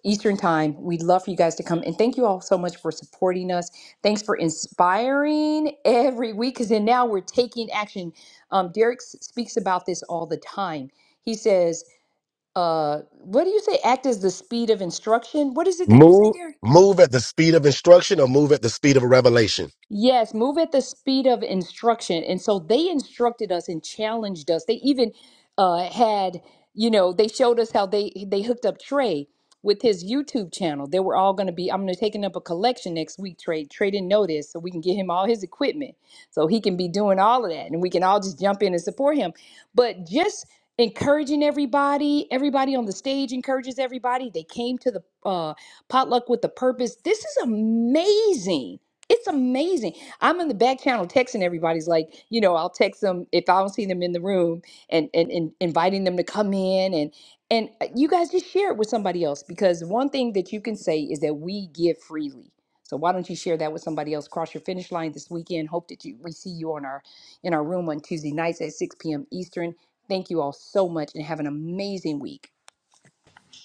Speaker 4: eastern time we'd love for you guys to come and thank you all so much for supporting us thanks for inspiring every week because then now we're taking action um, derek s- speaks about this all the time he says uh, what do you say act as the speed of instruction what is it that you say
Speaker 3: Move
Speaker 4: derek
Speaker 3: move at the speed of instruction or move at the speed of revelation.
Speaker 4: Yes, move at the speed of instruction. And so they instructed us and challenged us. They even uh, had, you know, they showed us how they they hooked up Trey with his YouTube channel. They were all going to be, I'm going to taking up a collection next week, Trey. Trey didn't know this, so we can get him all his equipment so he can be doing all of that and we can all just jump in and support him. But just encouraging everybody, everybody on the stage encourages everybody. They came to the uh, potluck with the purpose. This is amazing it's amazing. I'm in the back channel texting everybody's like, you know, I'll text them if I don't see them in the room and and, and inviting them to come in and and uh, you guys just share it with somebody else because one thing that you can say is that we give freely. So why don't you share that with somebody else? Cross your finish line this weekend. Hope that you we see you on our in our room on Tuesday nights at 6 p.m. Eastern. Thank you all so much and have an amazing week.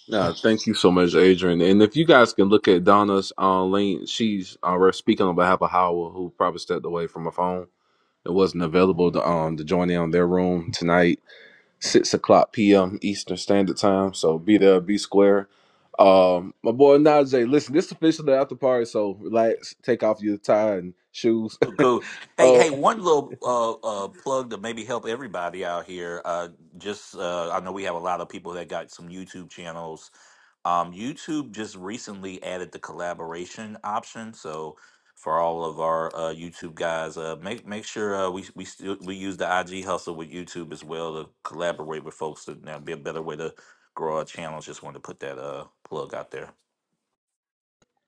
Speaker 2: Nah, thank you so much, Adrian. And if you guys can look at Donna's uh, link, she's uh, we're speaking on behalf of Howell, who probably stepped away from her phone. It wasn't available to um to join in on their room tonight six o'clock p.m. Eastern Standard Time. So be there, be square. Um, my boy Najee, listen, this is officially after party, so relax, take off your tie and shoes. uh,
Speaker 16: Cool. Hey,
Speaker 2: well,
Speaker 16: hey, one little uh, uh, plug to maybe help everybody out here. Uh, just uh, I know we have a lot of people that got some YouTube channels. Um, YouTube just recently added the collaboration option, so for all of our uh, YouTube guys, uh, make make sure uh, we we still we use the IG hustle with YouTube as well to collaborate with folks. To, now be a better way to grow our channels. Just wanted to put that uh, plug out there.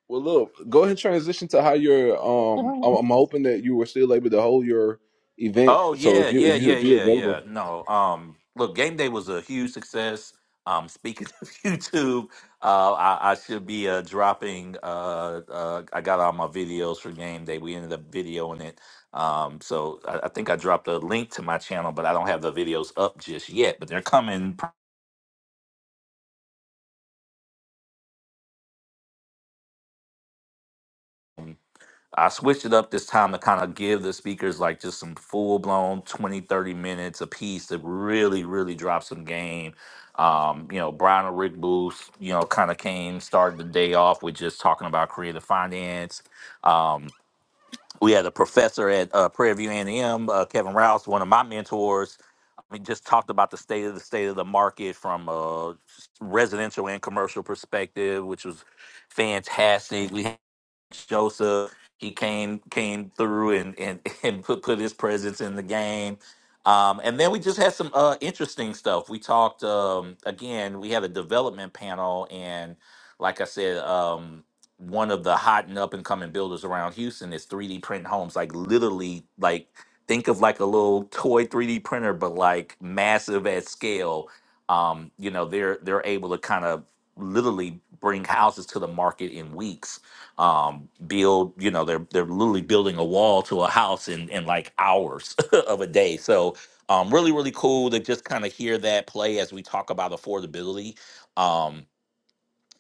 Speaker 2: look, go ahead and transition to how you're.
Speaker 6: All
Speaker 2: Um,
Speaker 6: right.
Speaker 2: I'm, I'm hoping that you were still able to hold your event.
Speaker 16: Oh
Speaker 2: So
Speaker 16: yeah,
Speaker 2: if you if
Speaker 16: yeah,
Speaker 2: you
Speaker 16: yeah,
Speaker 2: if you're
Speaker 16: yeah,
Speaker 2: available,
Speaker 16: yeah. No, um, look, game day was a huge success. Um, speaking of YouTube, uh, I, I should be uh, dropping. Uh, uh, I got all my videos for game day. We ended up videoing it. Um, so I, I think I dropped a link to my channel, but I don't have the videos up just yet. But they're coming. I switched it up this time to kind of give the speakers like just some full blown 20 30 minutes a piece to really, really drop some game. Um, you know, Brian or Rick Booth, you know, kind of came, started the day off with just talking about creative finance. Um, we had a professor at uh, Prairie View A&M, uh, Kevin Rouse, one of my mentors. I mean, just talked about the state of the state of the market from a residential and commercial perspective, which was fantastic. We Joseph. He came came through and and, and put put his presence in the game. Um, and then we just had some uh, interesting stuff. We talked um, again. We had a development panel, and like I said, um, one of the hot and up and coming builders around Houston is 3D print homes. Like literally, like think of like a little toy 3D printer, but like massive at scale. Um, you know, they're they're able to kind of literally bring houses to the market in weeks um, build you know they're they're literally building a wall to a house in in like hours of a day so um, really really cool to just kind of hear that play as we talk about affordability Um,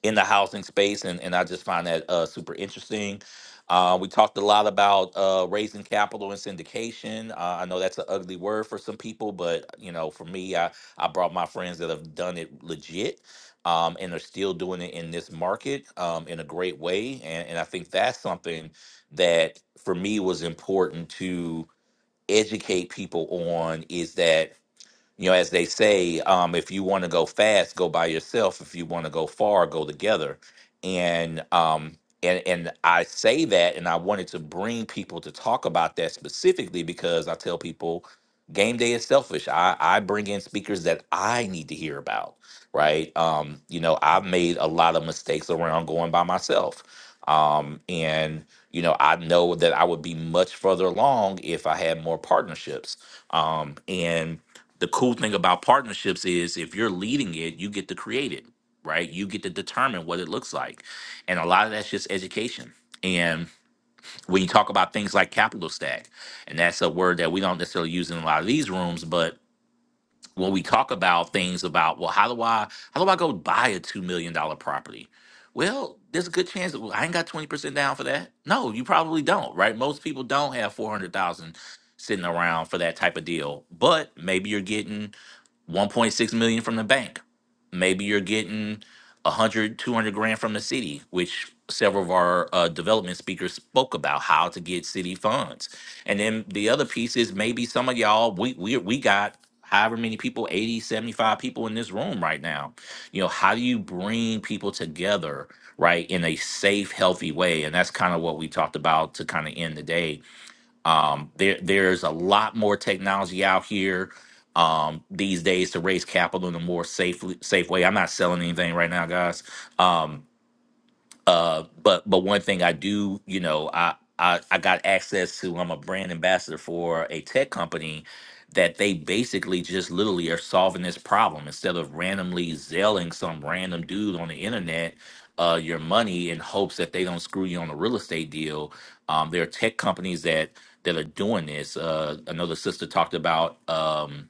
Speaker 16: in the housing space, and, and I just find that uh, super interesting. Uh, we talked a lot about uh, raising capital and syndication. Uh, I know that's an ugly word for some people, but you know, for me, I I brought my friends that have done it legit. Um, and are still doing it in this market um, in a great way, and, and I think that's something that for me was important to educate people on is that you know, as they say, um, if you want to go fast, go by yourself. If you want to go far, go together. And um, and and I say that, and I wanted to bring people to talk about that specifically because I tell people, game day is selfish. I I bring in speakers that I need to hear about, right? Um, you know, I've made a lot of mistakes around going by myself, um, and you know, I know that I would be much further along if I had more partnerships. Um, and the cool thing about partnerships is if you're leading it, you get to create it, right? You get to determine what it looks like. And a lot of that's just education. And when you talk about things like capital stack, and that's a word that we don't necessarily use in a lot of these rooms, but when we talk about things about, well, how do I how do I go buy a two million dollar property? Well, there's a good chance that well, I ain't got twenty percent down for that. No, you probably don't, right? Most people don't have four hundred thousand sitting around for that type of deal. But maybe you're getting 1.6 million from the bank maybe you're getting a hundred, two hundred grand from the city which several of our uh, development speakers spoke about how to get city funds and then the other piece is maybe some of y'all we we, we got however many people 80, 75 people in this room right now you know how do you bring people together right in a safe healthy way and that's kind of what we talked about to kind of end the day um, there, there's a lot more technology out here um, these days to raise capital in a more safely safe way. I'm not selling anything right now, guys. Um, uh, but but one thing I do, you know, I I, I got access to. I'm a brand ambassador for a tech company that they basically just literally are solving this problem instead of randomly selling some random dude on the internet uh, your money in hopes that they don't screw you on a real estate deal. Um, there are tech companies that that are doing this. Uh, another sister talked about. Um,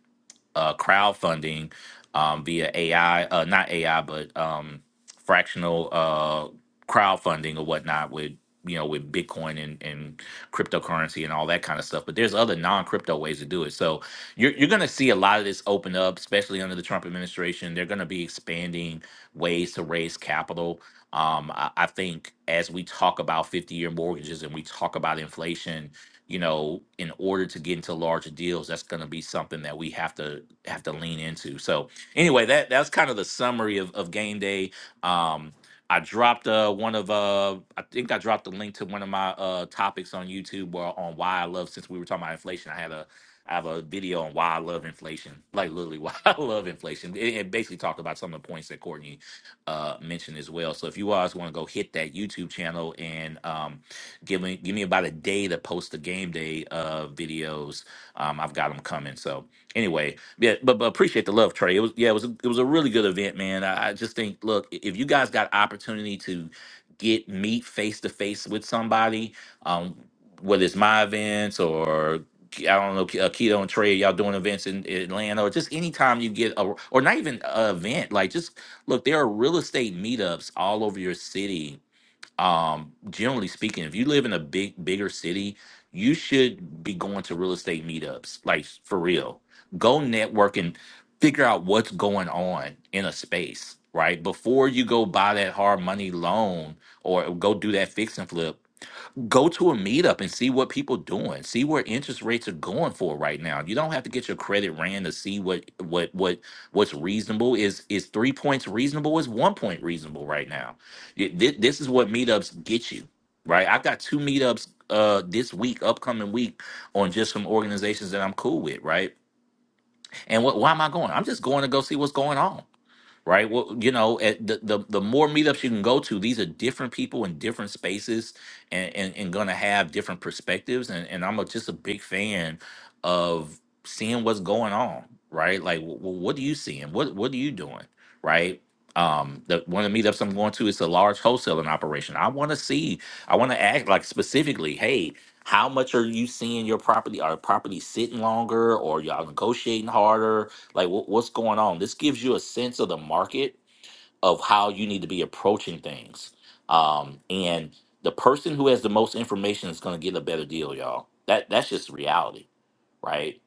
Speaker 16: uh, crowdfunding um, via AI, uh, not AI, but um, fractional uh, crowdfunding or whatnot with you know with Bitcoin and, and cryptocurrency and all that kind of stuff. But there's other non-crypto ways to do it. So you're you're going to see a lot of this open up, especially under the Trump administration. They're going to be expanding ways to raise capital. Um, I, I think as we talk about 50-year mortgages and we talk about inflation you know, in order to get into larger deals, that's going to be something that we have to have to lean into. So anyway, that that's kind of the summary of, of game day. Um, I dropped uh, one of uh, I think I dropped a link to one of my uh, topics on YouTube or on why I love. Since we were talking about inflation, I had a I have a video on why I love inflation, like literally why I love inflation. It, it basically talked about some of the points that Courtney uh, mentioned as well. So if you guys want to go hit that YouTube channel and um, Give me give me about a day to post the game day uh, videos. Um, I've got them coming. So anyway, yeah, but, but appreciate the love, Trey. It was yeah, it was a, it was a really good event, man. I, I just think look, i- if you guys got opportunity to get meet face to face with somebody, um, whether it's my events or I don't know, K- uh, Keto and Trey, y'all doing events in Atlanta, or just anytime you get a, or not even an event, like just look, there are real estate meetups all over your city um generally speaking if you live in a big bigger city you should be going to real estate meetups like for real go network and figure out what's going on in a space right before you go buy that hard money loan or go do that fix and flip go to a meetup and see what people doing see where interest rates are going for right now you don't have to get your credit ran to see what what what what's reasonable is is three points reasonable is one point reasonable right now Th- thi- this is what meetups get you right i've got two meetups uh this week upcoming week on just some organizations that i'm cool with right and what why am i going i'm just going to go see what's going on right? Well, you know, at the, the the more meetups you can go to, these are different people in different spaces, and and, and gonna have different perspectives. And and I'm a, just a big fan of seeing what's going on, right? Like, w- what are you seeing? What what are you doing, right? Um, the one of the meetups I'm going to is a large wholesaling operation. I want to see, I want to ask like specifically, hey, how much are you seeing your property? Are properties sitting longer, or y'all negotiating harder? Like, what, what's going on? This gives you a sense of the market of how you need to be approaching things. Um, and the person who has the most information is going to get a better deal, y'all. That that's just reality, right?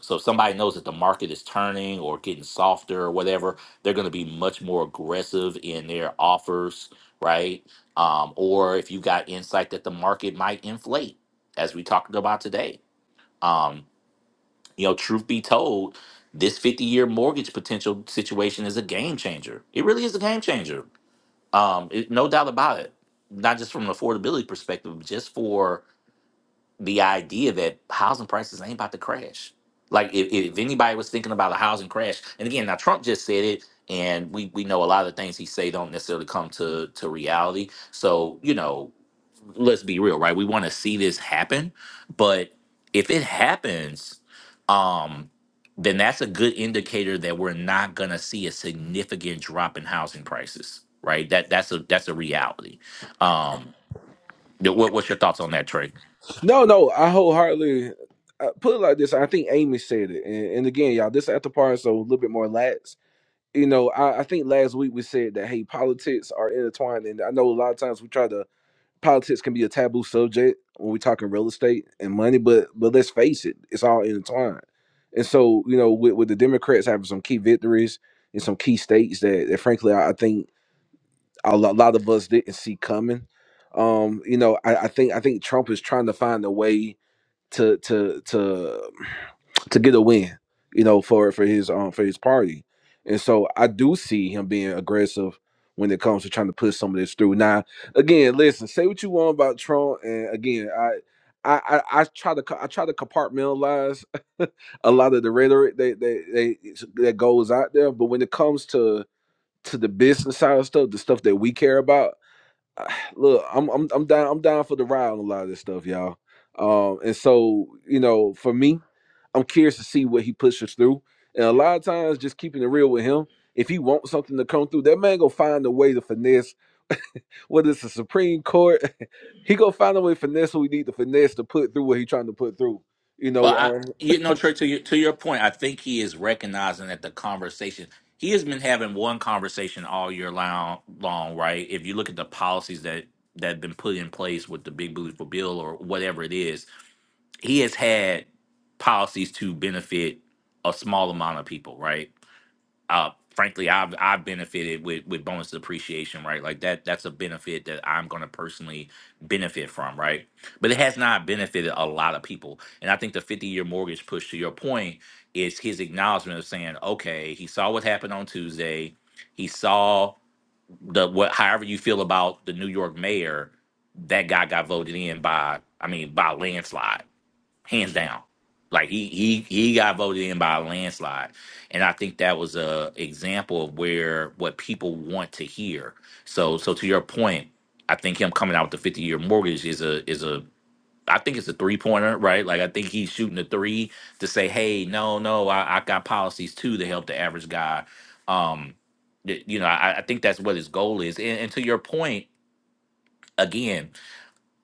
Speaker 16: So if somebody knows that the market is turning or getting softer or whatever, they're going to be much more aggressive in their offers, right? Um, or if you got insight that the market might inflate, as we talked about today, um, you know, truth be told, this 50 year mortgage potential situation is a game changer. It really is a game changer. Um, it, no doubt about it. Not just from an affordability perspective, but just for the idea that housing prices ain't about to crash. Like, if, if anybody was thinking about a housing crash, and again, now Trump just said it, and we, we know a lot of the things he say don't necessarily come to, to reality. So, you know, let's be real, right? We want to see this happen, but if it happens, um, then that's a good indicator that we're not going to see a significant drop in housing prices, right? That that's a that's a reality. Um, th- what, what's your thoughts on that, Trey?
Speaker 2: no, no, I wholeheartedly. uh put it like this. I think Amy said it, and, and again, y'all, this after party, so a little bit more lax you know, I, I think last week we said that hey, politics are intertwined, and I know a lot of times we try to politics can be a taboo subject when we're talking real estate and money, but but let's face it, it's all intertwined. And so, you know, with, with the Democrats having some key victories in some key states that, that frankly, I, I think a lo- lot of us didn't see coming. Um, you know, I, I think I think Trump is trying to find a way to to to to get a win, you know, for for his um for his party. And so I do see him being aggressive when it comes to trying to push some of this through. Now, again, listen, say what you want about Trump, and again, I. I, I, I try to co- I try to compartmentalize a lot of the rhetoric that that, that that goes out there, but when it comes to to the business side of stuff, the stuff that we care about, I- look, I'm I'm I'm down I'm down for the ride on a lot of this stuff, y'all. Um, and so you know, for me, I'm curious to see what he pushes through. And a lot of times, just keeping it real with him, if he wants something to come through, that man gonna find a way to finesse. Whether it's the Supreme Court, he gonna find a way to finesse what we need to finesse to put through what he trying to put through. You
Speaker 16: Well,
Speaker 2: know,
Speaker 16: I,
Speaker 2: um,
Speaker 16: you know, Trey, to your to your point, I think he is recognizing that the conversation he has been having one conversation all year long, long, right? If you look at the policies that that have been put in place with the big beautiful bill or whatever it is, he has had policies to benefit a small amount of people, right? Uh, frankly, I've I've benefited with with bonus depreciation, right? Like that that's a benefit that I'm going to personally benefit from, right? But it has not benefited a lot of people, and I think the 50 year mortgage push, to your point, is his acknowledgement of saying, okay, he saw what happened on Tuesday, he saw the what, however you feel about the New York mayor, that guy got voted in by, I mean, by a landslide hands down. Like he he he got voted in by a landslide, and I think that was a example of where what people want to hear. So so to your point, I think him coming out with the fifty year mortgage is a is a I think it's a three pointer, right? Like I think he's shooting a three to say, hey, no, no, I, I got policies too to help the average guy. Um, y- you know, I, I think that's what his goal is. And, and to your point, again,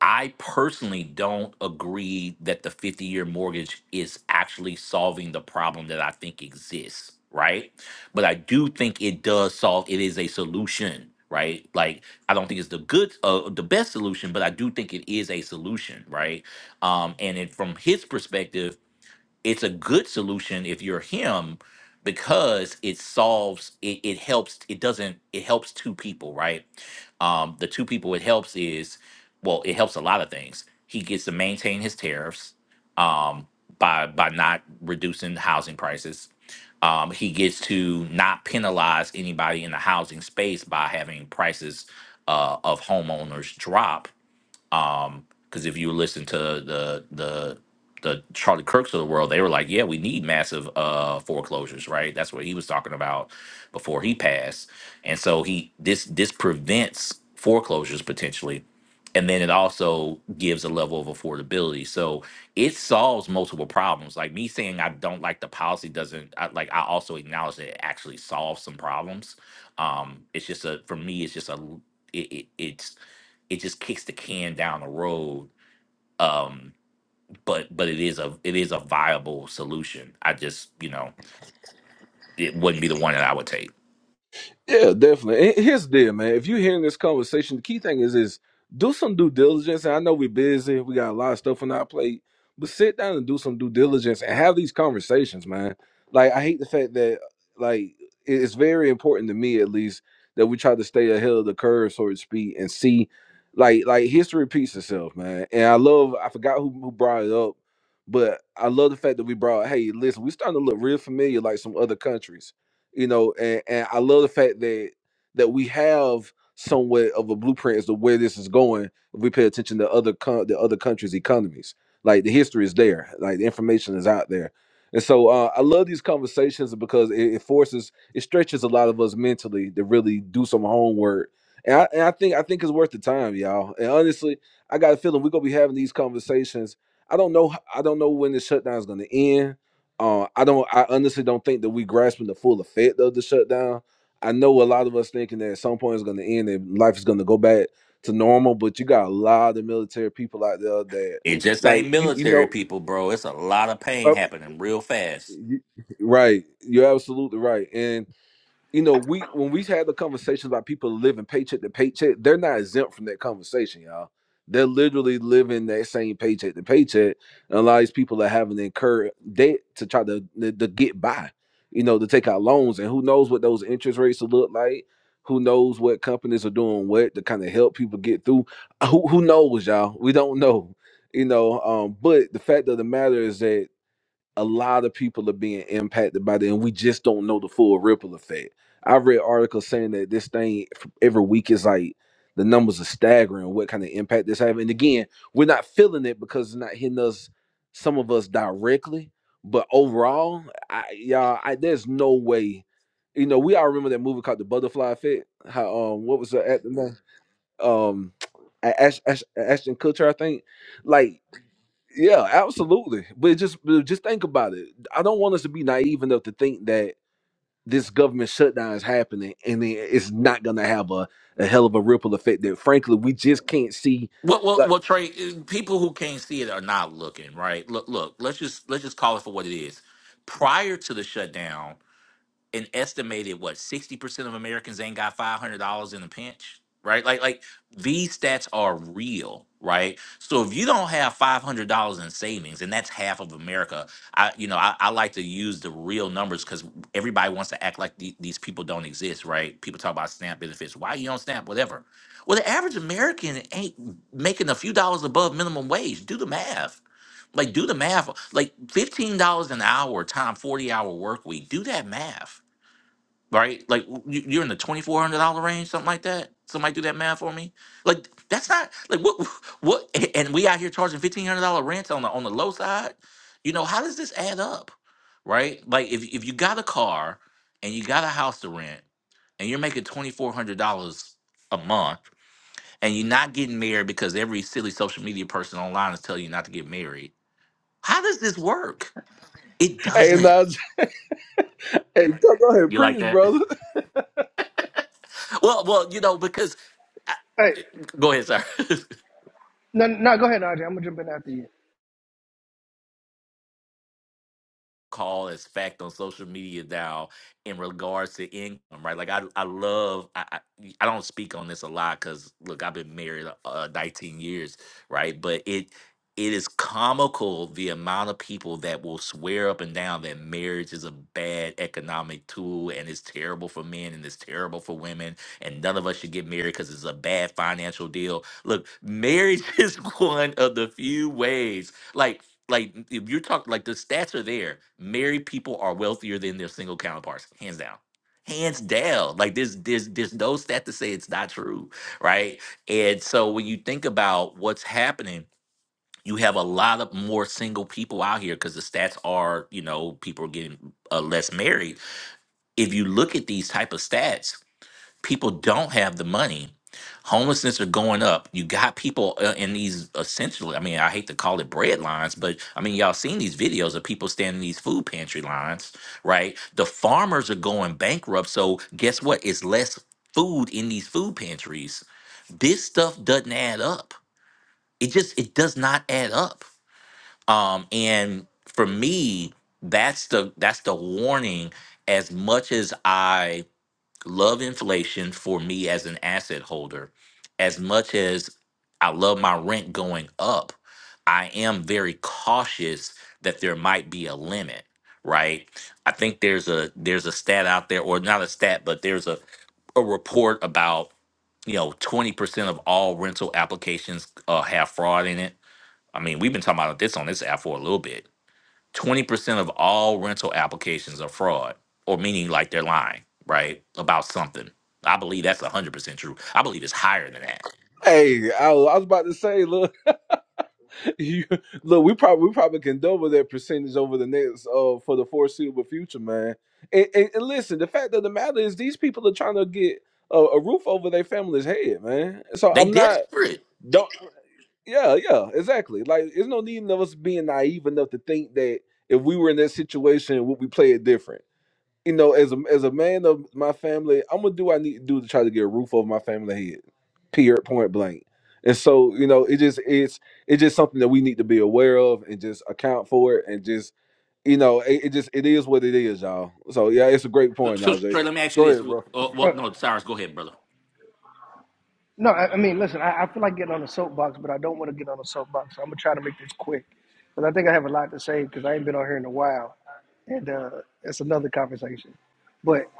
Speaker 16: I personally don't agree that the 50 year mortgage is actually solving the problem that I think exists, right? But I do think it does solve it is a solution, right? Like I don't think it's the good uh, the best solution, but I do think it is a solution, right? Um and it, from his perspective it's a good solution if you're him because it solves it, it helps it doesn't it helps two people right um the two people it helps is well it helps a lot of things he gets to maintain his tariffs um by by not reducing housing prices um he gets to not penalize anybody in the housing space by having prices uh of homeowners drop um, because if you listen to the the the Charlie Kirks of the world, they were like, yeah, we need massive uh foreclosures, right? That's what he was talking about before he passed. And so he this this prevents foreclosures potentially. And then it also gives a level of affordability. So it solves multiple problems. Like me saying I don't like the policy doesn't I, like I also acknowledge that it actually solves some problems. Um, it's just a for me, it's just a l- it, it it's it just kicks the can down the road um but but it is a it is a viable solution i just you know it wouldn't be the one that i would take
Speaker 2: Yeah, definitely. And here's the deal, man. If you're hearing this conversation, the key thing is is do some due diligence. And I know we're busy, we got a lot of stuff on our plate, but sit down and do some due diligence and have these conversations, man. Like I hate the fact that like it- it's very important to me at least that we try to stay ahead of the curve, so to speak, and see like like history repeats itself, man. And I love I forgot who, who brought it up, but I love the fact that we brought, hey, listen, we starting to look real familiar like some other countries you know and, and i love the fact that that we have somewhat of a blueprint as to where this is going if we pay attention to other co- the other countries economies like the history is there like the information is out there and so uh, i love these conversations because it, it forces it stretches a lot of us mentally to really do some homework and I, and I think i think it's worth the time y'all and honestly i got a feeling we're gonna be having these conversations i don't know I i don't know when the shutdown is gonna end uh, I don't. I honestly don't think that we grasping the full effect of the shutdown. I know a lot of us thinking that at some point it's going to end and life is going to go back to normal. But you got a lot of military people out there that,
Speaker 16: It just ain't
Speaker 2: like, you, you
Speaker 16: military
Speaker 2: know,
Speaker 16: people, bro. It's a lot of pain
Speaker 2: uh,
Speaker 16: happening real fast.
Speaker 2: you- right? You're absolutely right. and you know, we when we had the conversations about people living paycheck to paycheck, they're not exempt from that conversation, y'all. They're literally living that same paycheck to paycheck, and a lot of these people are having to incur debt to try to, to to get by, you know, to take out loans, and who knows what those interest rates will look like. Who knows what companies are doing what to kind of help people get through? Who who knows, y'all? We don't know, you know. Um, but the fact of the matter is that a lot of people are being impacted by that, and we just don't know the full ripple effect. I read articles saying that this thing f- every week is like the numbers are staggering. What kind of impact this having? And again, we're not feeling it because it's not hitting us, some of us directly. But overall, I, y'all, I, there's no way. You know, we all remember that movie called The Butterfly Effect. How um, what was the actor name? Um, A- Ash, Ash, Ashton Kutcher, I think. Like yeah, absolutely. But just but just think about it. I don't want us to be naive enough to think that this government shutdown is happening and it- it's not going to have a, a hell of a ripple effect that frankly we just can't see.
Speaker 16: well well
Speaker 2: Like,
Speaker 16: well trey eh, people who can't see it are not looking right look look let's just let's just call it for what it is prior to the shutdown an estimated what 60% of Americans ain't got $500 in a pinch, right? Like like these stats are real, right? So if you don't have $500 in savings and that's half of America, I you know, I, I like to use the real numbers cuz everybody wants to act like the, these people don't exist, right? People talk about SNAP benefits. Why you on SNAP whatever. Well, the average American ain't making a few dollars above minimum wage. Do the math. Like do the math. Like $15 an hour time 40 hour work week. Do that math right? Like you, you're in the twenty four hundred dollar range, something like that. Somebody do that math for me. Like that's not like what what. a- And we out here charging fifteen hundred dollar rent on the on the low side. You know how does this add up, right? Like if if you got a car and you got a house to rent and you're making twenty four hundred dollars a month and you're not getting married because every silly social media person online is telling you not to get married. How does this work? It
Speaker 2: hey,
Speaker 16: doesn't.
Speaker 2: now, hey, go go ahead,
Speaker 16: You like
Speaker 2: preach,
Speaker 16: that?
Speaker 2: brother.
Speaker 16: Well, well, you know, because I-
Speaker 12: Hey,
Speaker 16: go ahead, sir.
Speaker 12: no, no, go ahead, Anaja. I'm gonna jump in after you.
Speaker 16: call as fact on social media now in regards to income, right? Like I, I love, I, I, I don't speak on this a lot because look, I've been married uh, 19 years, right? But it, it is comical the amount of people that will swear up and down that marriage is a bad economic tool and it's terrible for men and it's terrible for women and none of us should get married because it's a bad financial deal. Look, marriage is one of the few ways. Like like if you're talking like the stats are there. Married people are wealthier than their single counterparts, hands down. Hands down. Like there's there's there's no stat to say it's not true, right? And so when you think about what's happening, you have a lot of more single people out here because the stats are, you know, people are getting uh, less married. If you look at these type of stats, people don't have the money homelessness are going up you got people uh, in these essentially i mean i hate to call it bread lines but i mean y'all seen these videos of people standing in these food pantry lines right the farmers are going bankrupt so guess what it's less food in these food pantries this stuff doesn't add up it just it does not add up um and for me that's the that's the warning as much as i love inflation for me as an asset holder as much as I love my rent going up. I am very cautious that there might be a limit, right? I think there's a there's a stat out there or not a stat, but there's a a report about, you know, 20% of all rental applications uh, have fraud in it. I mean, we've been talking about this on this app for a little bit 20% of all rental applications are fraud, or meaning like they're lying, right? About something. I believe that's 100% true. I believe it's higher than that.
Speaker 2: Hey, I, was- I was about to say, look, you, look, we probably we probably can double that percentage over the next uh for the foreseeable future, man. And, and, and listen, the fact of the matter is, these people are trying to get a, a roof over their family's head, man. So
Speaker 16: They
Speaker 2: I'm not.
Speaker 16: desperate.
Speaker 2: Don't. Yeah, yeah, exactly. Like, there's no need of us being naive enough to think that if we were in that situation, would we play it different? You know, as a as a man of my family, I'm gonna do what I need to do to try to get a roof over my family head. Period. Point blank. And so, you know, it just it's it's just something that we need to be aware of and just account for it and just you know, it, it just it is what it is, y'all. So yeah, it's a great point,
Speaker 16: So, Trey,
Speaker 2: Najee.
Speaker 16: let me ask you
Speaker 2: Go
Speaker 16: this.
Speaker 2: ahead, bro.
Speaker 16: Uh, well, no, Cyrus, go ahead, brother.
Speaker 12: No, I, I mean, listen, I, I feel like getting on a soapbox, but I don't want to get on a soapbox. So I'm gonna try to make this quick because I think I have a lot to say because I ain't been on here in a while, and uh, it's another conversation. But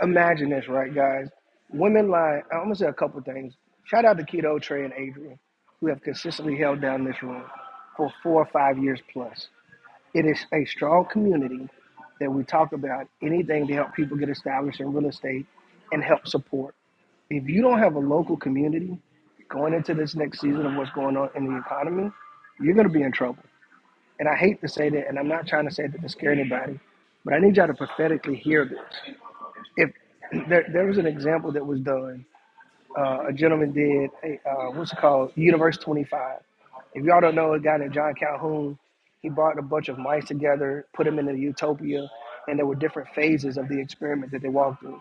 Speaker 12: imagine this, right, guys? Women lie. I'm gonna say a couple things. Shout out to Keto Trey and Adrian, who have consistently held down this room for four or five years plus. It is a strong community that we talk about anything to help people get established in real estate and help support. If you don't have a local community going into this next season of what's going on in the economy, you're going to be in trouble. And I hate to say that, and I'm not trying to say that to scare anybody, but I need y'all to prophetically hear this. If there, there was an example that was done, uh, a gentleman did a uh, what's it called, Universe 25. If y'all don't know, a guy named John Calhoun, he brought a bunch of mice together, put them in a utopia, and there were different phases of the experiment that they walked through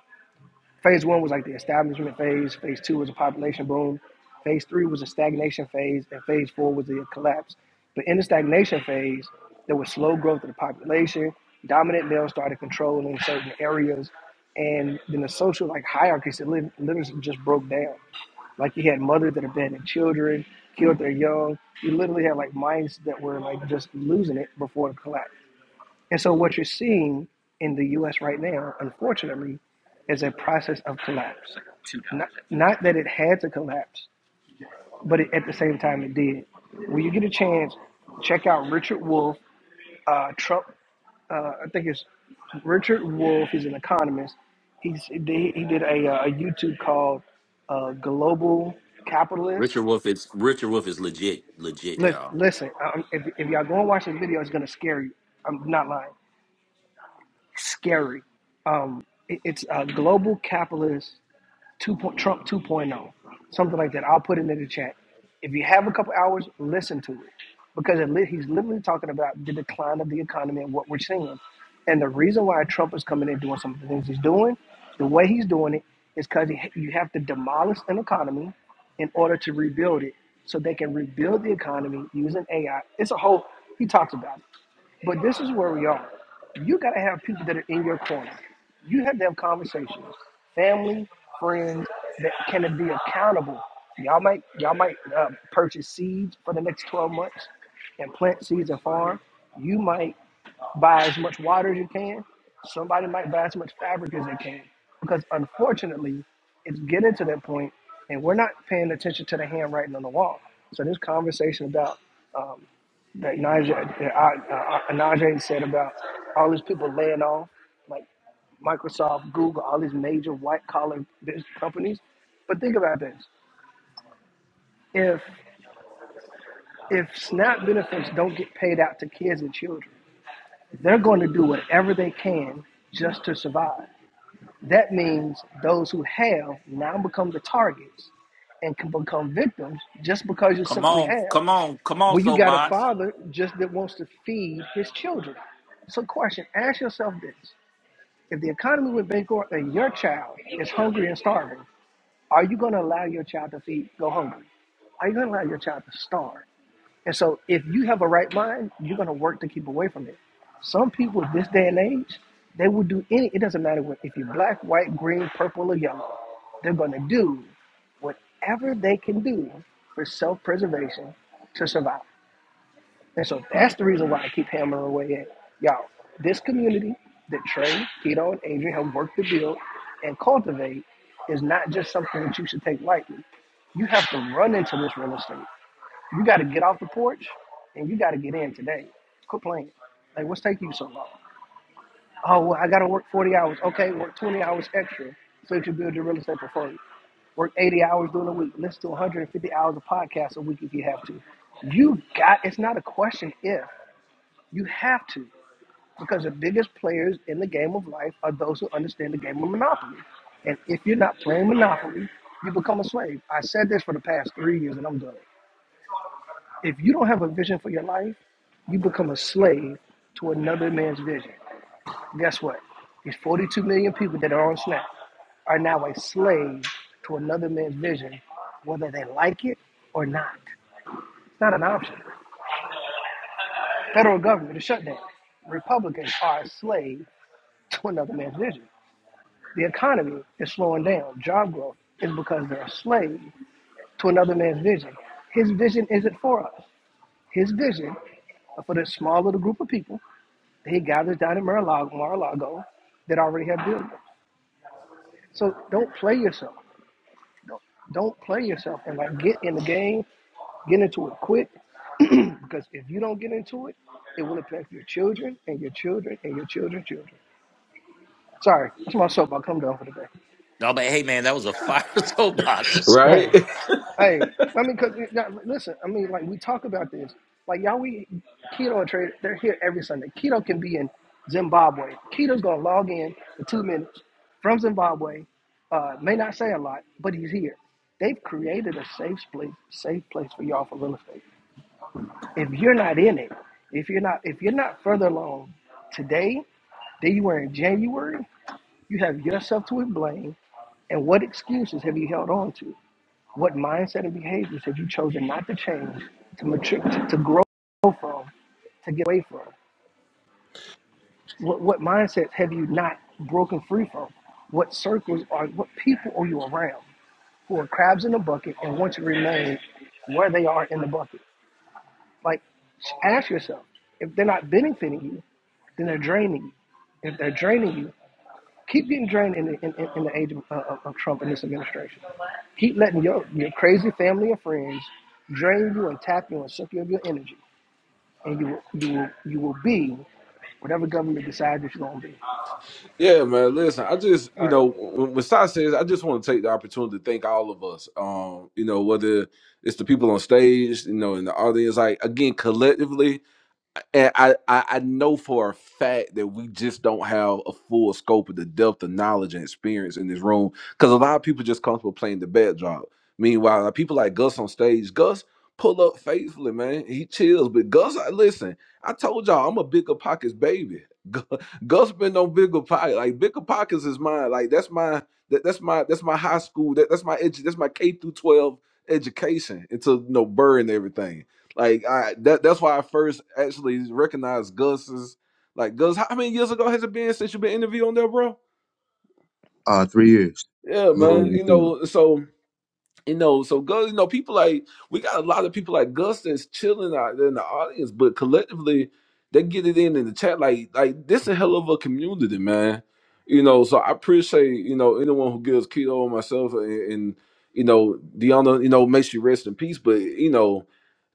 Speaker 12: Phase one was like the establishment phase. Phase two was a population boom. Phase three was a stagnation phase, and phase four was the collapse. But in the stagnation phase, there was slow growth of the population. Dominant males started controlling certain areas, and then the social like hierarchies that lit- literally just broke down. Like you had mothers that abandoned children, killed their young. You literally had like minds that were like just losing it before the collapse. And so what you're seeing in the U.S. right now, unfortunately, is a process of collapse. Not, not that it had to collapse, but it, at the same time it did. When you get a chance, check out Richard Wolff. uh, Trump. Uh, I think it's Richard Wolff He's an economist. He's, he did a, uh, a YouTube called uh, Global Capitalist.
Speaker 16: Richard Wolf is Richard Wolf is legit, legit,
Speaker 12: Listen,
Speaker 16: y'all.
Speaker 12: Listen, um, if, if y'all go and watch this video, it's gonna scare you. I'm not lying. scary. Um, it- it's a global capitalist two point, Trump 2.0, point oh something like that. I'll put it in the chat. If you have a couple hours, listen to it because it, li- he's literally talking about the decline of the economy and what we're seeing. And the reason why Trump is coming in doing some of the things he's doing, the way he's doing it, is because you have to demolish an economy in order to rebuild it so they can rebuild the economy using AI. It's a whole, he talks about it. But this is where we are. You got to have people that are in your corner. You have to have conversations, family, friends that can be accountable. Y'all might y'all might uh, purchase seeds for the next 12 months and plant seeds and farm. You might buy as much water as you can. Somebody might buy as much fabric as they can. Because unfortunately, it's getting to that point, and we're not paying attention to the handwriting on the wall. So this conversation about um, that Najee, that I- uh, uh, Najee said about all these people laying off, like Microsoft, Google, all these major white collar business companies. But think about this: if if SNAP benefits don't get paid out to kids and children, they're going to do whatever they can just to survive. That means those who have now become the targets and can become victims just because you
Speaker 16: Come
Speaker 12: simply
Speaker 16: on,
Speaker 12: have.
Speaker 16: come on, come on,
Speaker 12: Well, you got a
Speaker 16: soapbox.
Speaker 12: father just that wants to feed his children. So, question ask yourself this if the economy went bankrupt and your child is hungry and starving, are you going to allow your child to feed, go hungry? Are you going to allow your child to starve? And so, if you have a right mind, you're going to work to keep away from it. Some people in this day and age, they will do any, it doesn't matter what, if you're black, white, green, purple, or yellow, they're going to do whatever they can do for self preservation to survive. And so that's the reason why I keep hammering away at y'all. This community that Trey, Keto, and Adrian have worked to build and cultivate is not just something that you should take lightly. You have to run into this real estate. You got to get off the porch and you got to get in today. Quit playing. Like, what's taking you so long? Oh, well, I got to work 40 hours. Okay, work 20 hours extra so that you build your real estate portfolio work 80 hours during the week, listen to 150 hours of podcasts a week if you have to. You got it's not a question if. You have to, because the biggest players in the game of life are those who understand the game of Monopoly. And if you're not playing Monopoly, you become a slave. I said this for the past three years, and I'm done. If you don't have a vision for your life, you become a slave to another man's vision. Guess what? These 42 million people that are on Snap are now a slave to another man's vision, whether they like it or not. It's not an option. Federal government is shut down. Republicans are a slave to another man's vision. The economy is slowing down. Job growth is because they're a slave to another man's vision. His vision isn't for us. His vision are for this small little group of people that he gathers down in Mar-a-Lago, Mar-a-Lago that already have billions. So don't play yourself. Don't, don't play yourself and like get in the game, get into it quick. because if you don't get into it, it will affect your children and your children and your children's children. Sorry, that's my soapbox. I'm done for the day.
Speaker 16: No, but hey, man, that was a fire soapbox,
Speaker 2: Right?
Speaker 12: Hey, hey, I mean, cause it- now, listen, I mean, like we talk about this, like y'all, we keto trader, they're here every Sunday. Keto can be in Zimbabwe. Keto's gonna log in for two minutes from Zimbabwe. Uh, may not say a lot, but he's here. They've created a safe place, safe place for y'all for real estate. If you're not in it, if you're not, if you're not further along today than you were in January, you have yourself to blame. And what excuses have you held on to? What mindset and behaviors have you chosen not to change, to mature, to, to grow from, to get away from? What, what mindsets have you not broken free from? What circles are, what people are you around who are crabs in the bucket and want to remain where they are in the bucket? Like, ask yourself if they're not benefiting you, then they're draining you. If they're draining you, keep getting drained in the, in, in, in the age of, of, of Trump and this administration. Keep letting your, your crazy family and friends drain you and tap you and suck you of your energy, and you will, you will, you will be whatever government decides that you're gonna be.
Speaker 2: Yeah, man. Listen, I just, you know, when, when Sai says, I just want to take the opportunity to thank all of us. Um, you know, whether it's the people on stage, you know, in the audience, like again, collectively and I, I I know for a fact that we just don't have a full scope of the depth of knowledge and experience in this room because a lot of people just comfortable playing the backdrop. Meanwhile, like, people like Gus on stage, Gus pull up faithfully, man. He chills, but Gus, I listen. I told y'all I'm a bigger pockets baby. Gu- Gus been on bigger pockets, like bigger pockets is mine. Like that's my that, that's my that's my high school. That, that's my edu- that's my K through twelve education. It's a you burr and everything. Like I that that's why I first actually recognized Gus's like Gus, how many years ago has it been since you've been interviewed on there, bro?
Speaker 10: Uh, three years,
Speaker 2: Yeah,
Speaker 10: a little
Speaker 2: man.
Speaker 10: over
Speaker 2: You
Speaker 10: three.
Speaker 2: know, so you know, so Gus, you know, people like we got a lot of people like Gus that's chilling out there in the audience, but collectively they get it in in the chat. Like, like this a hell of a community, man. You know, so I appreciate you know anyone who gives keto and myself and, and you know Deanna, you know, makes you rest in peace. But you know,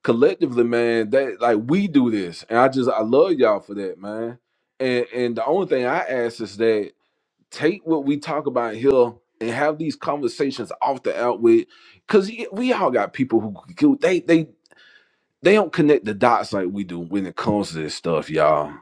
Speaker 2: collectively, man, that like we do this, and I just I love y'all for that, man. And and the only thing I ask is that take what we talk about here and have these conversations off the out with because we all got people who who- they they they don't connect the dots like we do when it comes to this stuff y'all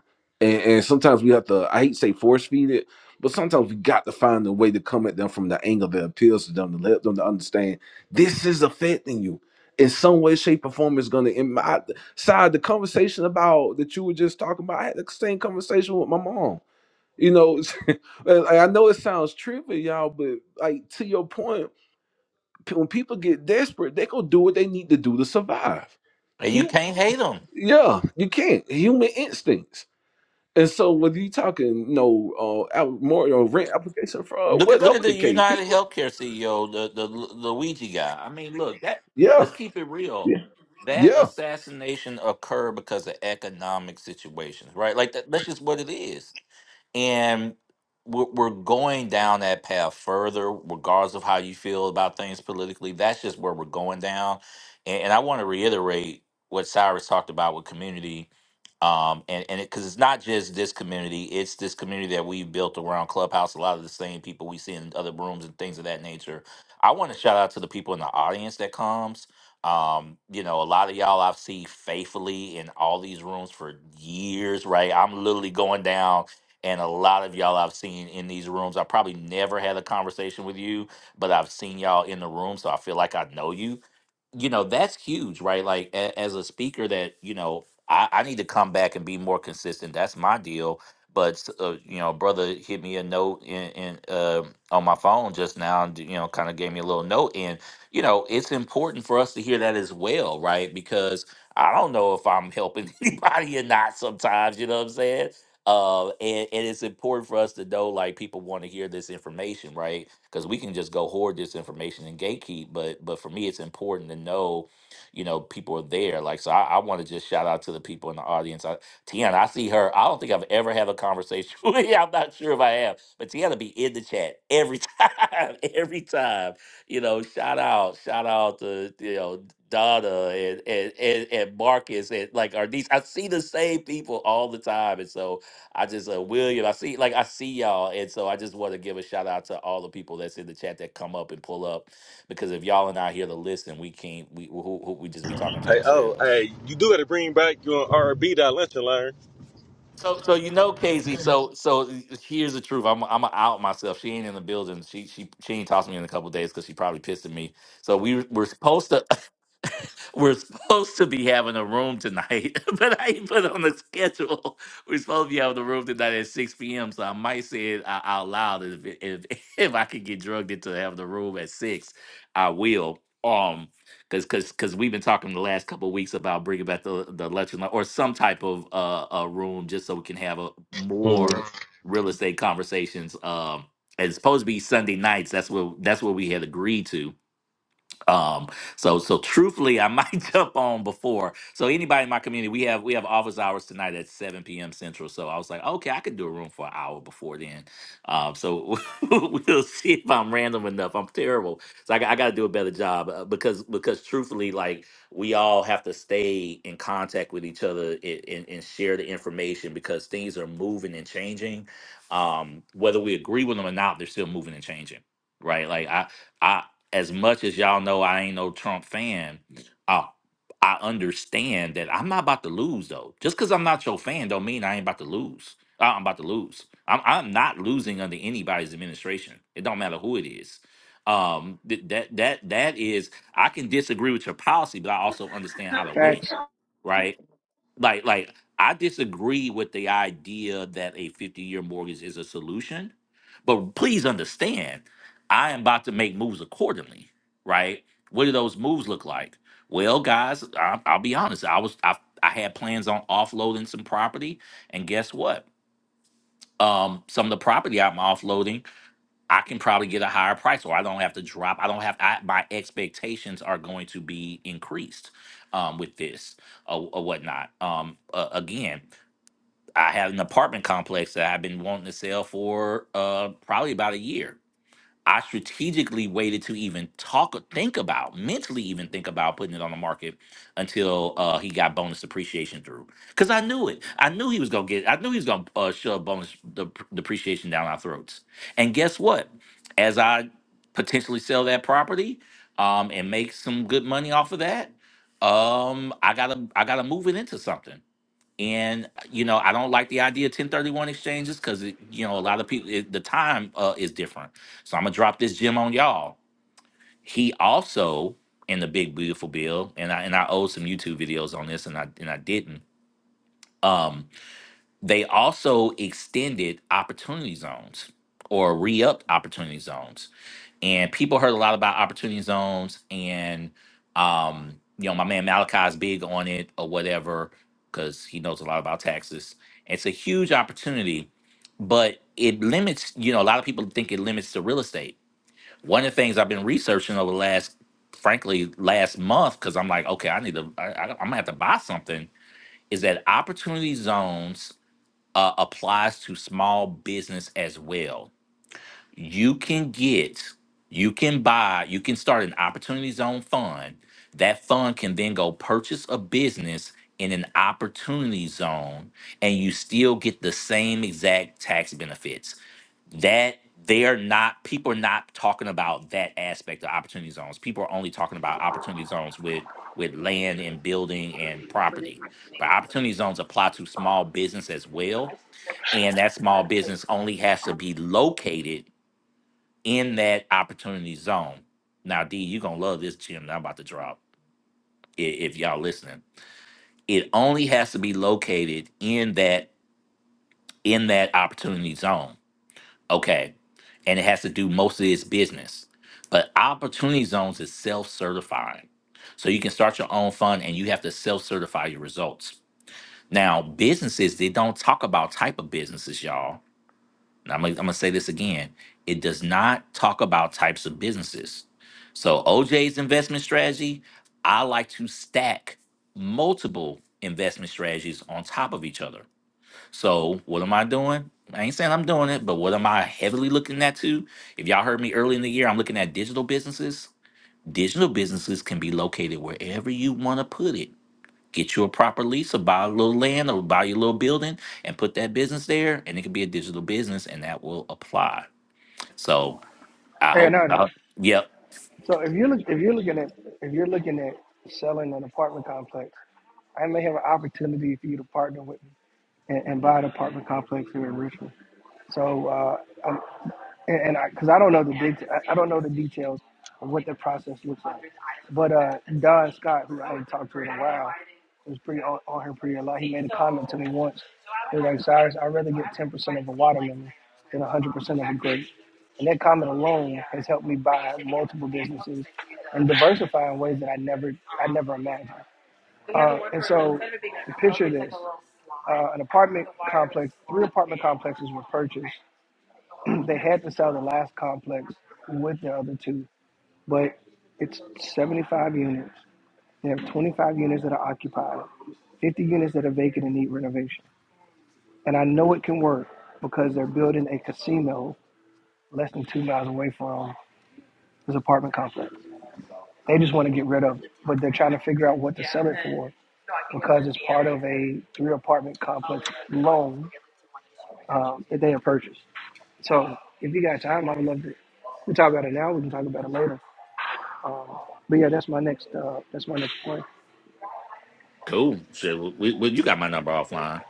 Speaker 2: and, and sometimes we have to i hate to say force feed it but sometimes we got to find a way to come at them from the angle that appeals to them to let them to understand this is affecting you in some way shape or form is going to in my side the conversation about that you were just talking about i had the same conversation with my mom you know, and I know it sounds trivial, y'all, but like to your point, p- when people get desperate, they go do what they need to do to survive.
Speaker 16: and you
Speaker 2: He,
Speaker 16: can't hate them.
Speaker 2: yeah, you can't human instincts. And so whether you talking, you know, uh, out- more or rent application fraud,
Speaker 16: Look at look at
Speaker 2: whatever
Speaker 16: the
Speaker 2: the case,
Speaker 16: United
Speaker 2: people,
Speaker 16: Healthcare CEO, the the Lu- Luigi guy. I mean, look that. Let's
Speaker 2: yeah,
Speaker 16: keep it real.
Speaker 2: yeah,
Speaker 16: That
Speaker 2: yeah.
Speaker 16: assassination occurred because of economic situations, right? Like that. That's just what it is and we're, we're going down that path further regardless of how you feel about things politically that's just where we're going down and, and i want to reiterate what cyrus talked about with community um, and and because it's not just this community it's this community that we've built around clubhouse a lot of the same people we see in other rooms and things of that nature i want to shout out to the people in the audience that comes um, you know, a lot of y'all I've seen faithfully in all these rooms for years, right? I'm literally going down and a lot of y'all I've seen in these rooms. I probably never had a conversation with you, but I've seen y'all in the room, so I feel like I know you. You know, that's huge, right? Like a, as a speaker, that you know, I, I need to come back and be more consistent. That's my deal. But uh, you know, brother hit me a note in, in uh, on my phone just now, and you know, kind of gave me a little note, and you know, it's important for us to hear that as well, right? Because I don't know if I'm helping anybody or not. Sometimes, you know what I'm saying? Uh, and, and it's important for us to know like people want to hear this information, right? Because we can just go hoard this information and gatekeep, but but for me, it's important to know, you know, people are there. Like, so I, I want to just shout out to the people in the audience. I, Tiana, I see her. I don't think I've ever had a conversation with you. I'm not sure if I have, but Tiana be in the chat every time, every time. You know, shout out, shout out to you know Donna and and and, and Marcus and like our I see the same people all the time, and so I just uh, William, I see like I see y'all, and so I just want to give a shout out to all the people that's in the chat that come up and pull up, because if y'all are not here to listen, we can't we who, who, we just be talking to
Speaker 20: Hey, oh,
Speaker 16: ourselves.
Speaker 20: hey, you do got to bring back your R&B that lunch and learn.
Speaker 16: So so you know, Casey. So so here's the truth. I'm I'm out myself. She ain't in the building. She she she ain't talked to me in a couple of days because she probably pissed at me. So we we're supposed to. We're supposed to be having a room tonight, but I put on the schedule. We're supposed to be having a room tonight at 6 p.m. So I might say it ou- out loud if it- if, if I could get drugged into having the room at six, I will. Um, because because because we've been talking the last couple of weeks about bringing back the the lecture lo- or some type of uh a room just so we can have a
Speaker 20: Mm.
Speaker 16: more real estate conversations. Um, and it's supposed to be Sunday nights. That's what that's what we had agreed to um, so so truthfully, I might jump on before. So anybody in my community, we have we have office hours tonight at 7 p.m. Central. So I was like, okay, I could do a room for an hour before then. Um, so we'll see if I'm random enough. I'm terrible. So I, got- I got to do a better job uh, because because truthfully, like we all have to stay in contact with each other and, and, and share the information because things are moving and changing. Um, whether we agree with them or not, they're still moving and changing. Right. Like I, I, as much as y'all know I ain't no Trump fan, I I understand that I'm not about to lose though. Just because I'm not your fan don't mean I ain't about to lose. Uh, I'm about to lose. I'm I'm not losing under anybody's administration. It don't matter who it is. Um, th- that that that is I can disagree with your policy, but I also understand how to win,
Speaker 12: Facts.
Speaker 16: right? like like I disagree with the idea that a 50-year mortgage is a solution, but please understand, I am about to make moves accordingly, right? What do those moves look like? Well, guys, I, I'll be honest. I was I, I had plans on offloading some property, and guess what? Um, some of the property I'm offloading, I can probably get a higher price, or I don't have to drop. I don't have I, my expectations are going to be increased um, with this or, or whatnot. Um, uh, again, I have an apartment complex that I've been wanting to sell for uh, probably about a year. I strategically waited to even talk, think about, mentally even think about putting it on the market until uh, he got bonus depreciation through. Because I knew it. I knew he was gonna get. I knew he was gonna uh, shove bonus dep- depreciation down our throats. And guess what? As I potentially sell that property um, and make some good money off of that, um, I gotta I gotta move it into something and you know i don't like the idea of 1031 exchanges because you know a lot of people it, the time uh, is different so i'm gonna drop this gem on y'all he also in the big beautiful bill and i and i owe some youtube videos on this and i and i didn't um they also extended opportunity zones or re-upped opportunity zones and people heard a lot about opportunity zones and um you know my man malachi's big on it or whatever because he knows a lot about taxes it's a huge opportunity but it limits you know a lot of people think it limits to real estate one of the things i've been researching over the last frankly last month because i'm like okay i need to I, I, i'm gonna have to buy something is that opportunity zones uh, applies to small business as well you can get, you can buy, you can start an opportunity zone fund. That fund can then go purchase a business in an opportunity zone and you still get the same exact tax benefits. That they are not, people are not talking about that aspect of opportunity zones. People are only talking about opportunity zones with with land and building and property. But opportunity zones apply to small business as well. And that small business only has to be located in that opportunity zone. Now, D, you're gonna love this gem that I'm about to drop i- if y'all listening. It only has to be located in that in that opportunity zone. Okay. And it has to do most of its business. But opportunity zones is self-certifying. So you can start your own fund and you have to self-certify your results. Now, businesses, they don't talk about type of businesses, y'all I'm gonna, I'm gonna say this again. It does not talk about types of businesses. So OJ's investment strategy, I like to stack multiple investment strategies on top of each other. So what am I doing? I ain't saying I'm doing it, but what am I heavily looking at too? If y'all heard me early in the year, I'm looking at digital businesses. Digital businesses can be located wherever you want to put it Get you a proper lease or buy a little land or buy your little building and put that business there, and it could be a digital business, and that will apply. So I
Speaker 12: Hey,
Speaker 16: hope.
Speaker 12: not
Speaker 16: I
Speaker 12: here.
Speaker 16: hope yep.
Speaker 12: So if you look, if you're looking at if you're looking at selling an apartment complex, I may have an opportunity for you to partner with me and, and buy an apartment complex here in Richmond. So uh, I'm, and, and I because I don't know the big I, I don't know the details of what the process looks like. But uh, Don Scott, who I hadn't talked to in a while, was pretty on, on her pretty a lot. He made a comment to me once. He was like, "Cyrus, I'd rather get ten percent of a watermelon than a hundred percent of a grape." And that comment alone has helped me buy multiple businesses and diversify in ways that I never I never imagined. Uh, and so, picture this: uh, an apartment complex, three apartment complexes were purchased they had to sell the last complex with the other two, but it's 75 units. They have 25 units that are occupied, 50 units that are vacant and need renovation. And I know it can work because they're building a casino less than two miles away from this apartment complex. They just want to get rid of it, but they're trying to figure out what to sell it for because it's part of a three apartment complex loan um, that they have purchased. So if you got time, I would love to. We can talk about it now. We can talk about it later Um, but yeah, that's my next. Uh, that's my next point.
Speaker 16: Cool. So we, we, you got my number offline.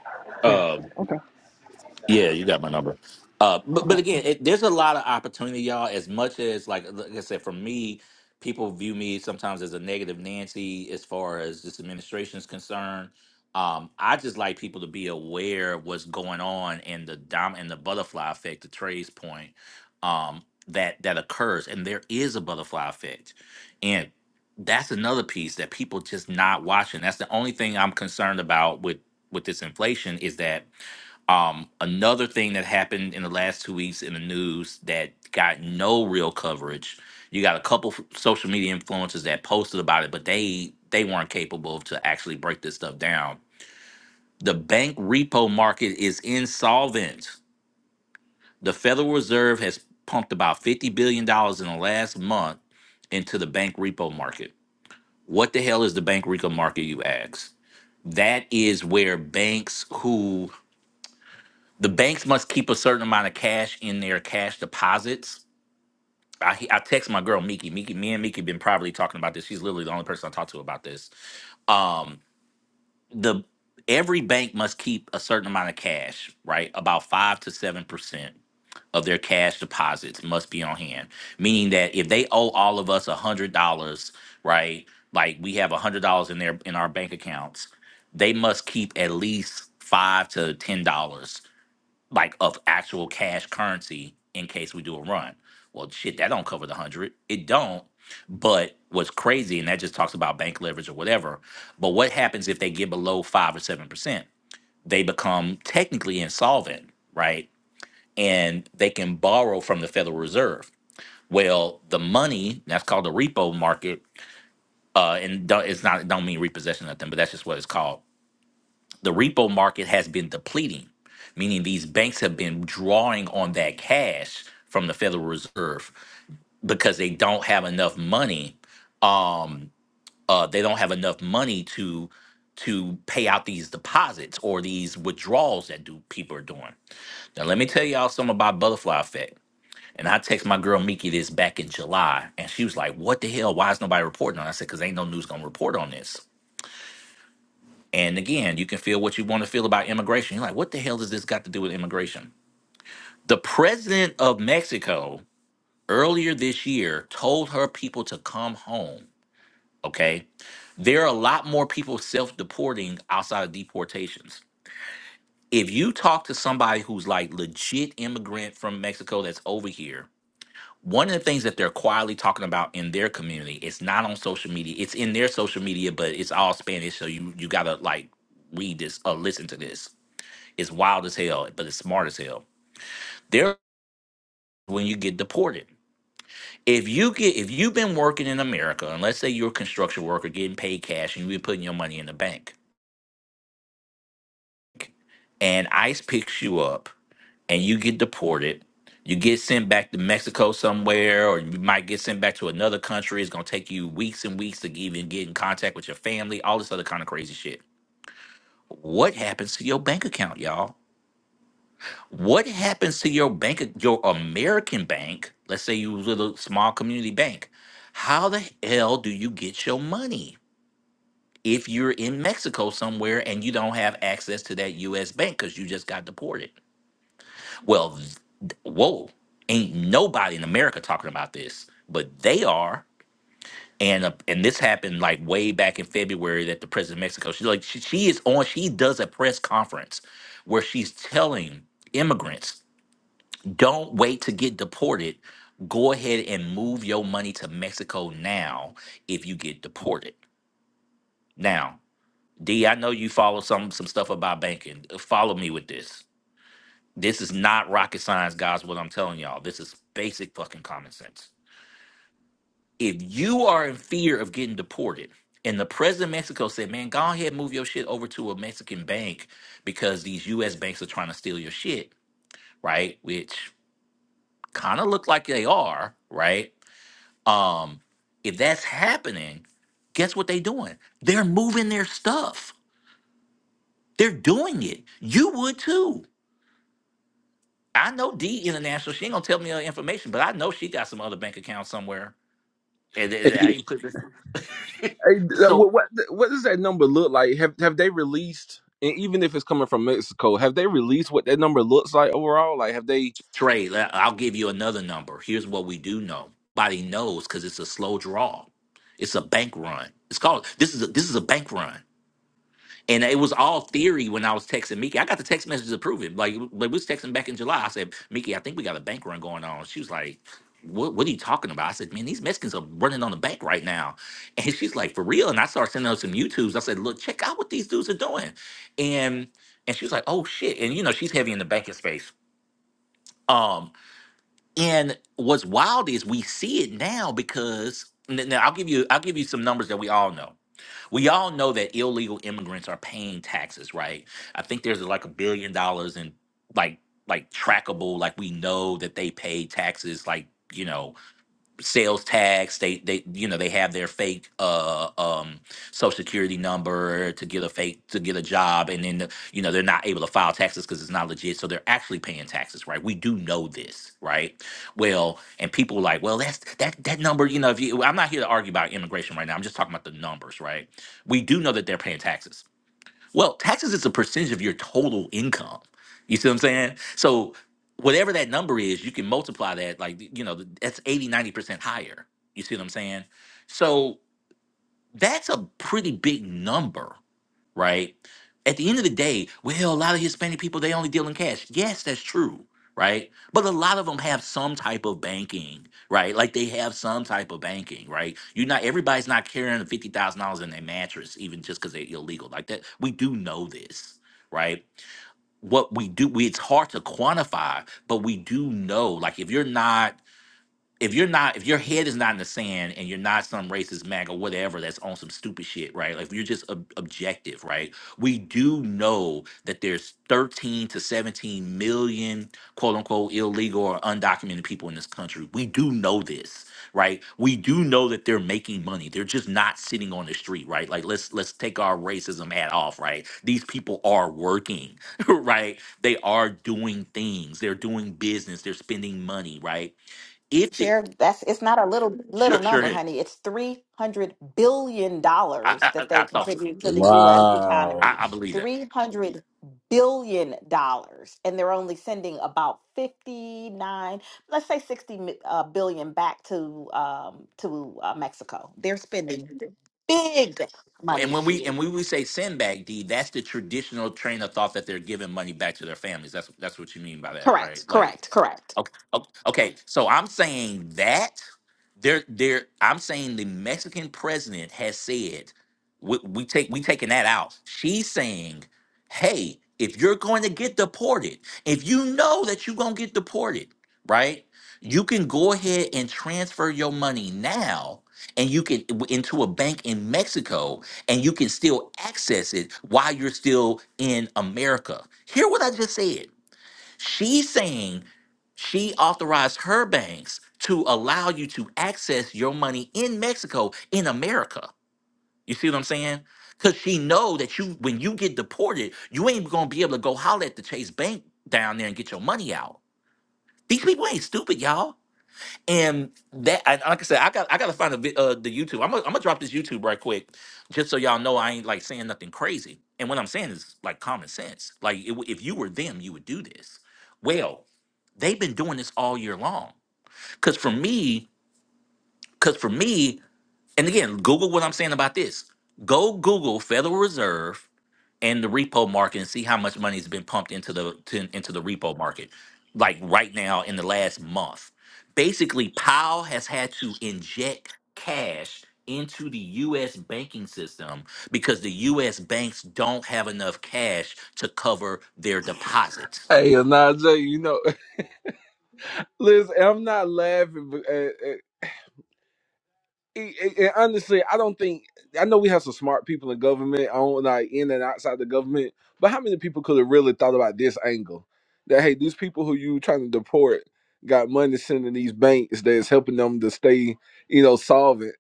Speaker 12: Yeah.
Speaker 16: Um,
Speaker 12: Okay.
Speaker 16: Yeah, you got my number. Uh, but
Speaker 12: Okay.
Speaker 16: but again, it, there's a lot of opportunity, y'all. As much as like like I said, for me, people view me sometimes as a negative Nancy as far as this administration is concerned. Um, I just like people to be aware of what's going on in the dom in the butterfly effect, to Trey's point, um, that that occurs, and there is a butterfly effect, and that's another piece that people just not watching. That's the only thing I'm concerned about with with this inflation is that um, another thing that happened in the last two weeks in the news that got no real coverage. You got a couple f- social media influencers that posted about it, but they they weren't capable to actually break this stuff down. The bank repo market is insolvent. The Federal Reserve has pumped about fifty billion dollars in the last month into the bank repo market. What the hell is the bank repo market? You ask. That is where banks who the banks must keep a certain amount of cash in their cash deposits. I, I text my girl Miki. Miki, me and Miki been probably talking about this. She's literally the only person I talk to about this. Um, the every bank must keep a certain amount of cash, right? About five to seven percent of their cash deposits must be on hand. Meaning that if they owe all of us a hundred dollars, right? Like we have a hundred dollars in their in our bank accounts, they must keep at least five to ten dollars like of actual cash currency in case we do a run. Well, shit, that don't cover the hundred. It don't. But what's crazy, and that just talks about bank leverage or whatever. But what happens if they get below five or seven percent? They become technically insolvent, right? And they can borrow from the Federal Reserve. Well, the money that's called the repo market, uh, and don't, it's not it don't mean repossession or nothing, but that's just what it's called the repo market has been depleting, meaning these banks have been drawing on that cash from the Federal Reserve because they don't have enough money. Um, uh, they don't have enough money to to pay out these deposits or these withdrawals that do people are doing. Now, let me tell y'all something about butterfly effect. And I text my girl Miki this back in July, and she was like, "What the hell? Why is nobody reporting on?" it?" I said, "Cause ain't no news gonna report on this." And again, you can feel what you want to feel about immigration. You're like, what the hell does this got to do with immigration? The president of Mexico earlier this year told her people to come home. Okay. There are a lot more people self deporting outside of deportations. If you talk to somebody who's like legit immigrant from Mexico that's over here, one of the things that they're quietly talking about in their community, it's not on social media. It's in their social media, but it's all Spanish. So you you gotta like read this or listen to this Is wild as hell, but it's smart as hell. There when you get deported. If you get if you've been working in America, and let's say you're a construction worker getting paid cash and you've putting your money in the bank, and ICE picks you up and you get deported, you get sent back to Mexico somewhere, or you might get sent back to another country. It's gonna take you weeks and weeks to even get in contact with your family, all this other kind of crazy shit. What happens to your bank account, y'all? What happens to your bank, your American bank? Let's say you was with a small community bank. How the hell do you get your money if you're in Mexico somewhere and you don't have access to that U.S. bank because you just got deported? Well, th- th- whoa, ain't nobody in America talking about this, but they are. And uh, and this happened like way back in February that the president of Mexico, she like she, she is on, she does a press conference where she's telling immigrants Don't wait to get deported. Go ahead and move your money to Mexico now if you get deported. Now, D, I know you follow some some stuff about banking. Follow me with this. This is not rocket science, guys, what I'm telling y'all. This is basic fucking common sense. If you are in fear of getting deported, and the president of Mexico said, man, go ahead and move your shit over to a Mexican bank because these US banks are trying to steal your shit, right? Which kind of look like they are, right? Um, if that's happening, guess what they doing? They're moving their stuff. They're doing it. You would too. I know D International. She ain't gonna tell me her information, but I know she got some other bank account somewhere. And th- th- I
Speaker 2: Hey,
Speaker 16: ain't put this.
Speaker 2: Hey, uh, what,
Speaker 16: so
Speaker 2: what what does that number look like? Have have they released? And even if it's coming from Mexico, have they released what that number looks like overall? Like, have they
Speaker 16: Trey, I- I'll give you another number. Here's what we do know. Body knows because it's a slow draw. It's a bank run. It's called this is a, this is a bank run. And it was all theory when I was texting Miki. I got the text messages to prove it. Like, like we was texting back in July. I said, Miki, I think we got a bank run going on. She was like, what, what are you talking about? I said, man, these Mexicans are running on the bank right now. And she's like, for real? And I started sending her some YouTubes. I said, look, check out what these dudes are doing. And and she was like, oh shit. And you know, she's heavy in the banking space. Um, and what's wild is we see it now because n- now I'll give you I'll give you some numbers that we all know. We all know that illegal immigrants are paying taxes, right? I think there's like a billion dollars in like like trackable, like we know that they pay taxes, like you know sales tax they they you know they have their fake uh um social security number to get a fake to get a job and then the, you know they're not able to file taxes because it's not legit so they're actually paying taxes right we do know this right well and people were like well that's that that number you know if you i'm not here to argue about immigration right now i'm just talking about the numbers right we do know that they're paying taxes well, taxes is a percentage of your total income. You see what I'm saying? So whatever that number is, you can multiply that like you know, that's eighty, ninety percent higher. You see what I'm saying? So that's a pretty big number right? At the end of the day, well, a lot of Hispanic people they only deal in cash. Yes, that's true, right? But a lot of them have some type of banking, right? Like they have some type of banking, right? You're not everybody's not carrying fifty thousand dollars in their mattress, even just because they're illegal. Like that, we do know this, right? What we do, we, it's hard to quantify, but we do know. Like if you're not if you're not if your head is not in the sand and you're not some racist mag or whatever that's on some stupid shit right like if you're just ob- objective right we do know that there's 13 to 17 million quote unquote illegal or undocumented people in this country we do know this right we do know that they're making money they're just not sitting on the street right like let's let's take our racism hat off right these people are working right they are doing things they're doing business they're spending money right if the-
Speaker 15: Share that's it's not a little little
Speaker 16: Sure, sure
Speaker 15: number,
Speaker 16: is.
Speaker 15: honey. It's three hundred billion
Speaker 16: I,
Speaker 15: dollars
Speaker 16: I, I
Speaker 15: that
Speaker 16: I
Speaker 15: they
Speaker 16: thought so.
Speaker 15: contribute to the US
Speaker 16: I,
Speaker 2: Wow.
Speaker 15: economy.
Speaker 16: I believe that.
Speaker 15: Three hundred billion dollars. And they're only sending about fifty nine, let's say sixty mi- uh, billion back to um to uh, Mexico. They're spending big
Speaker 16: And
Speaker 15: money
Speaker 16: when we
Speaker 15: here.
Speaker 16: and when we say sandbag deed, that's the traditional train of thought that they're giving money back to their families. That's that's what you mean by that,
Speaker 15: Correct,
Speaker 16: right? Like
Speaker 15: correct, correct.
Speaker 16: Okay, okay, okay, so I'm saying that there, there. I'm saying the Mexican president has said we, we take we taking that out. She's saying, hey, if you're going to get deported, if you know that you're gonna get deported, right? You can go ahead and transfer your money now, and you can w- into a bank in Mexico, and you can still access it while you're still in America. Hear what I just said. She's saying she authorized her banks to allow you to access your money in Mexico in America. You see what I'm saying? Cause she know that you when you get deported, you ain't gonna be able to go holler at the Chase Bank down there and get your money out. These people ain't stupid, y'all. And that, and like I said, I got I gotta find the vi- uh, the YouTube. I'm gonna, I'm gonna drop this YouTube right quick, just so y'all know I ain't like saying nothing crazy. And what I'm saying is like common sense. Like it, w- if you were them, you would do this. Well, They've been doing this all year long. Because for me, because for me, and again, Google what I'm saying about this. Go Google Federal Reserve and the repo market and see how much money has been pumped into the to, into the repo market, like right now in the last month. Basically, Powell has had to inject cash into the U.S. banking system because the U.S. banks don't have enough cash to cover their deposits
Speaker 2: Hey, Anaje, you know, listen, I'm not laughing, but uh, uh, and- and honestly, I don't think I know we have some smart people in government, on like in and outside the government. But how many people could have really thought about this angle? That hey, these people who you trying to deport got money sending these banks that's helping them to stay, you know, solvent.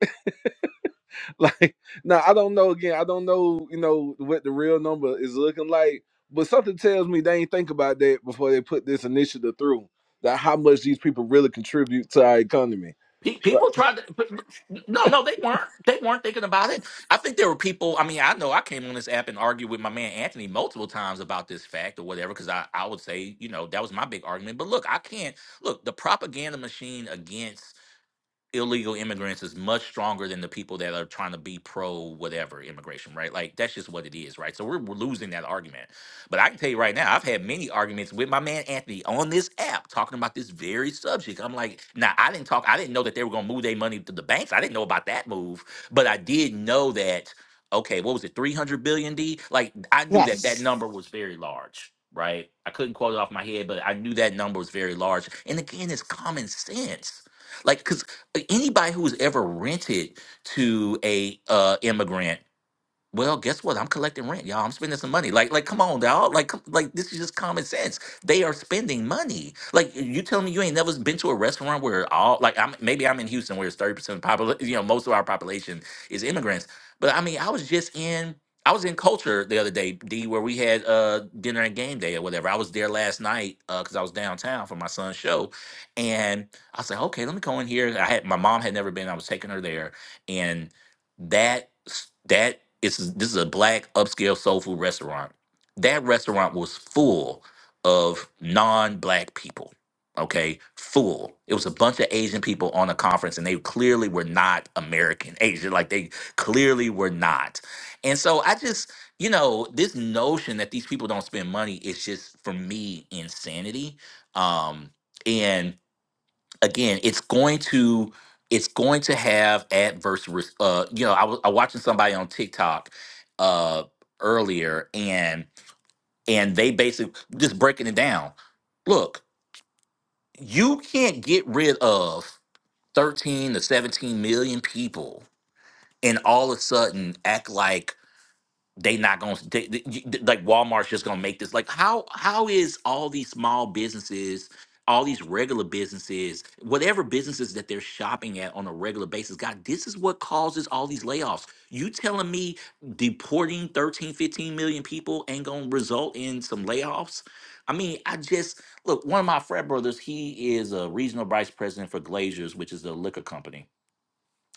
Speaker 2: Like now, I don't know. Again, I don't know. You know what the real number is looking like, but something tells me they ain't think about that before they put this initiative through. That how much these people really contribute to our economy.
Speaker 16: Pe-
Speaker 2: Like,
Speaker 16: People tried to, but, but- no, no, they weren't. They weren't thinking about it. I think there were people. I mean, I know I came on this app and argued with my man Anthony multiple times about this fact or whatever, because I, I would say, you know, that was my big argument. But look, I can't look the propaganda machine against illegal immigrants is much stronger than the people that are trying to be pro whatever immigration, right? Like that's just what it is, right? So we're, we're losing that argument. But I can tell you right now, I've had many arguments with my man Anthony on this app talking about this very subject. I'm like, now I didn't talk, I didn't know that they were gonna move their money to the banks. I didn't know about that move, but I did know that. Okay, what was it, 300 billion D? Like I knew that
Speaker 15: Yes.
Speaker 16: that number was very large. Right, I couldn't quote it off my head, but I knew that number was very large. And again, it's common sense. like because anybody who's ever rented to a uh, immigrant well, guess what? I'm collecting rent, y'all. I'm spending some money. Like, like, come on, y'all. Like, come, like, this is just common sense. They are spending money. Like, y- you tell me you ain't never been to a restaurant where all, like, I'm maybe I'm in Houston where it's thirty percent popul, you know, most of our population is immigrants. But I mean, I was just in, I was in culture the other day, D, where we had uh dinner and game day or whatever. I was there last night uh because I was downtown for my son's show, and I said, okay, let me go in here. I had my mom had never been. I was taking her there, and that. s- That it's this is a black upscale soul food restaurant. That restaurant was full of non-black people. Okay, full. It was a bunch of Asian people on a conference, and they clearly were not American Asian. Like they clearly were not. And so I just, you know, this notion that these people don't spend money is just for me insanity. Um, and again, it's going to it's going to have adverse. res- Uh, you know, I was I watching somebody on TikTok uh, earlier, and and they basically just breaking it down. Look, you can't get rid of thirteen to seventeen million people, and all of a sudden act like they not gonna they, they- you- th- like Walmart's just gonna make this like how how is all these small businesses all these regular businesses whatever businesses that they're shopping at on a regular basis god this is what causes all these layoffs you telling me deporting thirteen fifteen million people ain't gonna result in some layoffs i mean i just look one of my frat brothers he is a regional vice president for glazers which is a liquor company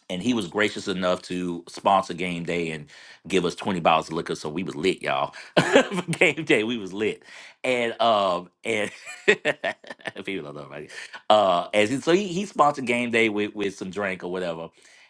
Speaker 16: and he was gracious enough to sponsor game day and give us 20 bottles of liquor so we was lit y'all for game day we was lit and um and people don't know right uh as in, so he, he sponsored game day with with some drink or whatever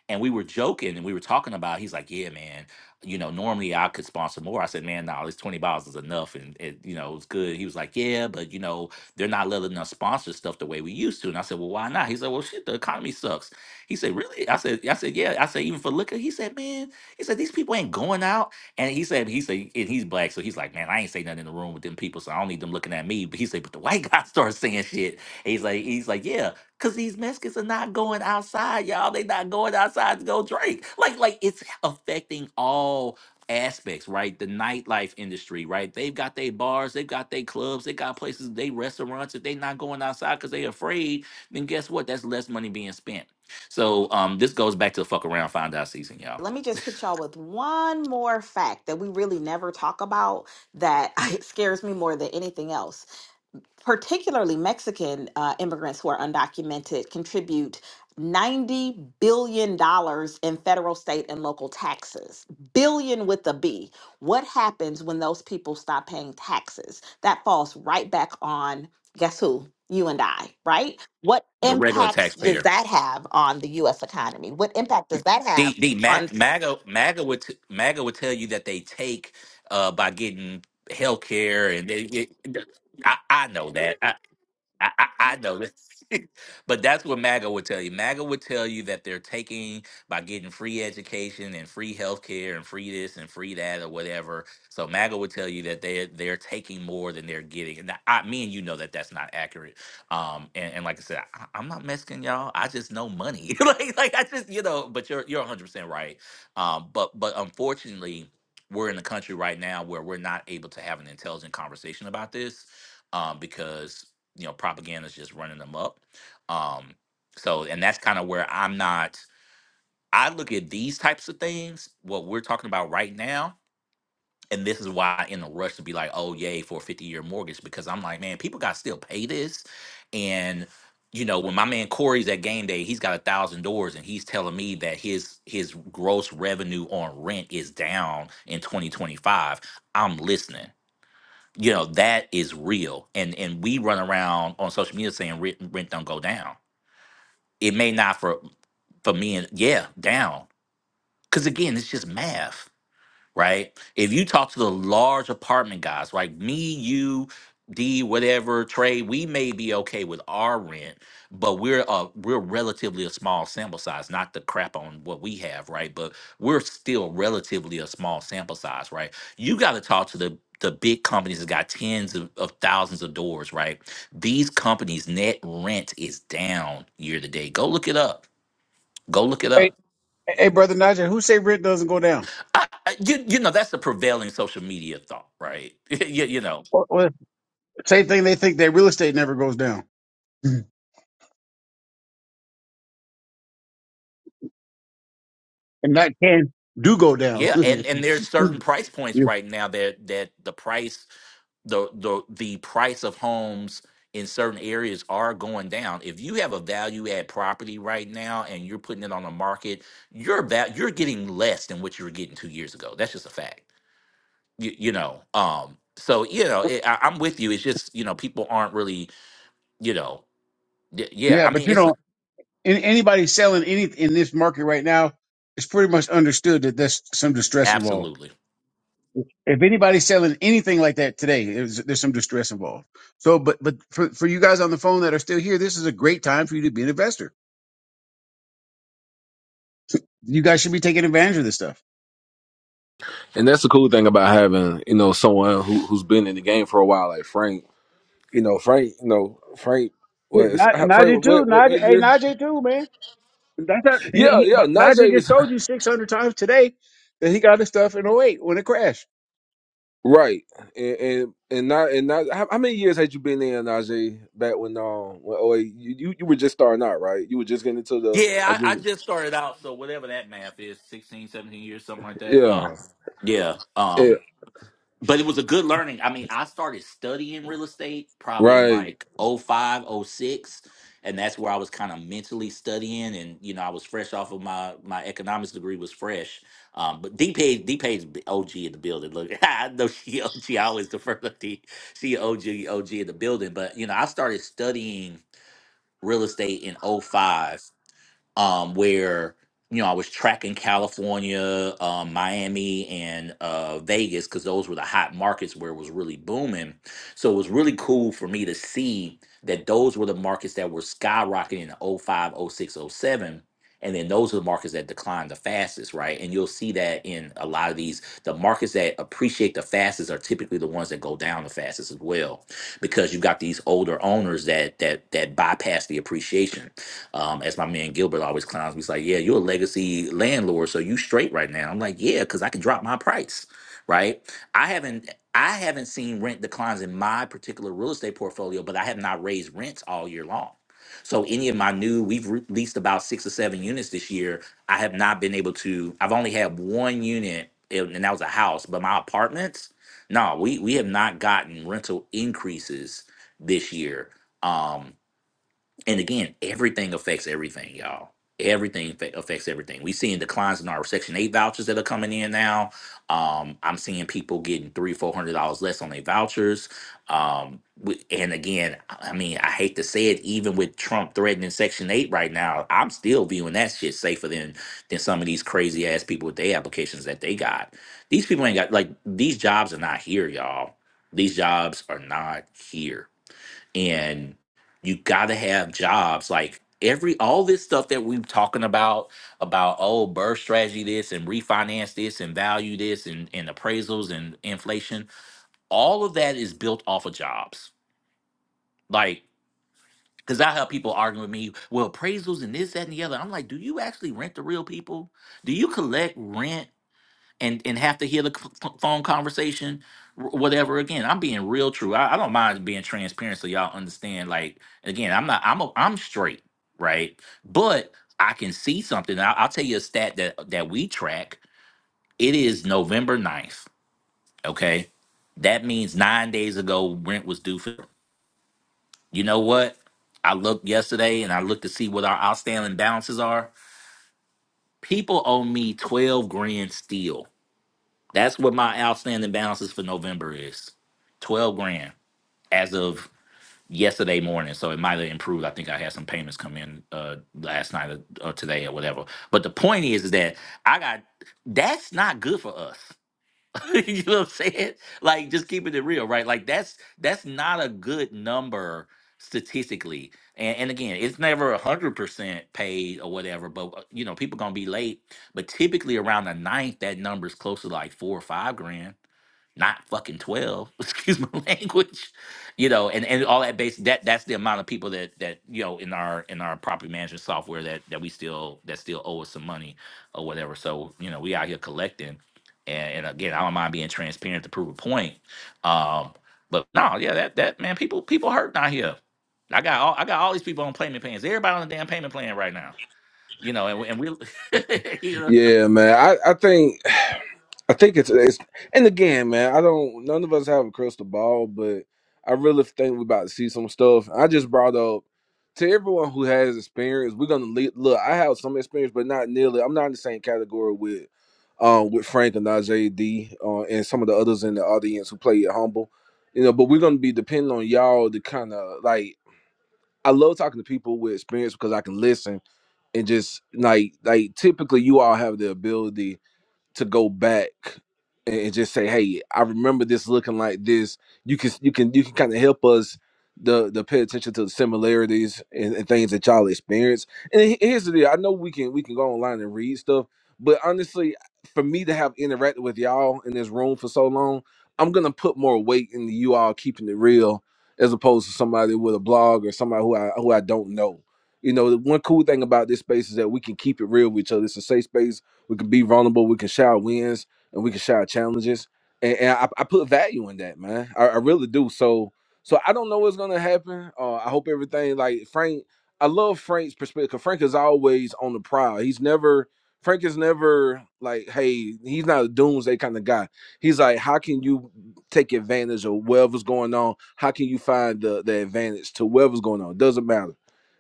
Speaker 16: and we were joking and we were talking about he's like yeah man you know normally i could sponsor more i said man no nah, this 20 bottles is enough and it you know it was good he was like yeah but you know they're not letting us sponsor stuff the way we used to and i said well why not he said well shit the economy sucks he said, really? I said, I said, yeah. I said, even for liquor? He said, man, he said, these people ain't going out. And he said, he said, and he's black. So he's like, man, I ain't say nothing in the room with them people. So I don't need them looking at me. But he said, but the white guy started saying shit. And he's like, he's like, yeah, because these Mexicans are not going outside, y'all. They not going outside to go drink. Like, like it's affecting all aspects, right? The nightlife industry, right? They've got their bars, they've got their clubs, they got places, they restaurants. If they not going outside because they afraid, then guess what? That's less money being spent. So um, this goes back to the fuck around, find out season, y'all.
Speaker 15: Let me just hit y'all with one more fact that we really never talk about that it scares me more than anything else. Particularly Mexican uh, immigrants who are undocumented contribute $90 billion dollars in federal, state, and local taxes. Billion with a B. What happens when those people stop paying taxes? That falls right back on guess who? You and I, right? What
Speaker 16: The regular
Speaker 15: impacts does
Speaker 16: taxpayer.
Speaker 15: that have on the US economy? What impact does that
Speaker 16: The
Speaker 15: have?
Speaker 16: the Ma-
Speaker 15: on?
Speaker 16: MAGA MAGA would t- MAGA would tell you that they take uh by getting health care and they. It, I, I know that. I, I, I know this. but that's what MAGA would tell you. MAGA would tell you that they're taking by getting free education and free healthcare and free this and free that or whatever. So MAGA would tell you that they they're taking more than they're getting. And I, me and you know that that's not accurate. Um, and, and like I said, I, I'm not Mexican, y'all. I just know money. like like I just you know. But you're you're 100 percent right. Um, but but unfortunately, we're in a country right now where we're not able to have an intelligent conversation about this um, because you know propaganda's just running them up um so and that's kind of where i'm not i look at these types of things what we're talking about right now and this is why i am in a rush to be like oh yay for a 50 year mortgage because i'm like man people got to still pay this and you know when my man corey's at game day he's got a thousand doors and he's telling me that his his gross revenue on rent is down in 2025 i'm listening you know that is real and and we run around on social media saying rent, rent don't go down it may not for for me and yeah down because again it's just math right? If you talk to the large apartment guys, like me, you, D, whatever, Trey, we may be okay with our rent, but we're uh we're relatively a small sample size, not the crap on what we have, right? But we're still relatively a small sample size, right? You got to talk to the the big companies that got tens of, of thousands of doors, right? These companies' net rent is down year to date. Go look it up. Go look it
Speaker 11: Hey,
Speaker 16: up
Speaker 11: hey, brother Najee, who say rent doesn't go down?
Speaker 16: I, I- you you know that's the prevailing social media thought, right? you, you know,
Speaker 11: Well, well, same thing. They think that real estate never goes down, and that can do go down.
Speaker 16: yeah, and and there's certain
Speaker 11: yeah,
Speaker 16: price points right now that that the price the the the price of homes in certain areas are going down. If you have a value add property right now and you're putting it on the market, you're about you're getting less than what you were getting two years ago. That's just a fact. You, you know, um, so you know, it, I, I'm with you. It's just you know people aren't really you know, y- yeah.
Speaker 11: Yeah,
Speaker 16: I
Speaker 11: but
Speaker 16: mean,
Speaker 11: you
Speaker 16: it's
Speaker 11: know, an- anybody selling any in this market right now, it's pretty much understood that there's some distress involved.
Speaker 16: absolutely.
Speaker 11: if anybody's selling anything like that today, it was- there's some distress involved. So, but but for, for you guys on the phone that are still here, this is a great time for you to be an investor. You guys should be taking advantage of this stuff.
Speaker 2: And that's the cool thing about having, you know, someone who who's been in the game for a while, like Frank. You know, Frank. You know, Frank.
Speaker 11: Yeah,
Speaker 2: Was
Speaker 11: Na- Najee
Speaker 2: Frank?
Speaker 11: too.
Speaker 2: What? What,
Speaker 11: Najee,
Speaker 2: what
Speaker 11: hey,
Speaker 2: year?
Speaker 11: Najee too, man. That's not, he,
Speaker 2: Yeah,
Speaker 11: he,
Speaker 2: yeah.
Speaker 11: Najee
Speaker 2: Najee is.
Speaker 11: just told you 600 times today that he got his stuff in '08 when it crashed.
Speaker 2: Right, and and and not and not. How, how many years had you been there, Najee? Back when um, when, oh, you, you you were just starting out, right? You were just getting into the, I
Speaker 16: Yeah, I, I
Speaker 2: guess,
Speaker 16: just started out, so whatever that math is, 16, 17 years, something like that.
Speaker 2: yeah,
Speaker 16: Uh, yeah.
Speaker 2: yeah,
Speaker 16: Um, but it was a good learning. I mean, I started studying real estate probably in
Speaker 2: right.
Speaker 16: like oh 05, oh 06, and that's where I was kind of mentally studying and you know, I was fresh off of my my economics degree was fresh. Um, but D Page D Page OG in the building. Look, I know she OG, I always defer to D she OG OG in the building, but you know, I started studying real estate in oh 05 um, where you know I was tracking California, um, Miami, and uh, Vegas because those were the hot markets where it was really booming. So it was really cool for me to see that those were the markets that were skyrocketing in oh 05, oh 06, oh 07. And then those are the markets that decline the fastest, right? And you'll see that in a lot of these. The markets that appreciate the fastest are typically the ones that go down the fastest as well, because you've got these older owners that that that bypass the appreciation. Um, as my man Gilbert always clowns me, he's like, "Yeah, you're a legacy landlord, so you straight right now." I'm like, "Yeah, because I can drop my price, right?" I haven't I haven't seen rent declines in my particular real estate portfolio, but I have not raised rents all year long. So any of my new, we've re- leased about six or seven units this year. I have not been able to. I've only had one unit, and and that was a house. But my apartments, no, we we have not gotten rental increases this year. Um, and again, everything affects everything, y'all. Everything fa- affects everything. We seeing declines in our Section Eight vouchers that are coming in now. Um, I'm seeing people getting three, four hundred dollars less on their vouchers. Um, we- and again, I I mean, I hate to say it, even with Trump threatening Section Eight right now, I'm still viewing that shit safer than than some of these crazy ass people with their applications that they got. These people ain't got like these jobs are not here, y'all. These jobs are not here and you gotta have jobs like every all this stuff that we're talking about about oh birth strategy this and refinance this and value this and, and appraisals and inflation all of that is built off of jobs like because i have people arguing with me well appraisals and this that and the other i'm like do you actually rent to real people do you collect rent and and have to hear the c- ph- phone conversation wh- whatever again i'm being real true I, I don't mind being transparent so y'all understand like again i'm not i'm a, i'm straight right but i can see something I'll, I'll tell you a stat that that we track it is november ninth. okay that means nine days ago rent was due for you know what i looked yesterday and i looked to see what our outstanding balances are people owe me 12 grand still That's what my outstanding balances for November is. Twelve grand as of yesterday morning. So it might have improved. I think I had some payments come in uh last night or, or today or whatever. But the point is, is that I got that's not good for us. you know what I'm saying? Like just keeping it real, right? Like that's that's not a good number statistically. And, and again, it's never a hundred percent paid or whatever, but uh, you know, people gonna be late. But typically around the ninth, that number's close to like four or five grand not fucking 12 excuse my language you know and and all that base that that's the amount of people that that you know in our in our property management software that that we still that still owe us some money or whatever so you know we out here collecting and, and again i don't mind being transparent to prove a point um but no yeah that that man people people hurting out here i got all i got all these people on payment plans everybody on the damn payment plan right now you know and, we- and we you know
Speaker 2: Yeah, man. I, I think I think it's, it's and again, man, I don't none of us have a crystal ball, but I really think we're about to see some stuff. I just brought up to everyone who has experience, we're gonna lead, look, I have some experience, but not nearly I'm not in the same category with um with Frank and Najee D uh, and some of the others in the audience who play at humble. You know, but we're gonna be depending on y'all to kind of like I love talking to people with experience because I can listen and just like like typically you all have the ability to go back and and just say, "Hey, I remember this looking like this." You can you can you can kind of help us the the pay attention to the similarities and, and things that y'all experience. And he- here's the deal: I know we can we can go online and read stuff, but honestly, for me to have interacted with y'all in this room for so long, I'm gonna put more weight into you all keeping it real as opposed to somebody with a blog or somebody who I who I don't know. You know, the one cool thing about this space is that we can keep it real with each other. It's a safe space we can be vulnerable. We can share wins and we can share challenges. And, and I, I put value in that, man. I, I really do. So so I don't know what's gonna happen. Uh, I hope everything like Frank. I love Frank's perspective. 'cause Frank is always on the prowl. He's never Frank is never like, hey, he's not a doomsday kind of guy. He's like, how can you take advantage of whatever's going on? How can you find the, the advantage to whatever's going on? Doesn't matter.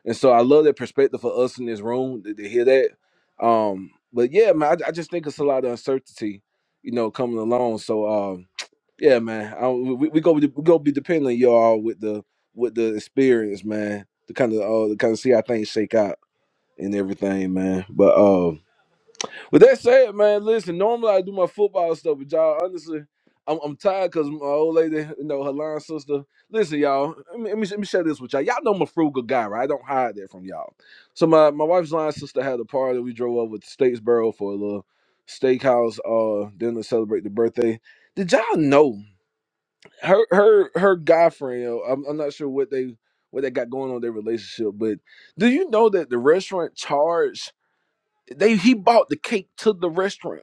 Speaker 2: And so I love that perspective for us in this room to, to hear that. Um, but yeah, man, I, I just think it's a lot of uncertainty, you know, coming along. So um, yeah, man, I, we, we go we go be depending on y'all with the with the experience, man, to kind of uh, to kind of see how things shake out and everything, man. But uh, but that's said, man, listen, normally I do my football stuff, but y'all, honestly, I'm, I'm tired because my old lady, you know, her line sister. Listen, y'all, let me, let, me, let me share this with y'all. Y'all know I'm a frugal guy, right? I don't hide that from y'all. So my, my wife's line sister had a party. We drove over to Statesboro for a little steakhouse uh dinner to celebrate the birthday. Did y'all know her her her guy friend? uh, I'm, I'm not sure what they what they got going on in their relationship, but do you know that the restaurant charged they he bought the cake to the restaurant?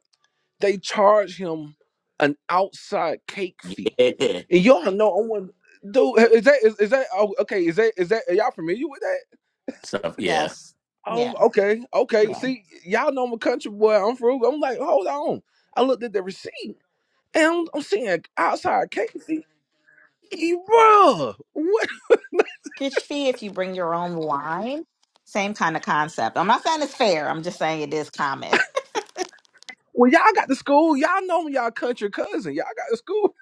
Speaker 2: They charge him an outside cake fee,
Speaker 16: yeah
Speaker 2: and y'all know I'm one. Dude, is that is, is that oh, okay? Is that is that are y'all familiar with that?
Speaker 16: so yeah
Speaker 15: Yes. Yeah.
Speaker 2: Um, okay, okay.
Speaker 15: Yeah.
Speaker 2: See, y'all know I'm a country boy. I'm frugal. I'm like, hold on. I looked at the receipt, and I'm, I'm seeing outside cake fee. E- Bruh, what?
Speaker 15: Package fee if you bring your own wine. Same kind of concept. I'm not saying it's fair. I'm just saying it is common.
Speaker 2: When y'all got to school, y'all know me, y'all country cousin. Y'all got to school,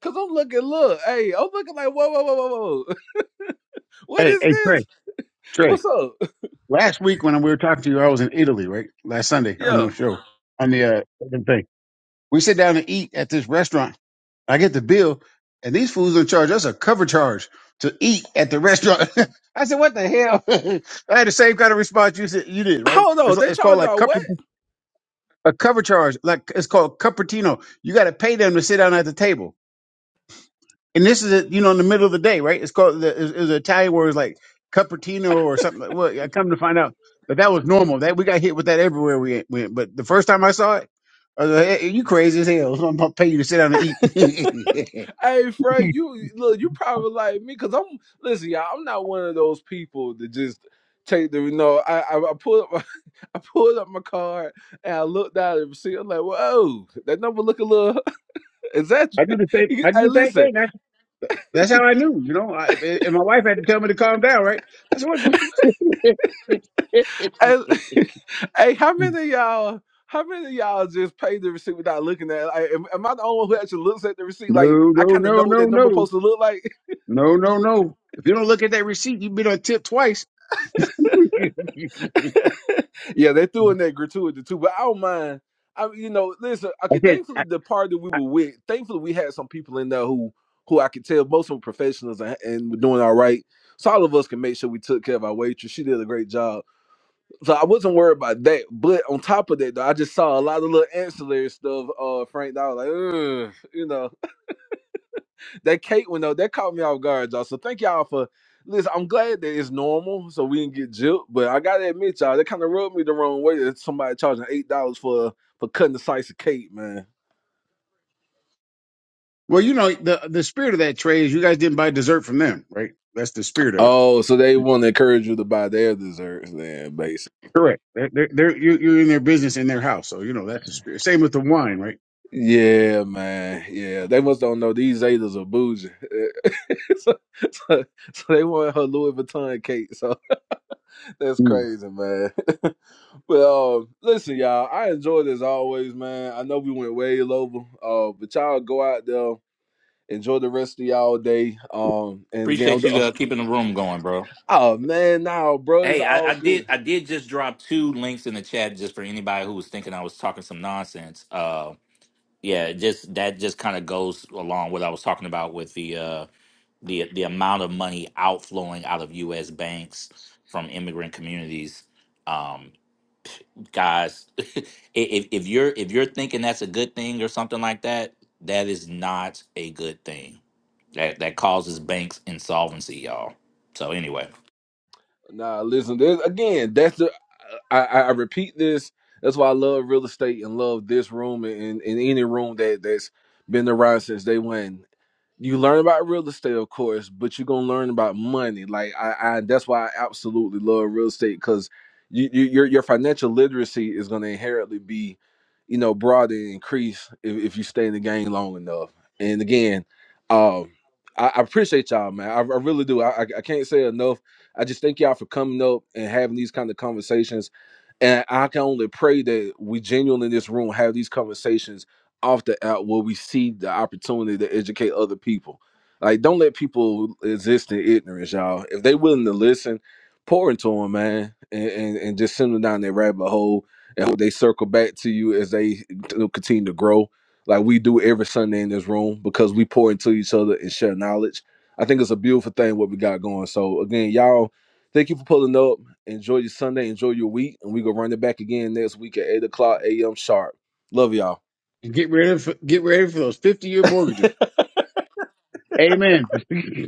Speaker 2: cause I'm looking. Look, hey, I'm looking like whoa, whoa, whoa, whoa, whoa. What
Speaker 11: Hey,
Speaker 2: is
Speaker 11: hey, Trey,
Speaker 2: this?
Speaker 11: Trey.
Speaker 2: What's up?
Speaker 11: Last week when we were talking to you, I was in Italy, right? Last Sunday on
Speaker 2: Yeah.
Speaker 11: the show, on the uh, thing. We sit down and eat at this restaurant. I get the bill, and these fools don't charge us a cover charge to eat at the restaurant. I said, "What the hell?" I had the same kind of response you said you did, right?
Speaker 2: Hold
Speaker 11: It's
Speaker 2: on,
Speaker 11: like,
Speaker 2: they
Speaker 11: it's called
Speaker 2: charge
Speaker 11: like
Speaker 2: y'all
Speaker 11: cover,
Speaker 2: what?
Speaker 11: a cover charge, like it's called cupertino. You got to pay them to sit down at the table and this is you know in the middle of the day, right? It's called the is an Italian word is like cappuccino or something. Like, well, I come to find out that that was normal. That we got hit with that everywhere we went. But the first time I saw it, I was like, hey, you crazy as hell. so I'm gonna pay you to sit down and eat.
Speaker 2: Hey, Fred, you look, you probably like me because I'm listen, y'all. I'm not one of those people that just take the you know. I I, I pulled up my, I pulled up my card and I looked down at the receipt. I'm like, whoa, that number look a little. Is that?
Speaker 11: I do the same. I do
Speaker 2: Hey,
Speaker 11: the same
Speaker 2: listen,
Speaker 11: thing. That's that's how I knew. You know, I, and my wife had to tell me to calm down. Right? That's what. no,
Speaker 2: hey, hey, how many of y'all? How many of y'all just paid the receipt without looking at it? Like, am, am I the only one who actually looks at the receipt? Like, I
Speaker 11: no,
Speaker 2: kind of know
Speaker 11: no, no,
Speaker 2: what that number
Speaker 11: no,
Speaker 2: supposed to look like.
Speaker 11: no, no, no. If you don't look at that receipt, you've been on tip twice. I
Speaker 2: yeah, they threw in that gratuity too, but I don't mind. I, you know, listen. Okay,
Speaker 11: said.
Speaker 2: thankfully the party we were with, thankfully we had some people in there who, who I could tell most of them professionals and, and were doing all right. So all of us can make sure we took care of our waitress. She did a great job, so I wasn't worried about that. But on top of that, though, I just saw a lot of little ancillary stuff. Uh, Frank, that I was like, Ugh, you know that cake, one though, that caught me off guard, y'all. So thank y'all for listen. I'm glad that it's normal, so we didn't get jilted. But I gotta admit, y'all, that kind of rubbed me the wrong way. That somebody charging eight dollars for for cutting a slice of cake, man.
Speaker 11: Well, you know, the the spirit of that trade is you guys didn't buy dessert from them, right? That's the spirit of
Speaker 2: Oh, so they
Speaker 11: it.
Speaker 2: want to encourage you to buy their desserts, then basically.
Speaker 11: Correct. They're, they're, they're you- you're in their business in their house, so you know that's the spirit. Same with the wine, right?
Speaker 2: Yeah, man. Yeah, they must don't know these Zetas are bougie. so, so, so they want her Louis Vuitton cake. So that's
Speaker 11: Mm.
Speaker 2: crazy, man. But uh, listen, y'all, I enjoyed as always, man. I know we went way over, uh, but y'all go out there, enjoy the rest of y'all day. Um, and again, I'm-
Speaker 16: appreciate you
Speaker 2: oh,
Speaker 16: uh, keeping the room going bro
Speaker 2: oh, man, nah, bro, it's
Speaker 16: Hey, I,
Speaker 2: all
Speaker 16: I did
Speaker 2: good.
Speaker 16: I did just drop two links in the chat just for anybody who was thinking I was talking some nonsense. Uh yeah, just that just kind of goes along with what I was talking about with the uh the the amount of money outflowing out of US banks from immigrant communities. Um guys, i- if if you're if you're thinking that's a good thing or something like that, that is not a good thing. That that causes banks insolvency, y'all. So anyway,
Speaker 2: Nah, listen, this, again, that's the I, I, I repeat this. That's why I love real estate and love this room and, and, and any room that that's been around since day one. you learn about real estate, of course, but you're gonna learn about money. Like I, I that's why I absolutely love real estate because you, you your your financial literacy is gonna inherently be, you know, broad and increased if, if you stay in the game long enough. And again, um, I, I appreciate y'all, man. I, I really do. I, I I can't say enough. I just thank y'all for coming up and having these kind of conversations. And I can only pray that we genuinely in this room have these conversations off the app where we see the opportunity to educate other people. Like, don't let people exist in ignorance, y'all. If they willing to listen, pour into them, man, and, and, and just send them down their rabbit hole and hope they circle back to you as they you know, continue to grow, like we do every Sunday in this room because we pour into each other and share knowledge. I think it's a beautiful thing what we got going. So again, y'all, thank you for pulling up. Enjoy your Sunday, enjoy your week, and we gonna run it back again next week at eight o'clock a.m. sharp. Love y'all.
Speaker 11: And get ready for get ready for those fifty year mortgages. Amen.